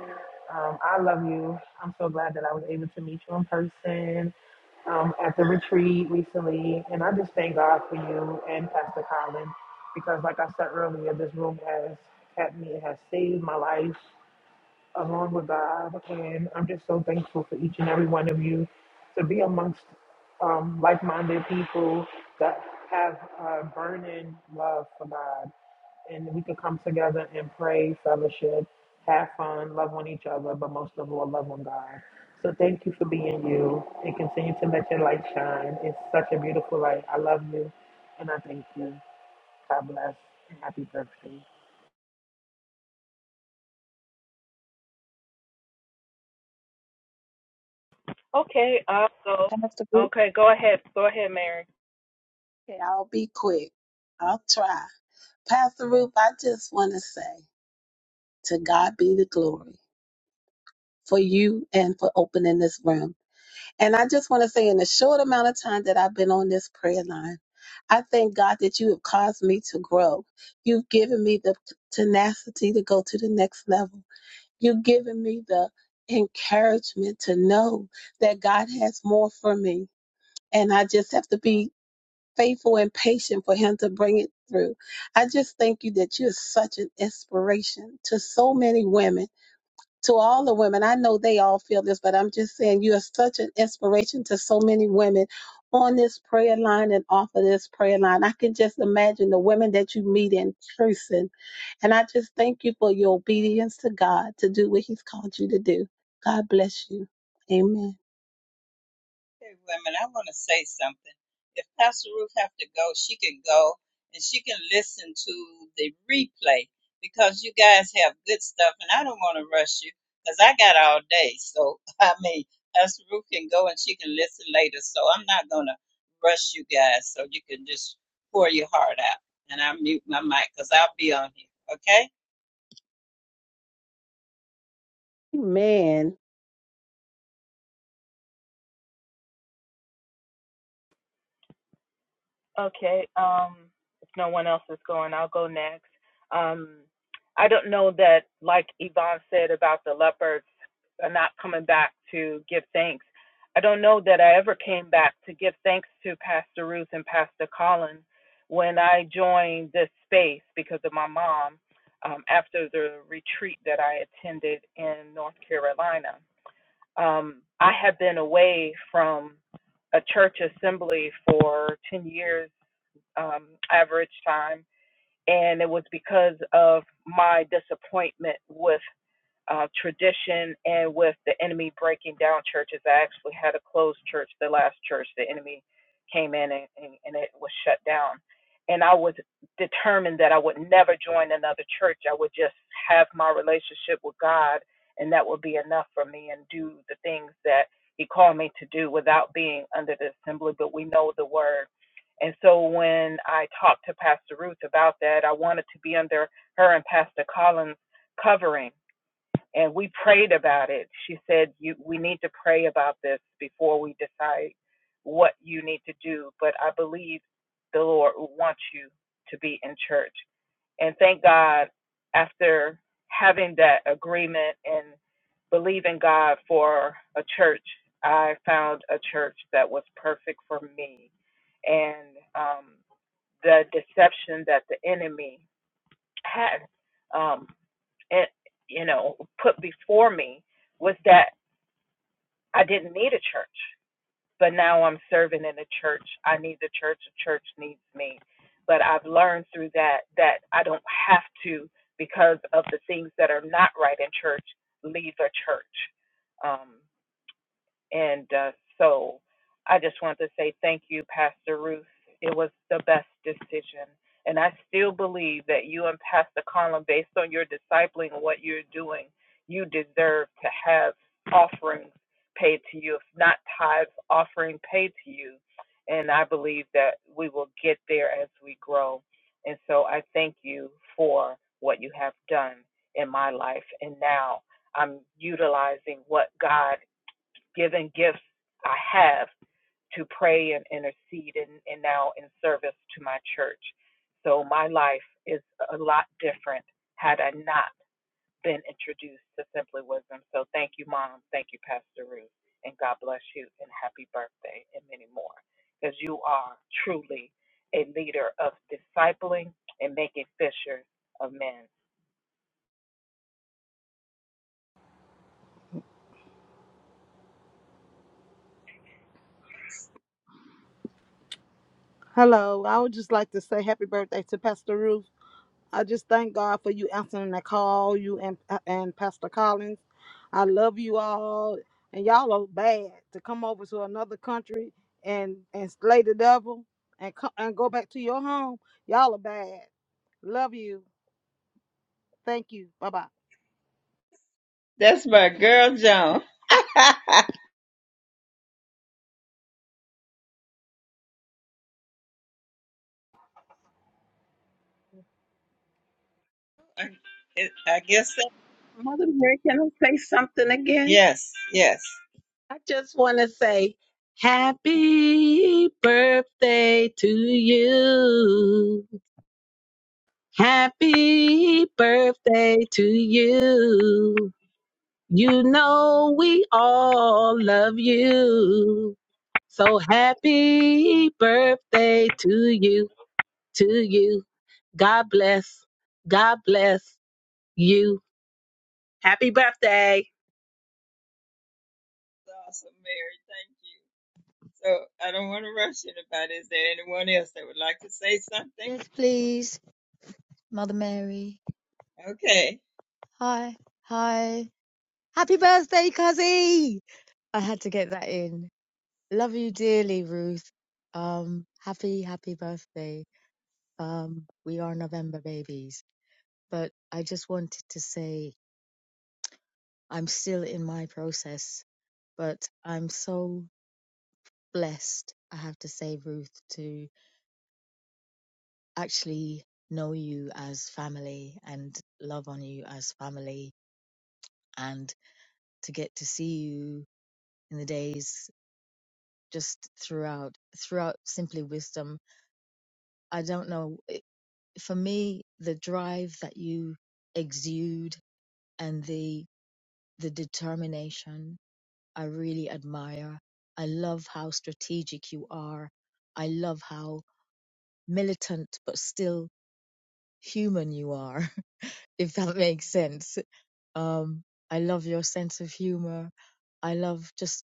Speaker 10: Um, I love you. I'm so glad that I was able to meet you in person um, at the retreat recently. And I just thank God for you and Pastor Colin because, like I said earlier, this room has kept me, it has saved my life along with God. And I'm just so thankful for each and every one of you to be amongst um, like minded people that have a burning love for God. And we could come together and pray, fellowship, have fun, love on each other, but most of all, love on God. So thank you for being you and continue to let your light shine. It's such a beautiful light. I love you and I thank you. God bless and happy birthday.
Speaker 11: Okay, I'll go. Okay, go ahead. Go ahead, Mary.
Speaker 3: Okay, I'll be quick. I'll try. Pastor Ruth, I just want to say to God be the glory for you and for opening this room. And I just want to say, in the short amount of time that I've been on this prayer line, I thank God that you have caused me to grow. You've given me the tenacity to go to the next level. You've given me the encouragement to know that God has more for me. And I just have to be faithful and patient for Him to bring it through. I just thank you that you're such an inspiration to so many women, to all the women. I know they all feel this, but I'm just saying you are such an inspiration to so many women on this prayer line and off of this prayer line. I can just imagine the women that you meet in person and I just thank you for your obedience to God to do what He's called you to do. God bless you. Amen.
Speaker 6: Okay, women, I want to say something. If Pastor Ruth have to go, she can go and she can listen to the replay because you guys have good stuff, and I don't want to rush you because I got all day. So I mean, Pastor Ruth can go and she can listen later. So I'm not gonna rush you guys. So you can just pour your heart out, and I mute my mic because I'll be on here. Okay?
Speaker 3: Amen.
Speaker 11: Okay, um, if no one else is going, I'll go next. Um, I don't know that, like Yvonne said about the leopards are not coming back to give thanks. I don't know that I ever came back to give thanks to Pastor Ruth and Pastor Colin when I joined this space because of my mom um, after the retreat that I attended in North Carolina. Um, I have been away from a church assembly for 10 years, um, average time, and it was because of my disappointment with uh, tradition and with the enemy breaking down churches. I actually had a closed church, the last church. The enemy came in and, and, and it was shut down. And I was determined that I would never join another church. I would just have my relationship with God, and that would be enough for me and do the things that He called me to do without being under the assembly. But we know the word. And so when I talked to Pastor Ruth about that, I wanted to be under her and Pastor Collins' covering and we prayed about it. She said, "You, we need to pray about this before we decide what you need to do." But I believe the Lord wants you to be in church, and thank God after having that agreement and believing God for a church, I found a church that was perfect for me, and um, the deception that the enemy had. um, and you know put before me was that I didn't need a church, but now I'm serving in a church. I need the church. The church needs me. But I've learned through that that I don't have to because of the things that are not right in church. Leave a church. Um, and uh, so I just want to say thank you, Pastor Ruth. It was the best decision. And I still believe that you and Pastor Colin, based on your discipling and what you're doing, you deserve to have offerings paid to you, if not tithes, offering paid to you. And I believe that we will get there as we grow. And so I thank you for what you have done in my life. And now I'm utilizing what God given gifts I have to pray and intercede and, and now in service to my church. So my life is a lot different had I not been introduced to Simply Wisdom. So thank you, Mom. Thank you, Pastor Ruth. And God bless you and happy birthday and many more. Because you are truly a leader of discipling and making fishers of men.
Speaker 12: Hello, I would just like to say happy birthday to Pastor Ruth. I just thank God for you answering that call, you and uh, and Pastor Collins. I love you all, and y'all are bad to come over to another country and and slay the devil and co- and go back to your home. Y'all are bad. Love you. Thank you. Bye bye.
Speaker 6: That's my girl, Joan. I I guess that.
Speaker 3: Mother Mary, can I say something again?
Speaker 6: Yes, yes.
Speaker 3: I just want to say, Happy birthday to you. Happy birthday to you. You know we all love you. So happy birthday to you, to you. God bless. God bless you. Happy birthday.
Speaker 6: awesome, Mary. Thank you. So I don't want to rush anybody. Is there anyone else that would like to say something?
Speaker 13: Yes, please. Mother Mary.
Speaker 6: Okay.
Speaker 13: Hi. Hi. Happy birthday, Cuzzy! I had to get that in. Love you dearly, Ruth. Um, happy, happy birthday. Um, we are November babies. But I just wanted to say I'm still in my process, but I'm so blessed, I have to say, Ruth, to actually know you as family and love on you as family and to get to see you in the days just throughout throughout simply wisdom i don't know it- for me the drive that you exude and the the determination i really admire i love how strategic you are i love how militant but still human you are if that makes sense um i love your sense of humor i love just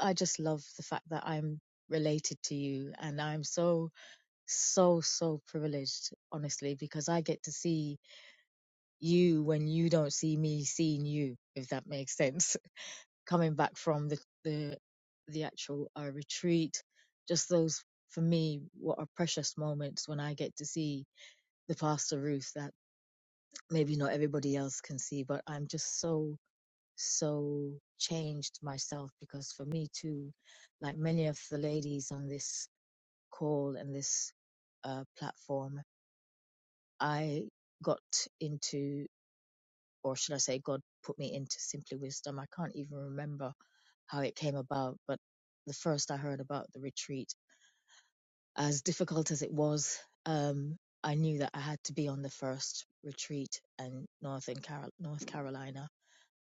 Speaker 13: i just love the fact that i'm related to you and i'm so so so privileged honestly because i get to see you when you don't see me seeing you if that makes sense coming back from the the, the actual uh, retreat just those for me what are precious moments when i get to see the pastor ruth that maybe not everybody else can see but i'm just so so changed myself because for me too like many of the ladies on this call and this uh, platform I got into, or should I say, God put me into Simply Wisdom. I can't even remember how it came about, but the first I heard about the retreat, as difficult as it was, um, I knew that I had to be on the first retreat in Northern Carol- North Carolina.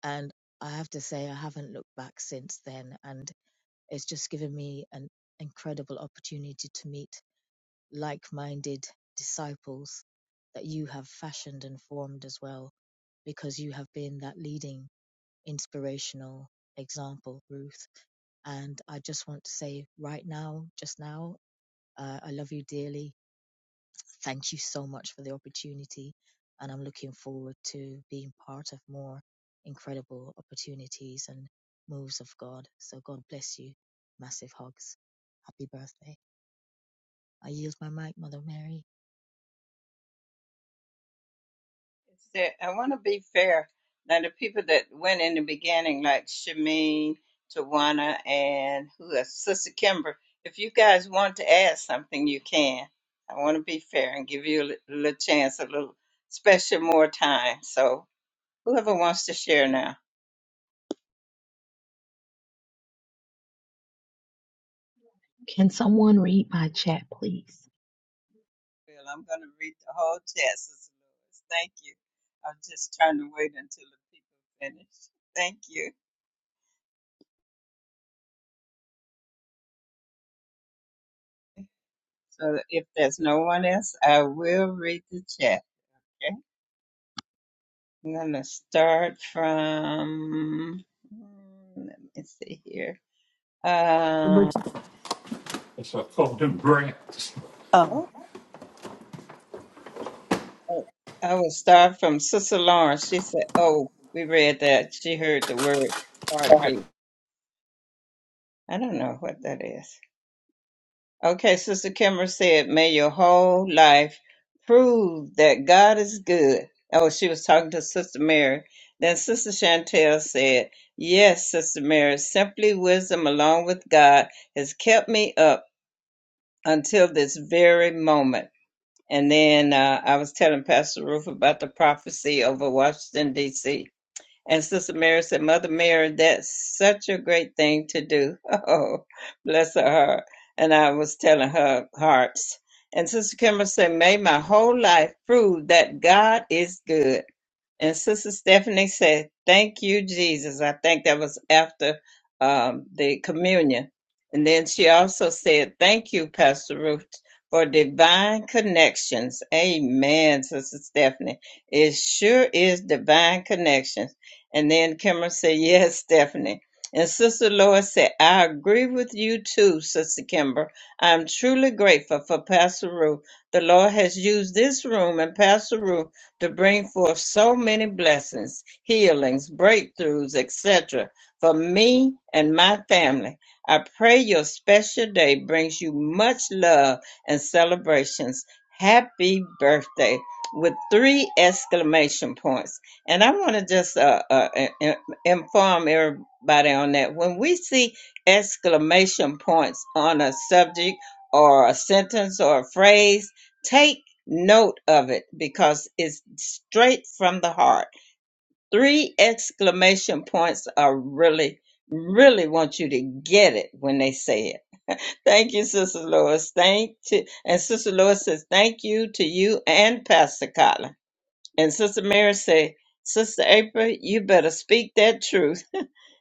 Speaker 13: And I have to say, I haven't looked back since then. And it's just given me an incredible opportunity to meet like minded disciples that you have fashioned and formed as well, because you have been that leading, inspirational example, Ruth. And I just want to say right now, just now, uh, I love you dearly. Thank you so much for the opportunity. And I'm looking forward to being part of more incredible opportunities and moves of God. So God bless you. Massive hugs. Happy birthday. I yield my mic, Mother Mary.
Speaker 6: Is there, I want to be fair. Now, the people that went in the beginning, like Shamin, Tawana, and who else? Sister Kimber, if you guys want to add something, you can. I want to be fair and give you a li- little chance, a little special more time. So whoever wants to share now.
Speaker 14: Can someone read my chat, please?
Speaker 6: Well, I'm going to read the whole chapter, Sister Lewis. Thank you. I'm just trying to wait until the people finish. Thank you. So if there's no one else, I will read the chapter. I'm going to start from, mm, let me see here. Um,
Speaker 4: That's what I call them grants.
Speaker 6: oh, I will start from Sister Lawrence. She said, oh, we read that. She heard the word heartbeat. I don't know what that is. Okay, Sister Kimmer said, May your whole life prove that God is good. Oh, she was talking to Sister Mary. Then Sister Chantel said, Yes, Sister Mary, simply wisdom along with God has kept me up until this very moment. And then uh, I was telling Pastor Ruth about the prophecy over Washington, D.C. And Sister Mary said, Mother Mary, that's such a great thing to do. Oh, bless her heart. And I was telling her hearts. And Sister Kimber said, May my whole life prove that God is good. And Sister Stephanie said, Thank you, Jesus. I think that was after um, the communion. And then she also said, Thank you, Pastor Ruth, for divine connections. Amen, Sister Stephanie. It sure is divine connections. And then Kimmer said, Yes, Stephanie. And Sister Lois said, I agree with you too, Sister Kimber. I'm truly grateful for Pastor Ruth. The Lord has used this room and Pastor Ruth to bring forth so many blessings, healings, breakthroughs, etc. for me and my family. I pray your special day brings you much love and celebrations. Happy birthday with three exclamation points. And I want to just uh, uh, in- inform everybody on that. When we see exclamation points on a subject or a sentence or a phrase, take note of it because it's straight from the heart. Three exclamation points are really, really want you to get it when they say it. Thank you, Sister Lois. Thank to and Sister Lois says thank you to you and Pastor Colin. And Sister Mary say, Sister April, you better speak that truth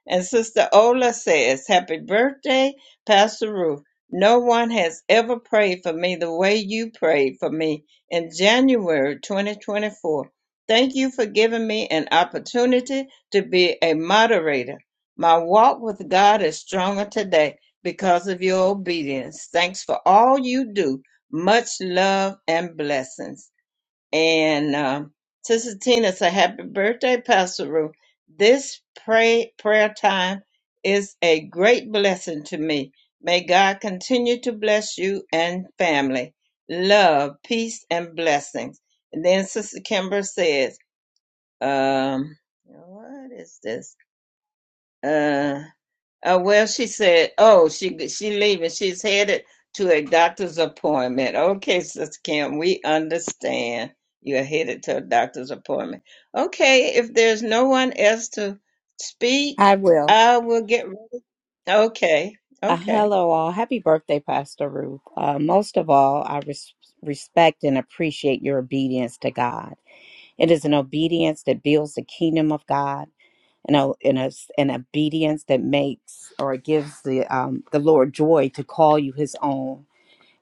Speaker 6: and Sister Ola says, Happy birthday, Pastor Ruth. No one has ever prayed for me the way you prayed for me in January 2024. Thank you for giving me an opportunity to be a moderator. My walk with God is stronger today because of your obedience. Thanks for all you do. Much love and blessings. And um, Sister Tina said, Happy birthday, Pastor Ruth. This pray, prayer time is a great blessing to me. May God continue to bless you and family. Love, peace, and blessings. And then Sister Kimber says, um, What is this? Uh, uh, well, she said, "Oh, she she leaving. She's headed to a doctor's appointment." Okay, Sister Kim, we understand you're headed to a doctor's appointment. Okay, if there's no one else to speak,
Speaker 15: I will.
Speaker 6: I will get. Okay,
Speaker 15: Uh,
Speaker 6: okay.
Speaker 15: hello, all. Happy birthday, Pastor Ruth. Uh, most of all, I res- respect and appreciate your obedience to God. It is an obedience that builds the kingdom of God, and a, and a, an obedience that makes or gives the um, the Lord joy to call you His own.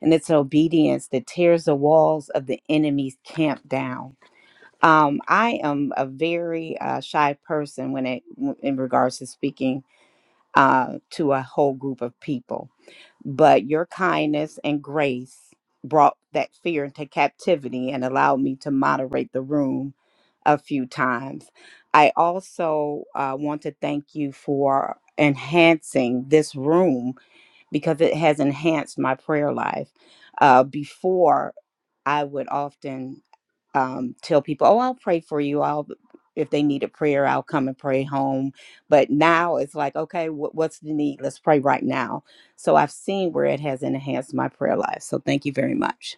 Speaker 15: And it's an obedience that tears the walls of the enemy's camp down. Um, I am a very uh, shy person when it in regards to speaking uh, to a whole group of people but your kindness and grace brought that fear into captivity and allowed me to moderate the room a few times. I also uh, want to thank you for enhancing this room because it has enhanced my prayer life. Uh, before, I would often um, tell people, "Oh, I'll pray for you. I'll if they need a prayer, I'll come and pray home." But now it's like, okay, what, what's the need? Let's pray right now. So I've seen where it has enhanced my prayer life. So thank you very much.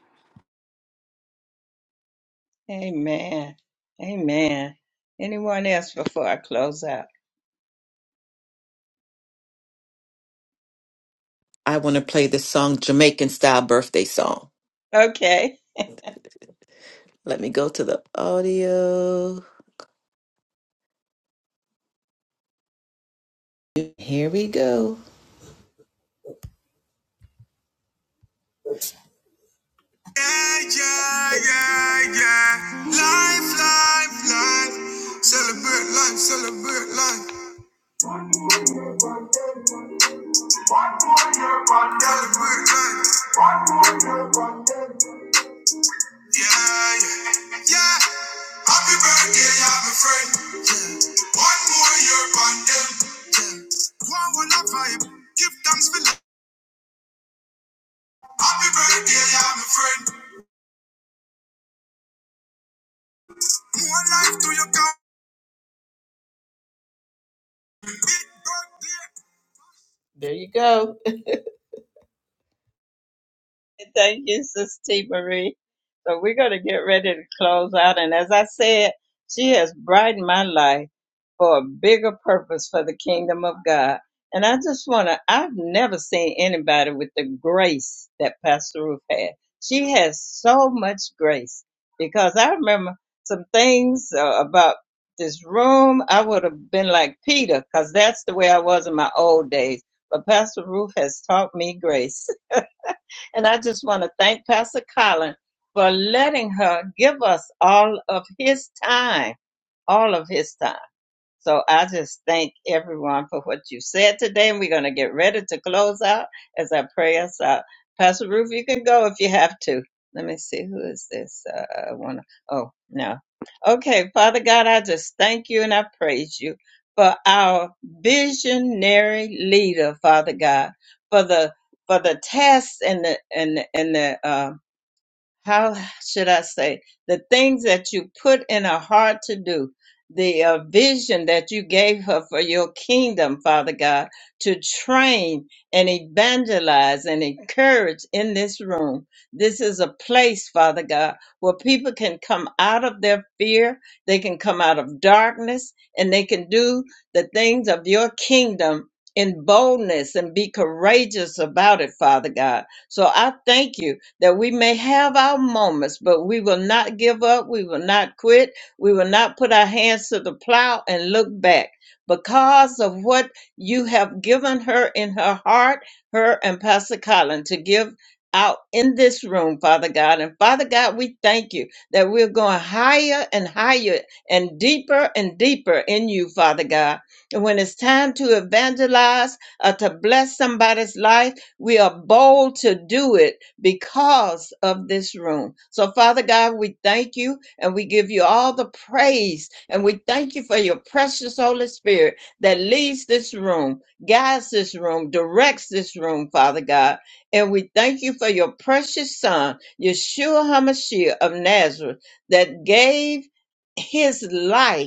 Speaker 7: I want to play this song, Jamaican style birthday song. Let me go to the audio. Here we go. Yeah, yeah, yeah, yeah. Life, life, life. Celebrate life, celebrate life. Yeah, yeah, yeah. Yeah. Yeah. There you go.
Speaker 6: Thank you, Sister T. Marie. So we're going to get ready to close out. And as I said, she has brightened my life for a bigger purpose for the kingdom of God. And I just want to, I've never seen anybody with the grace that Pastor Ruth had. She has so much grace because I remember some things uh, about this room. I would have been like Peter because that's the way I was in my old days. But Pastor Ruth has taught me grace. And I just want to thank Pastor Colin for letting her give us all of his time, all of his time. So I just thank everyone for what you said today, and we're going to get ready to close out as I pray us out. Pastor Ruth, you can go if you have to. Let me see who is this. Uh, one. Oh no. Okay, Father God, I just thank you and I praise you for our visionary leader, Father God, for the for the tasks and the and the- and the. uh, how should I say, the things that you put in her heart to do, the uh, vision that you gave her for your kingdom, Father God, to train and evangelize and encourage in this room. This is a place, Father God, where people can come out of their fear, they can come out of darkness, and they can do the things of your kingdom in boldness and be courageous about it, Father God. So I thank you that we may have our moments, but we will not give up. We will not quit. We will not put our hands to the plow and look back because of what you have given her in her heart, her and Pastor Colin, to give out in this room, Father God. And Father God, we thank you that we're going higher and higher and deeper and deeper in you, Father God. And when it's time to evangelize or to bless somebody's life, we are bold to do it because of this room. So, Father God, we thank you and we give you all the praise and we thank you for your precious Holy Spirit that leads this room, guides this room, directs this room, Father God. And we thank you for your precious Son, Yeshua HaMashiach of Nazareth, that gave his life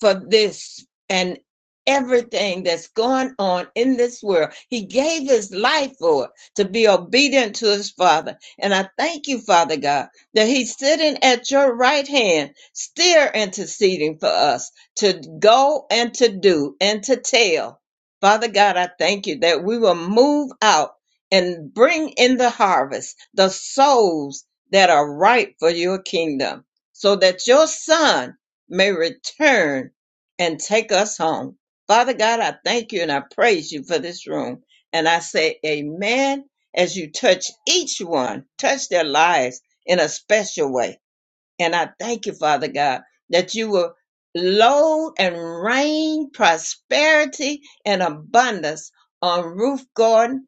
Speaker 6: for this and everything that's going on in this world. He gave his life for it to be obedient to his Father. And I thank you, Father God, that he's sitting at your right hand, still interceding for us to go and to do and to tell. Father God, I thank you that we will move out and bring in the harvest, the souls that are ripe for your kingdom, so that your son may return and take us home. Father God, I thank you and I praise you for this room. And I say, Amen, as you touch each one, touch their lives in a special way. And I thank you, Father God, that you will load and rain prosperity and abundance on Ruth Gordon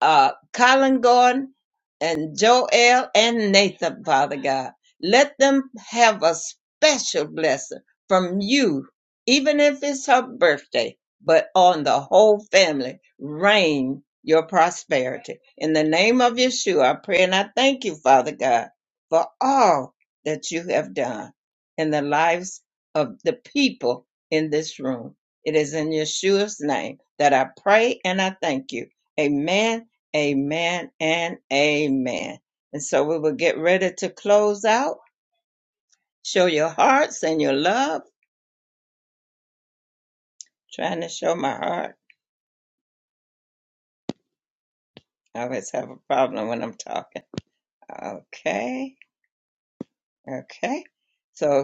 Speaker 6: uh, Colin Gordon and Joel and Nathan, Father God. Let them have a special blessing from you, even if it's her birthday, but on the whole family. Reign your prosperity. In the name of Yeshua, I pray and I thank you, Father God, for all that you have done in the lives of the people in this room. It is in Yeshua's name that I pray and I thank you. Amen Amen and amen. And so we will get ready to close out. Show your hearts and your love. Trying to show my heart. I always have a problem when I'm talking. Okay. Okay. So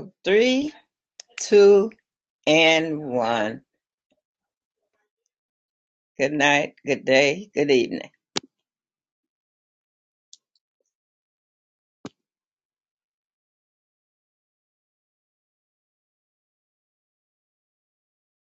Speaker 6: two.